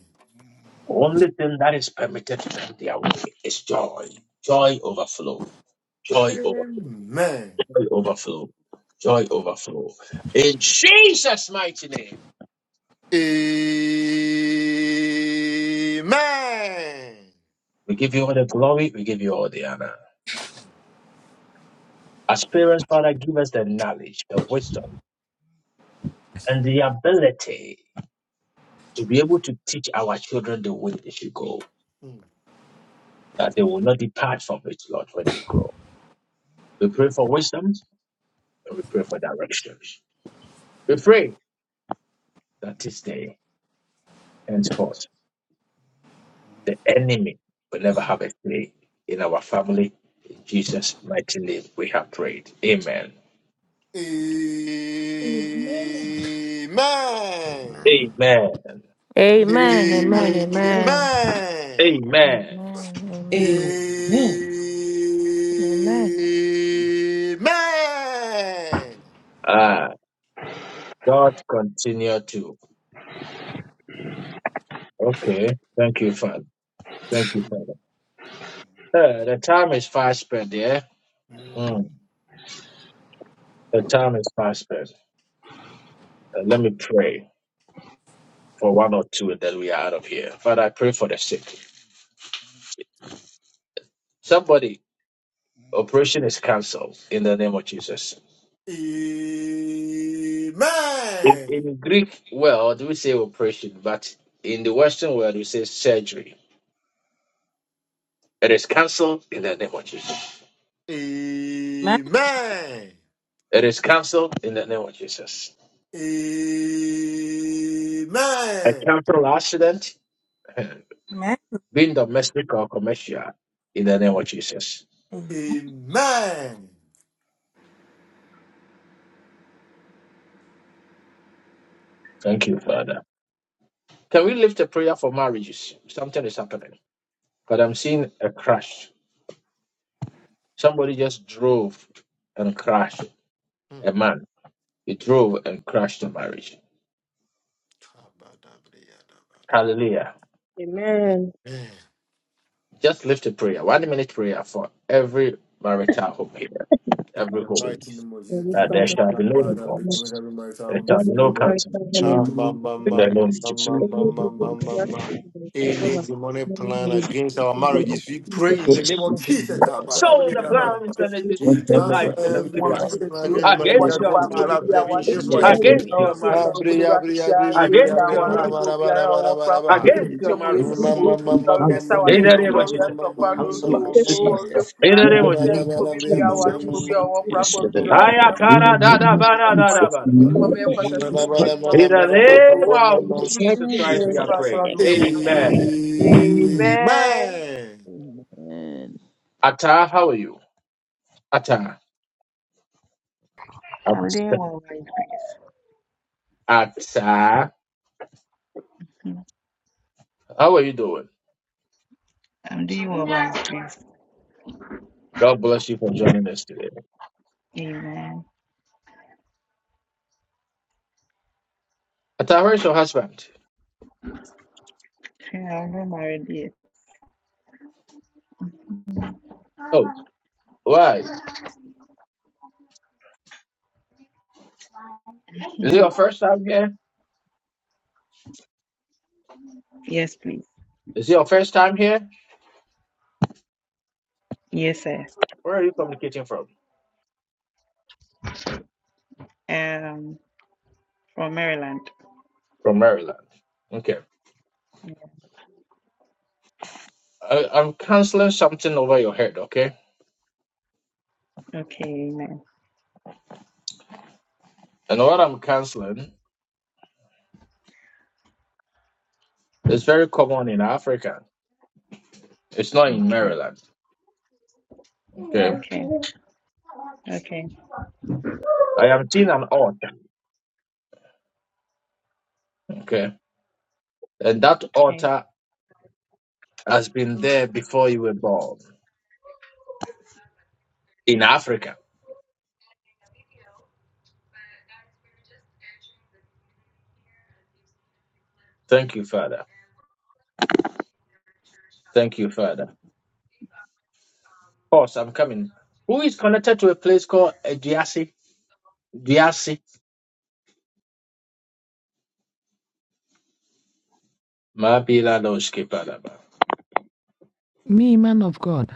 A: The only thing that is permitted to them their way is joy. Joy overflow. Joy overflow.
C: Amen.
A: Joy overflow. Joy overflow. In Jesus' mighty name. We give you all the glory. We give you all the honor. As parents, Father, give us the knowledge, the wisdom, and the ability to be able to teach our children the way they should go, that they will not depart from it, Lord, when they grow. We pray for wisdom and we pray for directions. We pray that this day henceforth the enemy will never have a say in our family. In Jesus' mighty name, we have prayed. Amen.
C: Amen. Amen.
P: Amen.
A: Amen.
B: Ah,
Q: Amen.
A: Amen.
B: Amen.
Q: Amen.
A: Ah, God continue to. Okay. Thank you, Father. Thank you, Father. Yeah, the time is fast spent, yeah?
C: Amen.
A: Mm, the time is fast spent. Uh, let me pray for one or two and then we are out of here. Father, I pray for the sick. Somebody, operation is cancelled in the name of Jesus.
C: Mhm.
A: In,
C: Amen.
A: in Greek world, we say operation, but in the Western world, we say surgery. It is cancelled in the name of Jesus.
C: Amen.
A: It is cancelled in the name of Jesus. A
C: Amen.
A: cancel accident,
B: Amen.
A: being domestic or commercial, in the name of Jesus.
C: Amen.
A: Thank you, Father. Can we lift a prayer for marriages? Something is happening. But I'm seeing a crash. Somebody just drove and crashed
C: Mm.
A: a man. He drove and crashed a marriage. Hallelujah.
N: Amen.
C: Amen.
A: Just lift a prayer, one minute prayer for every marital home here,
C: In
A: every
C: the
A: home.
C: mighty name of Jesus,
N: Holy
C: King
A: That
C: of
A: there
N: Father,
C: Kings,
A: shall
N: we
C: God
A: be
C: of
A: no
N: call
C: God,
N: for
C: I
N: you.
C: commit
A: divorce.
C: every marital
A: There
C: home
A: shall be
N: Every
C: before you,
A: no
C: Lord.
N: right
A: cancellation
C: Ah,
N: family,
C: ma,
F: Hallelujah.
C: ma,
A: in
C: ma,
A: the name of
C: ma,
A: Jesus.
C: ma,
F: We
C: ma,
N: every
F: thank
C: ma,
N: good
C: ma,
F: you.
C: ma,
N: Christ,
C: ma.
N: the devil
C: Any
N: has
C: demonic
N: known the
C: plan against
N: difference
C: our
N: in the
F: Lord,
C: marriages, we
N: spirit.
C: pray in
F: for
C: the
F: the
C: name of
F: freedom.
C: Jesus. God, God,
A: So
C: God, God,
A: the
C: God, God,
A: plans
C: God.
A: and the
F: We
C: We
F: thank you for
N: Take
C: cancel
A: device
F: the
A: of
N: heaven,
A: the
C: every
A: wicked
J: mo
N: carry
J: ní
F: freedom.
A: one
N: this
F: We
C: demonic plan
J: ṣètì
N: to
J: ó
N: your
C: against
F: thank
C: marriage
N: glory.
A: against
C: that
J: nípa
A: your
C: wants to
J: akólé
A: marriage,
C: love
J: bí
C: them in
J: àwa ṣe
C: Jesus'
N: Every
F: you for
C: mighty
F: the
J: fẹ́
C: name.
N: marriage,
A: against
N: this
F: freedom.
N: is
A: your
J: ọ̀rọ̀ tí
N: your
J: mo sọ
C: Ah,
A: marriage,
N: divine
C: bri,
J: akólé bá
C: ah,
J: ṣe
C: bri,
J: ṣe
C: ah, bri, bri,
J: àgbẹ̀
C: bri,
J: tí
C: ah,
A: against
C: bri,
A: your
J: àwa
C: ba, da,
N: glory.
A: marriage,
C: ba,
J: rọ́pò
C: da,
J: bí
C: ba, da,
J: ara
C: ba, da,
J: ọwọ́
C: ba, da,
J: pápọ̀ mi
C: ba.
J: ṣètì
A: against
J: tí
A: your
J: ọmọ
A: marriage.
J: yẹn
C: Ma,
J: sì
N: In the
J: dìbò
C: ma,
N: good
C: ma,
F: We
C: ma,
F: cancel
C: ma, ma,
J: ọ̀rẹ́
C: ma, ma,
N: spirit,
A: In
J: sáwárí
F: it.
A: the
C: ma,
A: name
J: gbogbo
C: ma,
A: of
C: ma,
J: ọ̀rẹ́
A: Jesus.
J: tọ̀kọ́
C: ma,
F: We
N: in the
J: àdórí
C: ma,
F: cancel
N: good
C: ma, ma,
J: owó
C: ma.
F: accident
N: steadfast,
J: ọ̀rẹ́
N: in
A: In
J: kùnà
A: the
F: in
A: name
F: the
A: of
C: Amen. Amen.
A: Jesus.
F: name
C: Amen.
F: of
J: bia
F: Jesus. We
J: awarefo
C: Amen.
J: bi a wɔwɔ korafo no
F: cancel
J: kyerɛ
C: Amen.
F: it.
J: wade
F: In the
A: Ayakara da da
F: name of
A: ba da da
J: nyakopɔnmmoa
A: da
F: Jesus,
A: ba da
F: we
A: ba.
N: the
J: onimɔ
F: know
J: mɛyɛ
N: heavenly family.
F: it's not
A: In the
F: our
A: name of
F: perspective.
N: Bless
A: Jesus
N: you,
A: Christ,
N: Lord.
A: we
J: jesus
A: are
J: christ
A: praying.
J: wado ho
R: Right.
A: Amen.
R: Amen.
J: amen
A: Atta, how are you? Atta.
S: I'm doing well by His grace.
A: Atta.
S: Hmm.
A: How are you doing?
S: I'm doing well by His grace.
A: God bless you for joining us today.
S: Amen.
A: Atta, where's your husband?
S: Yeah, I'm not married yet.
A: Oh, why? Is it your first time here?
S: yes, please.
A: Is it your first time here?
S: Yes, sir.
A: Where are you communicating from?
S: Um, from Maryland.
A: From Maryland. Okay.
S: Yeah.
A: I, I'm canceling something over your head, okay?
S: Okay. Amen.
A: And what I'm canceling It's very common in Africa. It's not in
S: Okay.
A: Maryland. Okay.
S: Okay. Okay.
A: I am seeing an altar. Okay. And that
S: Okay.
A: altar has been there before you were born in Africa. Thank you, Father. Thank you, Father. Boss, I'm coming. Who is connected to a place called Ediasi? Diasi? Mabila Doshki Padaba.
R: Me, man of God.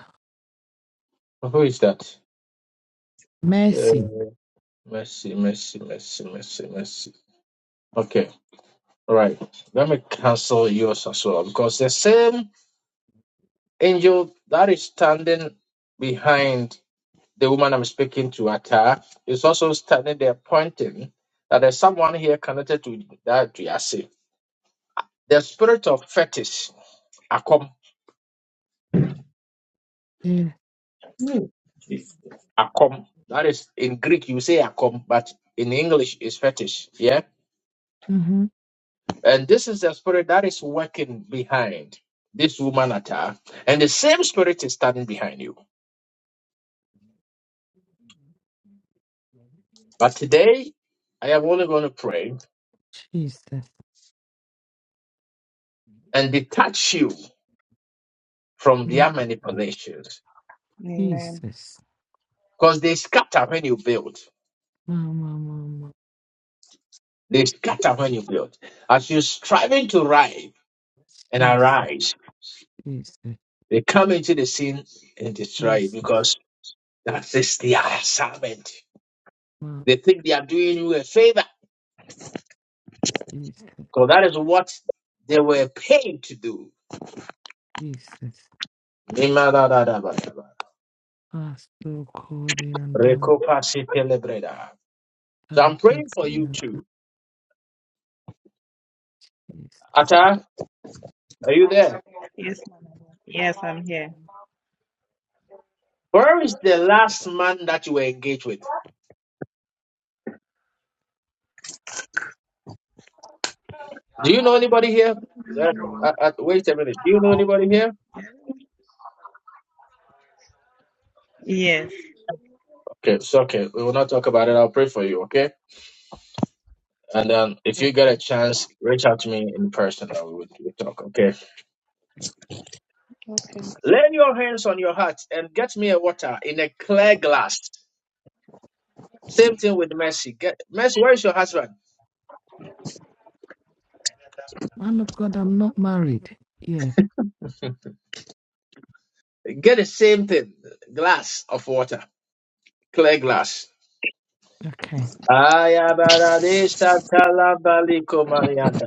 A: Who is that? Uh,
R: Mercy.
A: mercy, mercy, mercy, mercy, mercy. Okay. All right. Let me cancel yours as well because the same Angel that is standing behind the woman I'm speaking to, Ata, is also standing there pointing that there's someone here connected to that Diasi. The spirit of fetish, Akom,
R: Yeah.
F: Mm. Jesus.
A: Akom, that is in Greek, you say Akom, but in English is fetish, yeah?
R: Mm-hmm.
A: And this is the spirit that is working behind this woman, Ata, and the same spirit is standing behind you. But today, I am only going to pray
R: Jesus.
A: and detach you from
R: Mm,
A: their manipulations
S: Amen.
R: Jesus.
A: Because they scatter when you build.
R: Mama, mama.
A: They scatter when you build. As you're striving to rise and
R: Jesus.
A: arise,
R: Jesus.
A: they come into the scene and destroy you
R: Jesus.
A: because that is their assignment.
R: Mama,
A: They think they are doing you a favor
R: Jesus.
A: because that is what they were paid to do.
R: Jesus.
A: So
R: Pastor Corey and down and
A: I'm praying for you
R: Jesus.
A: too. Atta, are you there?
S: Yes, ma'am. Yes, I'm here.
A: Where is the last man that you were engaged with? Do you know anybody here? Uh, uh, wait a minute. Do you know anybody here?
S: Yes.
A: Okay, it's okay. We will not talk about it. I'll pray for you, okay? And then, if you get
S: Okay.
A: a chance, reach out to me in person and we will we talk, okay?
S: Okay.
A: Lay your hands on your heart and get me a water in a clear glass. Same thing with Mercy. Get Mercy, where is your husband?
R: Man of God, I'm not married yet.
A: Get the same thing. Glass of water. Clear glass.
R: Okay.
A: Ayabaradesha talabaliko marianda.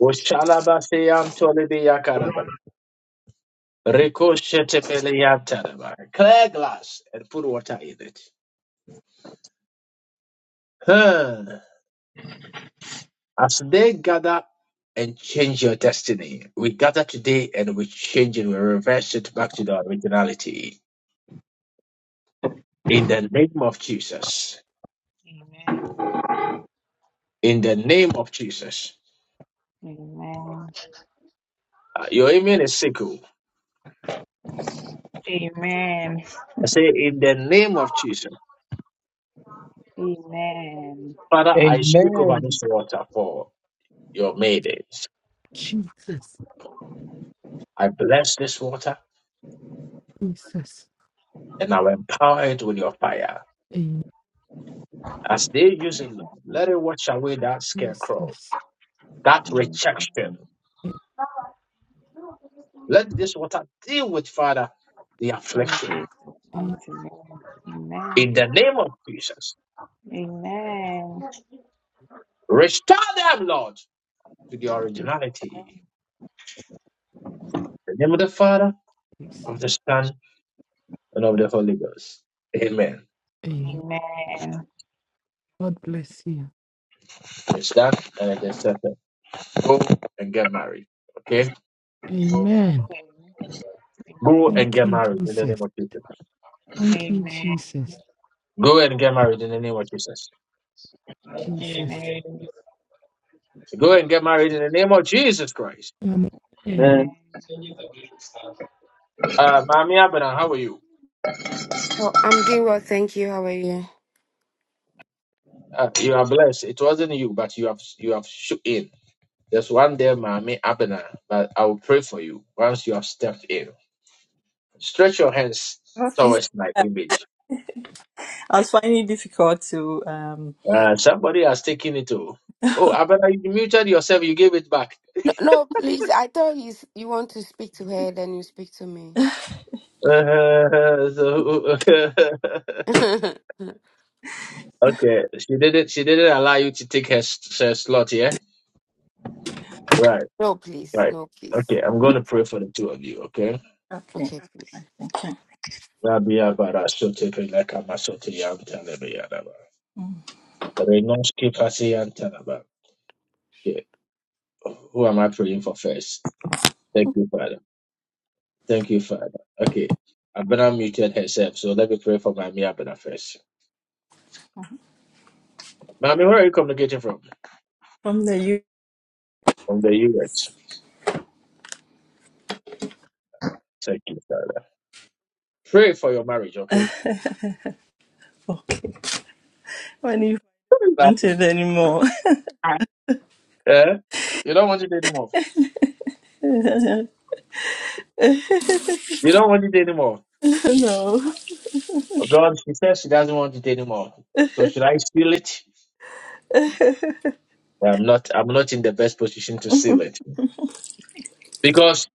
A: Oshalabaseyantolebeyakaraba. Ricochetepeleyantadaba. Clear glass and put water in it. Huh. As they gather and change your destiny, we gather today and we change it, we reverse it back to the originality. In the name of Jesus.
S: Amen.
A: In the name of Jesus.
S: Amen.
A: Uh, your amen is sickle.
S: Amen.
A: I say, in the name of Jesus.
S: Amen.
A: Father, I speak over
F: Amen.
A: this water for your maidens.
R: Jesus.
A: I bless this water
R: Jesus.
A: and I will empower it with your fire.
R: Amen.
A: As they
S: Yes,
A: use it,
S: yes,
A: Lord, let it wash away that scarecrow,
R: Jesus.
A: that rejection,
S: Amen.
A: Let this water deal with, Father, the
S: In
A: affliction.
S: Jesus' mighty
R: Amen.
S: name. Amen.
A: In the name of Jesus,
S: Amen.
A: restore them, Lord, to the
S: Jesus'
A: originality.
S: name.
A: In the name of the Father, of the
R: Jesus.
A: Son, and of the Holy Ghost. Amen.
R: Amen.
S: Amen.
R: God bless you.
A: It's done, and it is settled. Go and get married. Okay?
R: Amen.
S: Okay.
A: Go
S: Amen.
R: Thank
A: and get
R: you,
A: married in the
R: Jesus.
A: name of Jesus.
R: Thank you,
S: Amen.
R: Jesus.
A: Go and get married in the name of Jesus.
R: Jesus.
S: Amen.
A: Go and get married in the name of Jesus Christ.
R: Amen.
F: Amen.
S: Amen.
A: Uh, Mami Abena, how are you?
T: Oh, I'm doing well, thank you. How are you?
A: Uh, you are blessed. It wasn't you, but you have you have shook in. There's one there, Mami Abena, but I will pray for you once you have stepped in. Stretch your hands
U: Oh, please.
A: towards my image.
U: I was finding it difficult to. Um,
A: Uh, somebody has taken it all. Oh, Abena, you muted yourself. You gave it back.
T: No, no, please. I thought you s- you want to speak to her, then you speak to me.
A: Uh, so-
T: no,
A: okay, she didn't. She didn't allow you to take her, s- her slot. Yeah. Right.
T: please.
A: Right.
T: No, please.
A: Okay, I'm going to pray for the two of you. Okay.
U: okay,
T: Okay, please.
U: thank you.
A: Rabia bara sote peleka masote ya mtalebe ya daba.
U: Mm.
A: Renoske pasi ya mtalaba. Who am I praying for first? Thank you, Father. Thank you, Father. Okay. Abena muted herself, so let me pray for Mami Abena first. Mami, where are you communicating from?
U: From the U.
A: From the US. Thank you, Father. Pray for your marriage, okay?
U: Okay. When you
A: Nothing.
U: wanted anymore.
A: Yeah? You don't want it anymore. You don't want it anymore.
U: no.
A: Oh, God, she says she doesn't want it anymore. So should I seal it? I'm not I'm not in the best position to seal it. Because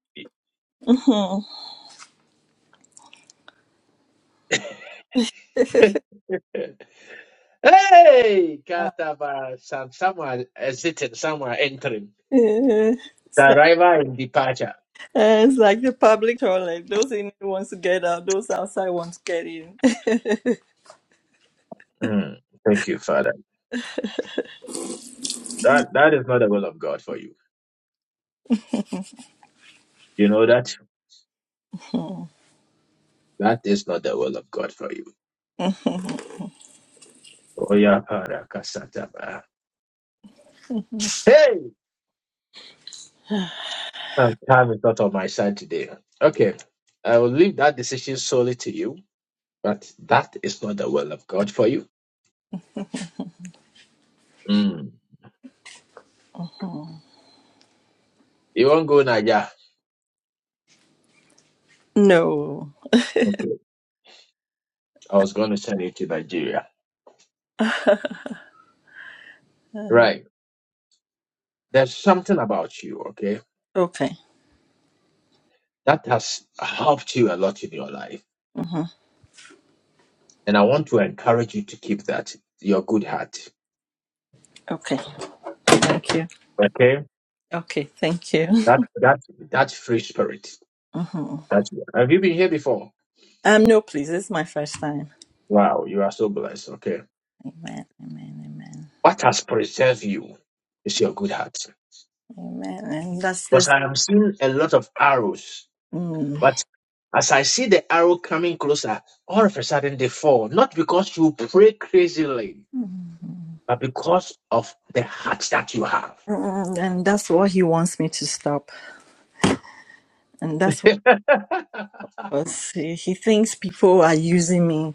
A: eh, Hey
U: Uh,
A: Kataba some someone exiting, someone entering. The
U: it's, like,
A: arrival and departure.
U: uh, it's like the public toilet. Those in it wants to get out, those outside want to get in.
A: Mm, thank you, Father. That that is not the will of God for you. You know that? That is not the will of God for you. Oh yeah, Father, Kasataba. Hey! My time is not on my side today. Okay. I will leave that decision solely to you, but that is not the will of God for you. Mm.
U: Mm.
A: You won't go Nigeria.
U: no.
A: Okay. I was going to send you to Nigeria. Right. There's something about you, okay,
U: Okay.
A: that has helped you a lot in your life
U: hmm
A: And I want to encourage you to keep that, your good heart.
U: Okay. Thank you.
A: Okay?
U: Okay. Thank you.
A: That that that free spirit.
U: hmm
A: That you are. have you been here before?
U: Um, no, please. It's my first time.
A: Wow, you are so blessed. Okay.
U: Amen. Amen. Amen.
A: What has preserved you is your good heart.
U: Amen. And that's
A: Because
U: that's
A: I am seeing a lot of arrows,
U: Mm.
A: but as I see the arrow coming closer, all of a sudden they fall. Not because you pray crazily, but because of the heart that you have.
U: Mm, And that's what he wants me to stop. And that's what because he, he thinks people are using me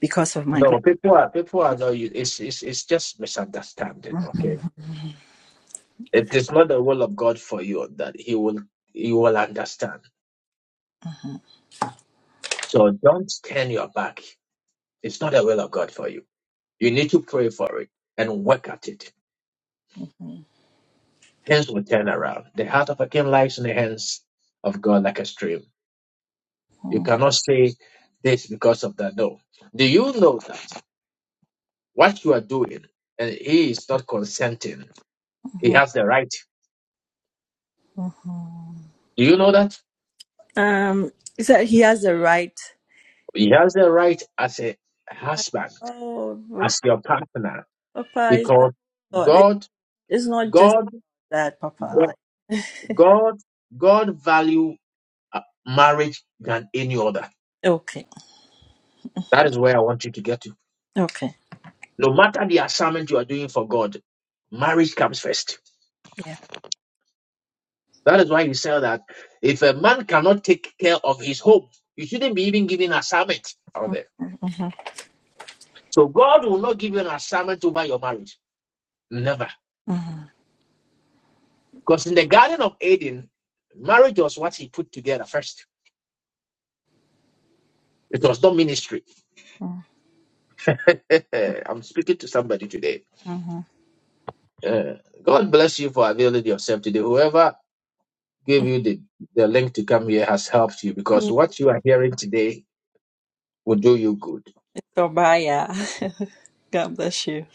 U: because of my good.
A: No, people are people are no. you- It's it's it's just misunderstanding. Okay, It is not the will of God for you that He will you will understand. So don't turn your back. It's not the will of God for you. You need to pray for it and work at it.
U: Mhm,
A: Things will turn around. The heart of a king lies in the hands of God like a stream. You cannot say this because of that. No. Do you know that what you are doing and He is not consenting? He
U: mhm,
A: has the right.
U: mhm.
A: Do you know that?
U: Um, he said he has the right.
A: He has the right as a
U: I-
A: husband,
U: Oh,
A: as your partner,
U: Papa, is that
A: because
U: God? It,
A: God
U: it's not just
A: God,
U: that, Papa.
A: God, God value uh, marriage than any other.
U: Like, okay,
A: That is where I want you to get to.
U: okay,
A: No matter the assignment you are doing for God, marriage comes first.
U: yeah.
A: That is why he said that if a man cannot take care of his home, you shouldn't be even giving assignment out there.
U: Mm-hmm.
A: So God will not give you an assignment over your marriage. Never. Because in the Garden of Eden, marriage was what he put together first. It was not ministry.
U: Mm-hmm.
A: I'm speaking to somebody today. Uh, God bless you for availing yourself today. Whoever gave you the, the link to come here has helped you
U: hmm
A: because what you are hearing today will do you good.
U: So, bye, yeah. God bless you.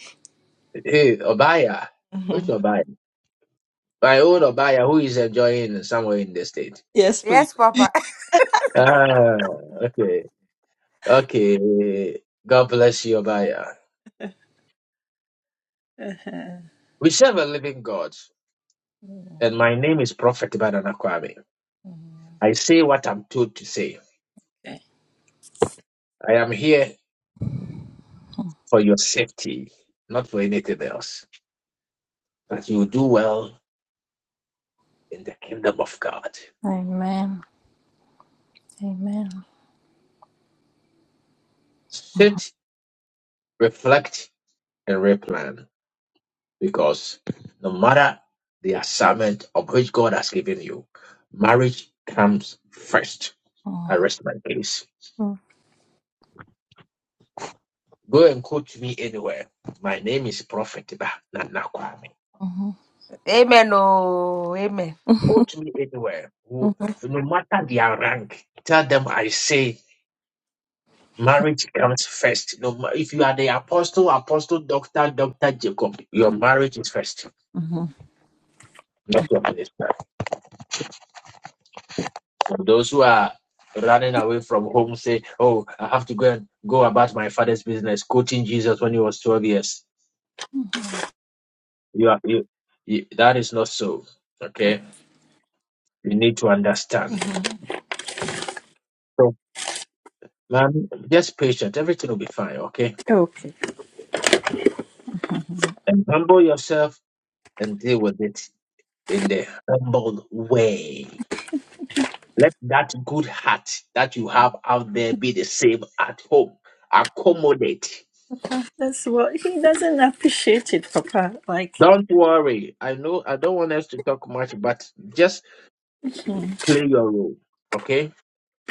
A: Hey, Obaya. Which
U: Mhm.
A: Obaya? My own Obaya, who is enjoying somewhere in the state.
U: Yes, please.
H: Yes, Papa.
A: Ah, okay. Okay. God bless you, Obaya. We serve a living God, and my name is Prophet Banana Kwame.
U: Uh-huh.
A: I say what I'm told to say. I am here for your safety, not for anything else. That you do well in the kingdom of God.
U: Amen. Amen.
A: Sit, reflect, and replan because no matter the assignment of which God has given you, marriage comes first. I
U: Oh.
A: rest my case.
U: Mhm.
A: Go and quote me anywhere. My name is Prophet Ba Nana Kwame.
U: Mhm.
H: Amen, oh, amen.
A: Quote me anywhere. Who-
U: Mhm.
A: No matter their rank, tell them I say marriage comes first. No, ma- if you are the apostle, apostle, doctor, doctor Jacob, your marriage is first,
U: Mhm.
A: not your minister. Those who are running away from home say, "Oh, I have to go and go about my father's business," quoting Jesus when he was twelve years. You are you, you that is not so.
U: Okay.
A: Okay, you need to understand. So, man, just patient. Everything will be fine. Okay,
U: Okay.
A: and humble yourself and deal with it in the humble way. Let that good heart that you have out there be the same at home. Accommodate.
U: Papa, that's what he doesn't appreciate it, Papa. Like,
A: Don't worry. I know I don't want us to talk much, but just play your role, okay?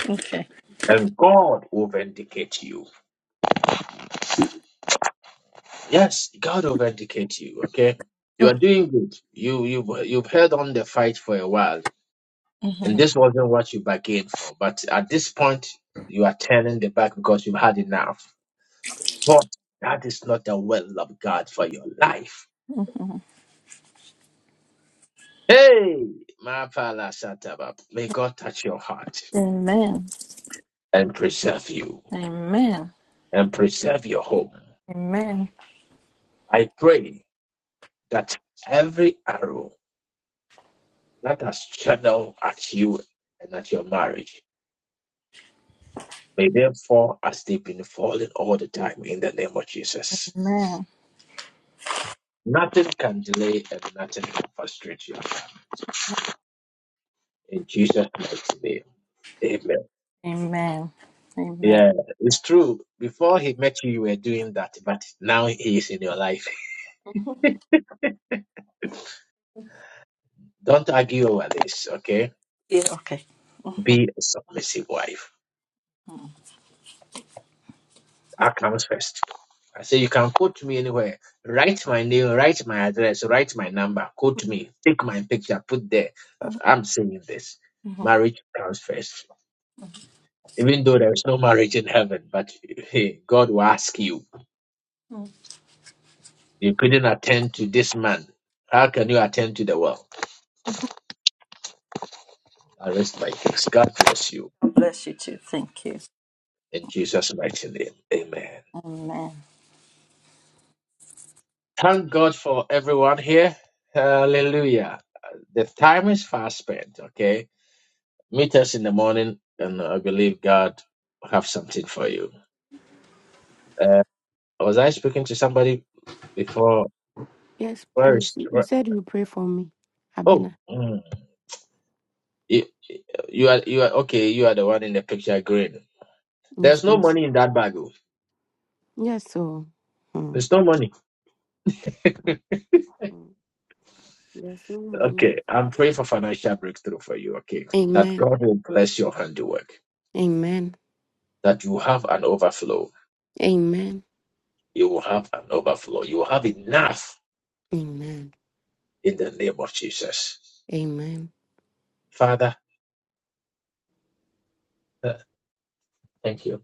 U: okay.
A: And God will vindicate you. Yes, God will vindicate you, okay? You are
U: okay.
A: doing good. You you've you've held on the fight for a while, and
U: Mhm.
A: this wasn't what you bargained for. But at this point, you are turning the back because you've had enough. But that is not the will of God for your life.
U: Mhm.
A: Hey, my May God touch your heart
U: Amen.
A: and preserve you.
U: Amen.
A: and preserve your home.
U: Amen.
A: I pray that every arrow that has channeled at you and at your marriage may them fall as they've been falling all the time in the name of Jesus.
U: Amen.
A: Nothing can delay and nothing can frustrate you. In Jesus' mighty name. Amen.
U: Amen. Amen.
A: Yeah, it's true. Before he met you, you were doing that, but now he is in your life. Don't argue over this, okay?
U: Yeah, okay.
A: Be a submissive wife. That comes first. I say, you can quote me anywhere. Write my name, write my address, write my number, quote me, take my picture, put there. that I'm saying this.
U: Mhm.
A: Marriage comes first. Even though there's no marriage in heaven, but hey, God will ask you. You couldn't attend to this man. How can you attend to the world? I rest my case. God bless you.
U: God bless you too. Thank you.
A: In Jesus' mighty name. Amen.
U: Amen.
A: Thank God for everyone here. Hallelujah. The time is fast spent, okay? Meet us in the morning, and I believe God will have something for you. Uh, was I speaking to somebody before?
T: Yes,
A: Where
T: please.
A: is?
T: You you
A: Where,
T: said you pray for me,
A: oh,
T: Abena.
A: mm, you, you are you are okay. You are the one in the picture, green.
T: Yes,
A: There's no
T: please.
A: money in that bag. oh.
T: Yes, so. Hmm.
A: There's no money.
T: Hmm. There's no money.
A: Okay, I'm praying for financial breakthrough for you. Okay, that
T: Amen.
A: God will bless your handiwork.
T: Amen.
A: That you have an overflow.
T: Amen.
A: You will have an overflow. You will have enough
T: Amen.
A: in the name of Jesus.
T: Amen.
A: Father, uh, thank you.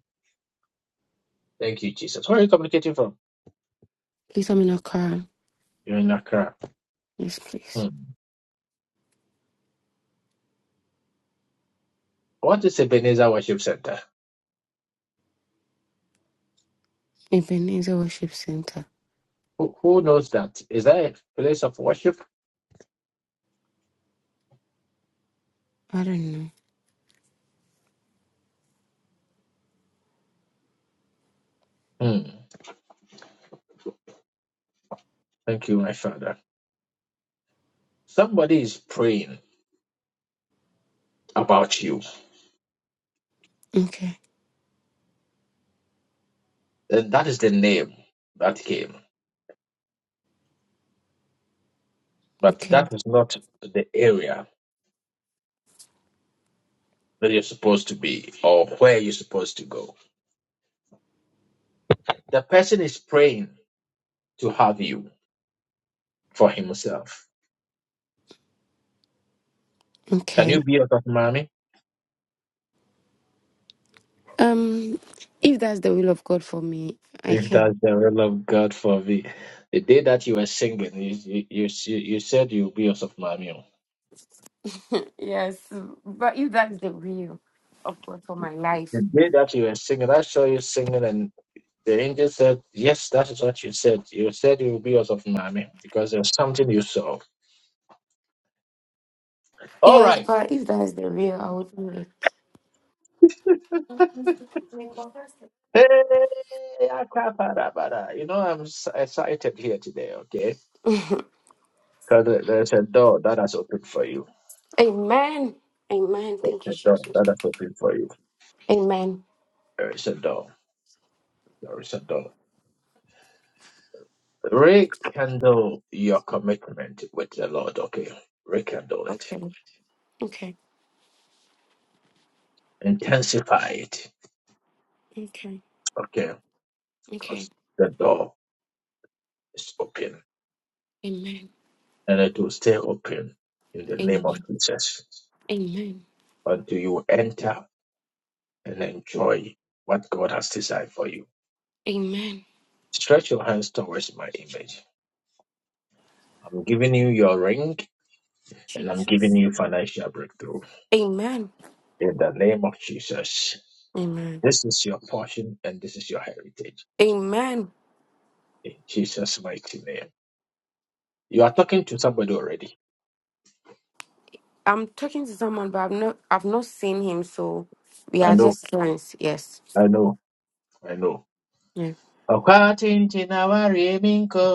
A: Thank you, Jesus. Where are you communicating from?
T: Please, I'm in a car.
A: You're in Accra.
T: Yes, please.
A: Hmm. What is Ebenezer Worship Center?
T: Ebenezer Worship Center.
A: Who, who knows that? Is that a place of worship?
T: I don't know.
A: Hmm. Thank you, my Father. Somebody is praying about you,
T: Okay.
A: and that is the name that came, but
T: Okay.
A: that is not the area that you're supposed to be or where you're supposed to go. The person is praying to have you for himself. Can
T: Okay.
A: you be a mommy?
T: Um, if that's the will of God for me, I
A: If
T: can.
A: that's the will of God for me. The day that you were singing, you, you, you, you said you'll be a mommy.
T: yes, but if that's the will of God for my life,
A: The day that you were singing, I saw you singing, and the angel said, Yes, that is what you said. You said you will be out of Miami because there's something you saw. All
T: yes,
A: right.
T: but if that's the will, I would do it.
A: Hey, akaparabara. you know, I'm s- excited here today, okay? Because there's a door that has opened for you.
T: Amen. Amen.
A: There's
T: Thank
A: a
T: you,
A: door
T: Jesus.
A: that has opened for you.
T: Amen.
A: There is a door. There is a door. Rekindle your commitment with the Lord, okay? Rekindle it.
T: Okay. Okay.
A: Intensify it,
T: Okay.
A: okay? Because
T: Okay.
A: the door is open
T: Amen.
A: and it will stay open in the name of
T: Amen.
A: Jesus
T: Amen.
A: until you enter and enjoy what God has designed for you.
T: Amen.
A: Stretch your hands towards my image. I'm giving you your ring and I'm
T: Jesus.
A: giving you financial breakthrough
T: Amen.
A: in the name of Jesus.
T: Amen.
A: This is your portion and this is your heritage
T: Amen.
A: in Jesus' mighty name. You are talking to somebody already.
T: I'm talking to someone, but I've not I've not seen him, so we
A: I
T: are
A: know,
T: just friends. Yes.
A: I know, I know.
T: Yeah.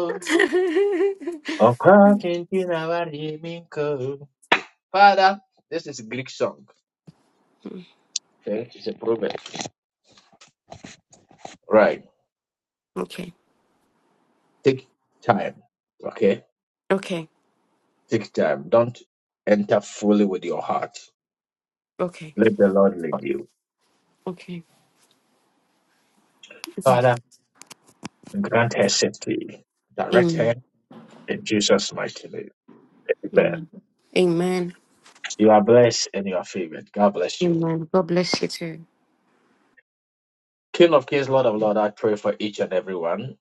A: Father, this is Greek song. Okay, it's a proverb. Right.
T: okay.
A: Take time. Okay.
T: Okay.
A: Take time. Don't enter fully with your heart.
T: Okay.
A: Let the Lord lead you.
T: Okay. Okay.
A: Father, grant her safety. Direct her
T: Amen.
A: in Jesus' mighty name. Amen.
T: Amen. Amen.
A: You are blessed and you are favored. God bless you.
T: Amen. God bless you too.
A: King of Kings, Lord of Lords, I pray for each and every one.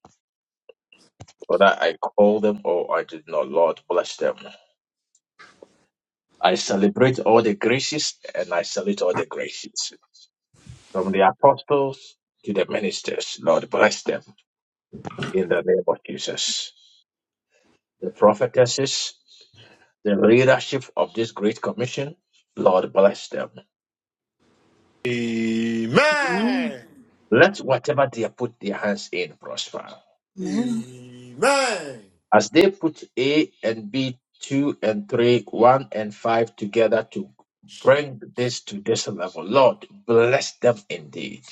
A: Whether I call them or I did not, Lord, bless them. I celebrate all the graces and I salute all the graces from the apostles to the ministers. Lord, bless them in the name of Jesus. The prophetesses, the leadership of this great commission, Lord, bless them.
B: Amen.
A: Let whatever they put their hands in prosper.
B: Amen.
A: As they put A and B, 2 and 3, 1 and 5 together to bring this to this level, Lord, bless them indeed.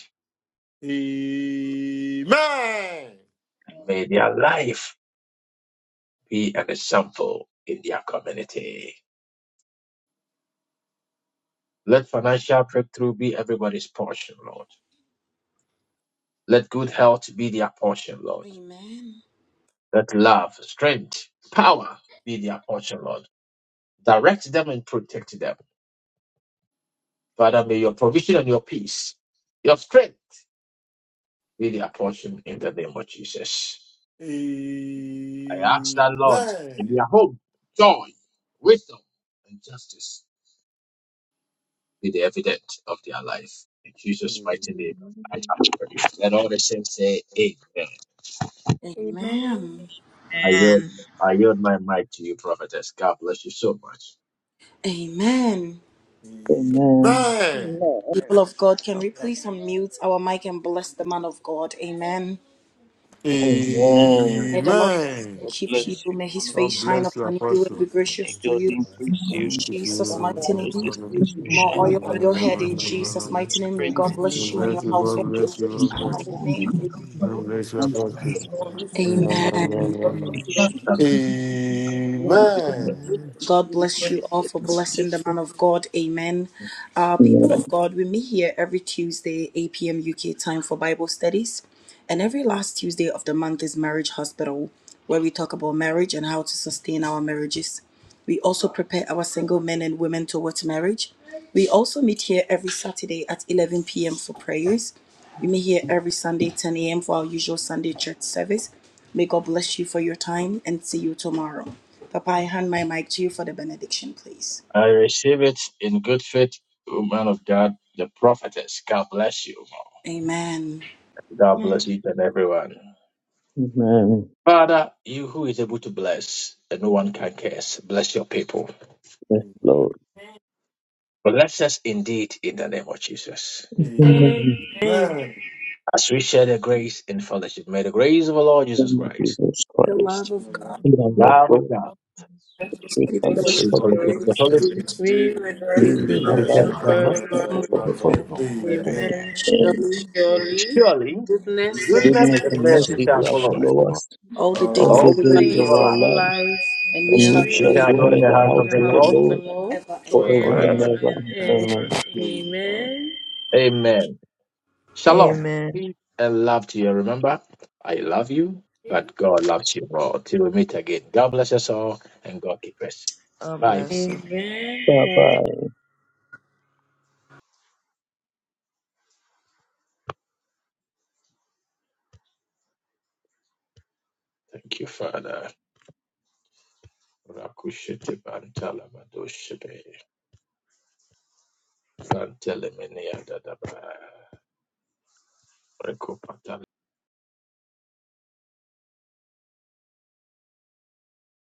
A: May their life be an example in their community. Let financial breakthrough be everybody's portion, Lord. Let good health be their portion, Lord.
B: Amen.
A: Let love, strength, power be their portion, Lord. Direct them and protect them. Father, may your provision and your peace, your strength be their portion in the name of Jesus. I ask that, Lord, in their home, joy, wisdom, and justice be the evidence of their life. In Jesus' mighty name, I
O: Amen.
A: ask for you. Let all the saints say amen.
O: Amen.
B: Amen.
A: I yield,
D: Amen.
A: I yield my mic to you, prophetess. God bless you so much.
B: Amen.
F: Amen.
D: Amen.
B: People of God, can
D: God
B: we
D: bless
B: please unmute our mic and bless the man of God? Amen.
F: Amen.
B: May the Lord
D: you.
B: bless
D: Amen.
C: Amen.
B: and
F: God
B: keep you.
V: According
F: bless you,
B: May his
F: man of
C: God
B: face
F: God.
B: shine
C: bless you,
B: upon you and be
C: Apostle.
F: May
B: gracious to
F: God
B: you.
F: increase
B: In
C: Thank
F: you.
E: For
B: Jesus'
E: God, bless
B: mighty
F: Cause
B: name.
F: His face
E: you.
F: to
E: Don't
B: More
E: feel
F: shine
E: no
B: oil
C: you.
B: on
F: upon
B: your
E: problem.
F: you,
V: to
B: head in
V: the
E: Amen.
B: Jesus'
V: scriptures in
B: mighty name. May
V: Christ
B: God
F: strengthen
V: Jesus,
F: you,
B: bless
C: God
F: and
B: you and
C: bless
B: your
C: you,
F: release
B: household
C: God
B: in
F: angels
C: bless you,
F: to
C: God
B: Jesus'
V: shall
F: encamp
V: be
C: bless
B: mighty
V: the
C: you.
F: around
V: head
B: name.
F: you.
V: and not the
C: God
V: tail.
C: bless you,
F: Cancel
C: Apostle.
J: Lord
V: Whatever
F: misfortune,
V: you
J: Jesus,
G: you.
V: touch
F: trouble,
B: Amen.
F: and
V: will prosper.
J: help
C: Amen.
F: temptations.
E: Amen.
F: We be blessed.
I: Amen.
F: Lord.
B: God
E: Amen.
B: bless you all for blessing the man of God. Amen. Uh, people
F: Amen.
B: of God, we meet here every Tuesday, 8 p.m. UK time for Bible studies. And every last Tuesday of the month is Marriage Hospital, where we talk about marriage and how to sustain our marriages. We also prepare our single men and women towards marriage. We also meet here every Saturday at 11 p.m. for prayers. We meet here every Sunday, 10 a.m. for our usual Sunday church service. May God bless you for your time and see you tomorrow. Papa, I hand my mic to you for the benediction, please.
A: I receive it in good faith, woman of God, the prophetess. God bless you.
B: Amen.
D: Amen.
A: God bless
D: Amen.
A: each and everyone.
F: Amen.
A: Father, you who is able to bless and no one can curse, bless your people.
F: Yes,
C: Amen.
F: Lord.
A: Bless us indeed in the name of Jesus.
C: Amen.
F: Amen.
C: Amen.
A: As we share the grace in fellowship, may the grace of our Lord
F: Thank
A: Jesus
F: you,
A: Christ,
F: Jesus Christ.
L: Lord of
F: The love of
L: God,
A: love of
F: God,
A: God
L: for the
F: the
L: sweet
F: true
J: the
C: This
L: fellowship
J: Holy
F: fellowship
A: She
L: of
F: of
L: the
F: God.
A: told
L: Holy
J: Spirit.
A: The Holy
L: Spirit,
A: Spirit
J: We will
L: be with us
J: rest
F: live
P: Be
F: and
L: now
P: with
J: now
A: will
L: and
P: us
A: help
J: and
F: abide
P: now
F: with
A: them.
F: us
L: forevermore.
F: now and
P: and
F: forever.
P: forevermore.
L: Surely,
P: Amen.
J: Amen.
F: Amen.
B: surely,
L: goodness and
J: Surely,
L: mercy
A: Surely,
L: shall follow us
J: goodness
B: goodness
A: goodness
F: Goodness
L: all
A: and
L: the
F: and
C: is our
L: days
P: Mercy,
A: mercy
F: mercy
L: of
A: shall
L: our
P: mercy
F: shall
C: prayer.
A: follow
P: shall
A: us
L: lives.
F: follow
P: follow
F: us
L: We
B: all the
L: shall
F: all
L: dwell
B: days of
A: all
F: the
L: in
J: all
L: the
A: the
J: the
F: days
L: house
P: us,
A: days
L: of
B: life,
A: of
F: of
J: days
L: the
A: our
F: our
J: of
A: life.
P: uh,
L: Lord
J: our
F: lives,
J: lives,
B: and we
L: forever
F: and
L: and
J: and
C: Um,
B: shall
F: we
A: We
L: ever.
F: shall
J: we
B: surely
A: shall
B: not
F: dwell
J: shall
A: dwell in
F: in
A: the
F: the
J: dwell
A: house
J: in
A: of
F: house
J: the
A: the
F: of the
P: the
J: house
A: Lord.
J: of
P: Lord
J: the
F: Lord
J: Lord
B: ever end.
C: for
F: forever
D: Forever.
C: them,
F: and
P: forever.
J: forever
F: ever.
J: and ever.
F: Amen.
C: um,
D: Amen.
J: Amen.
A: Amen.
P: Amen.
A: Shalom.
D: Amen.
A: Peace and love to you. Remember, I love you, but God loves you more. Till we meet again. God bless us all and God keep us.
D: God
A: Bye.
D: bless you.
J: Amen.
F: Bye
J: God
F: bye.
A: Thank you, Father. Rakushete bantala madoshe be. Santele menea dadaba.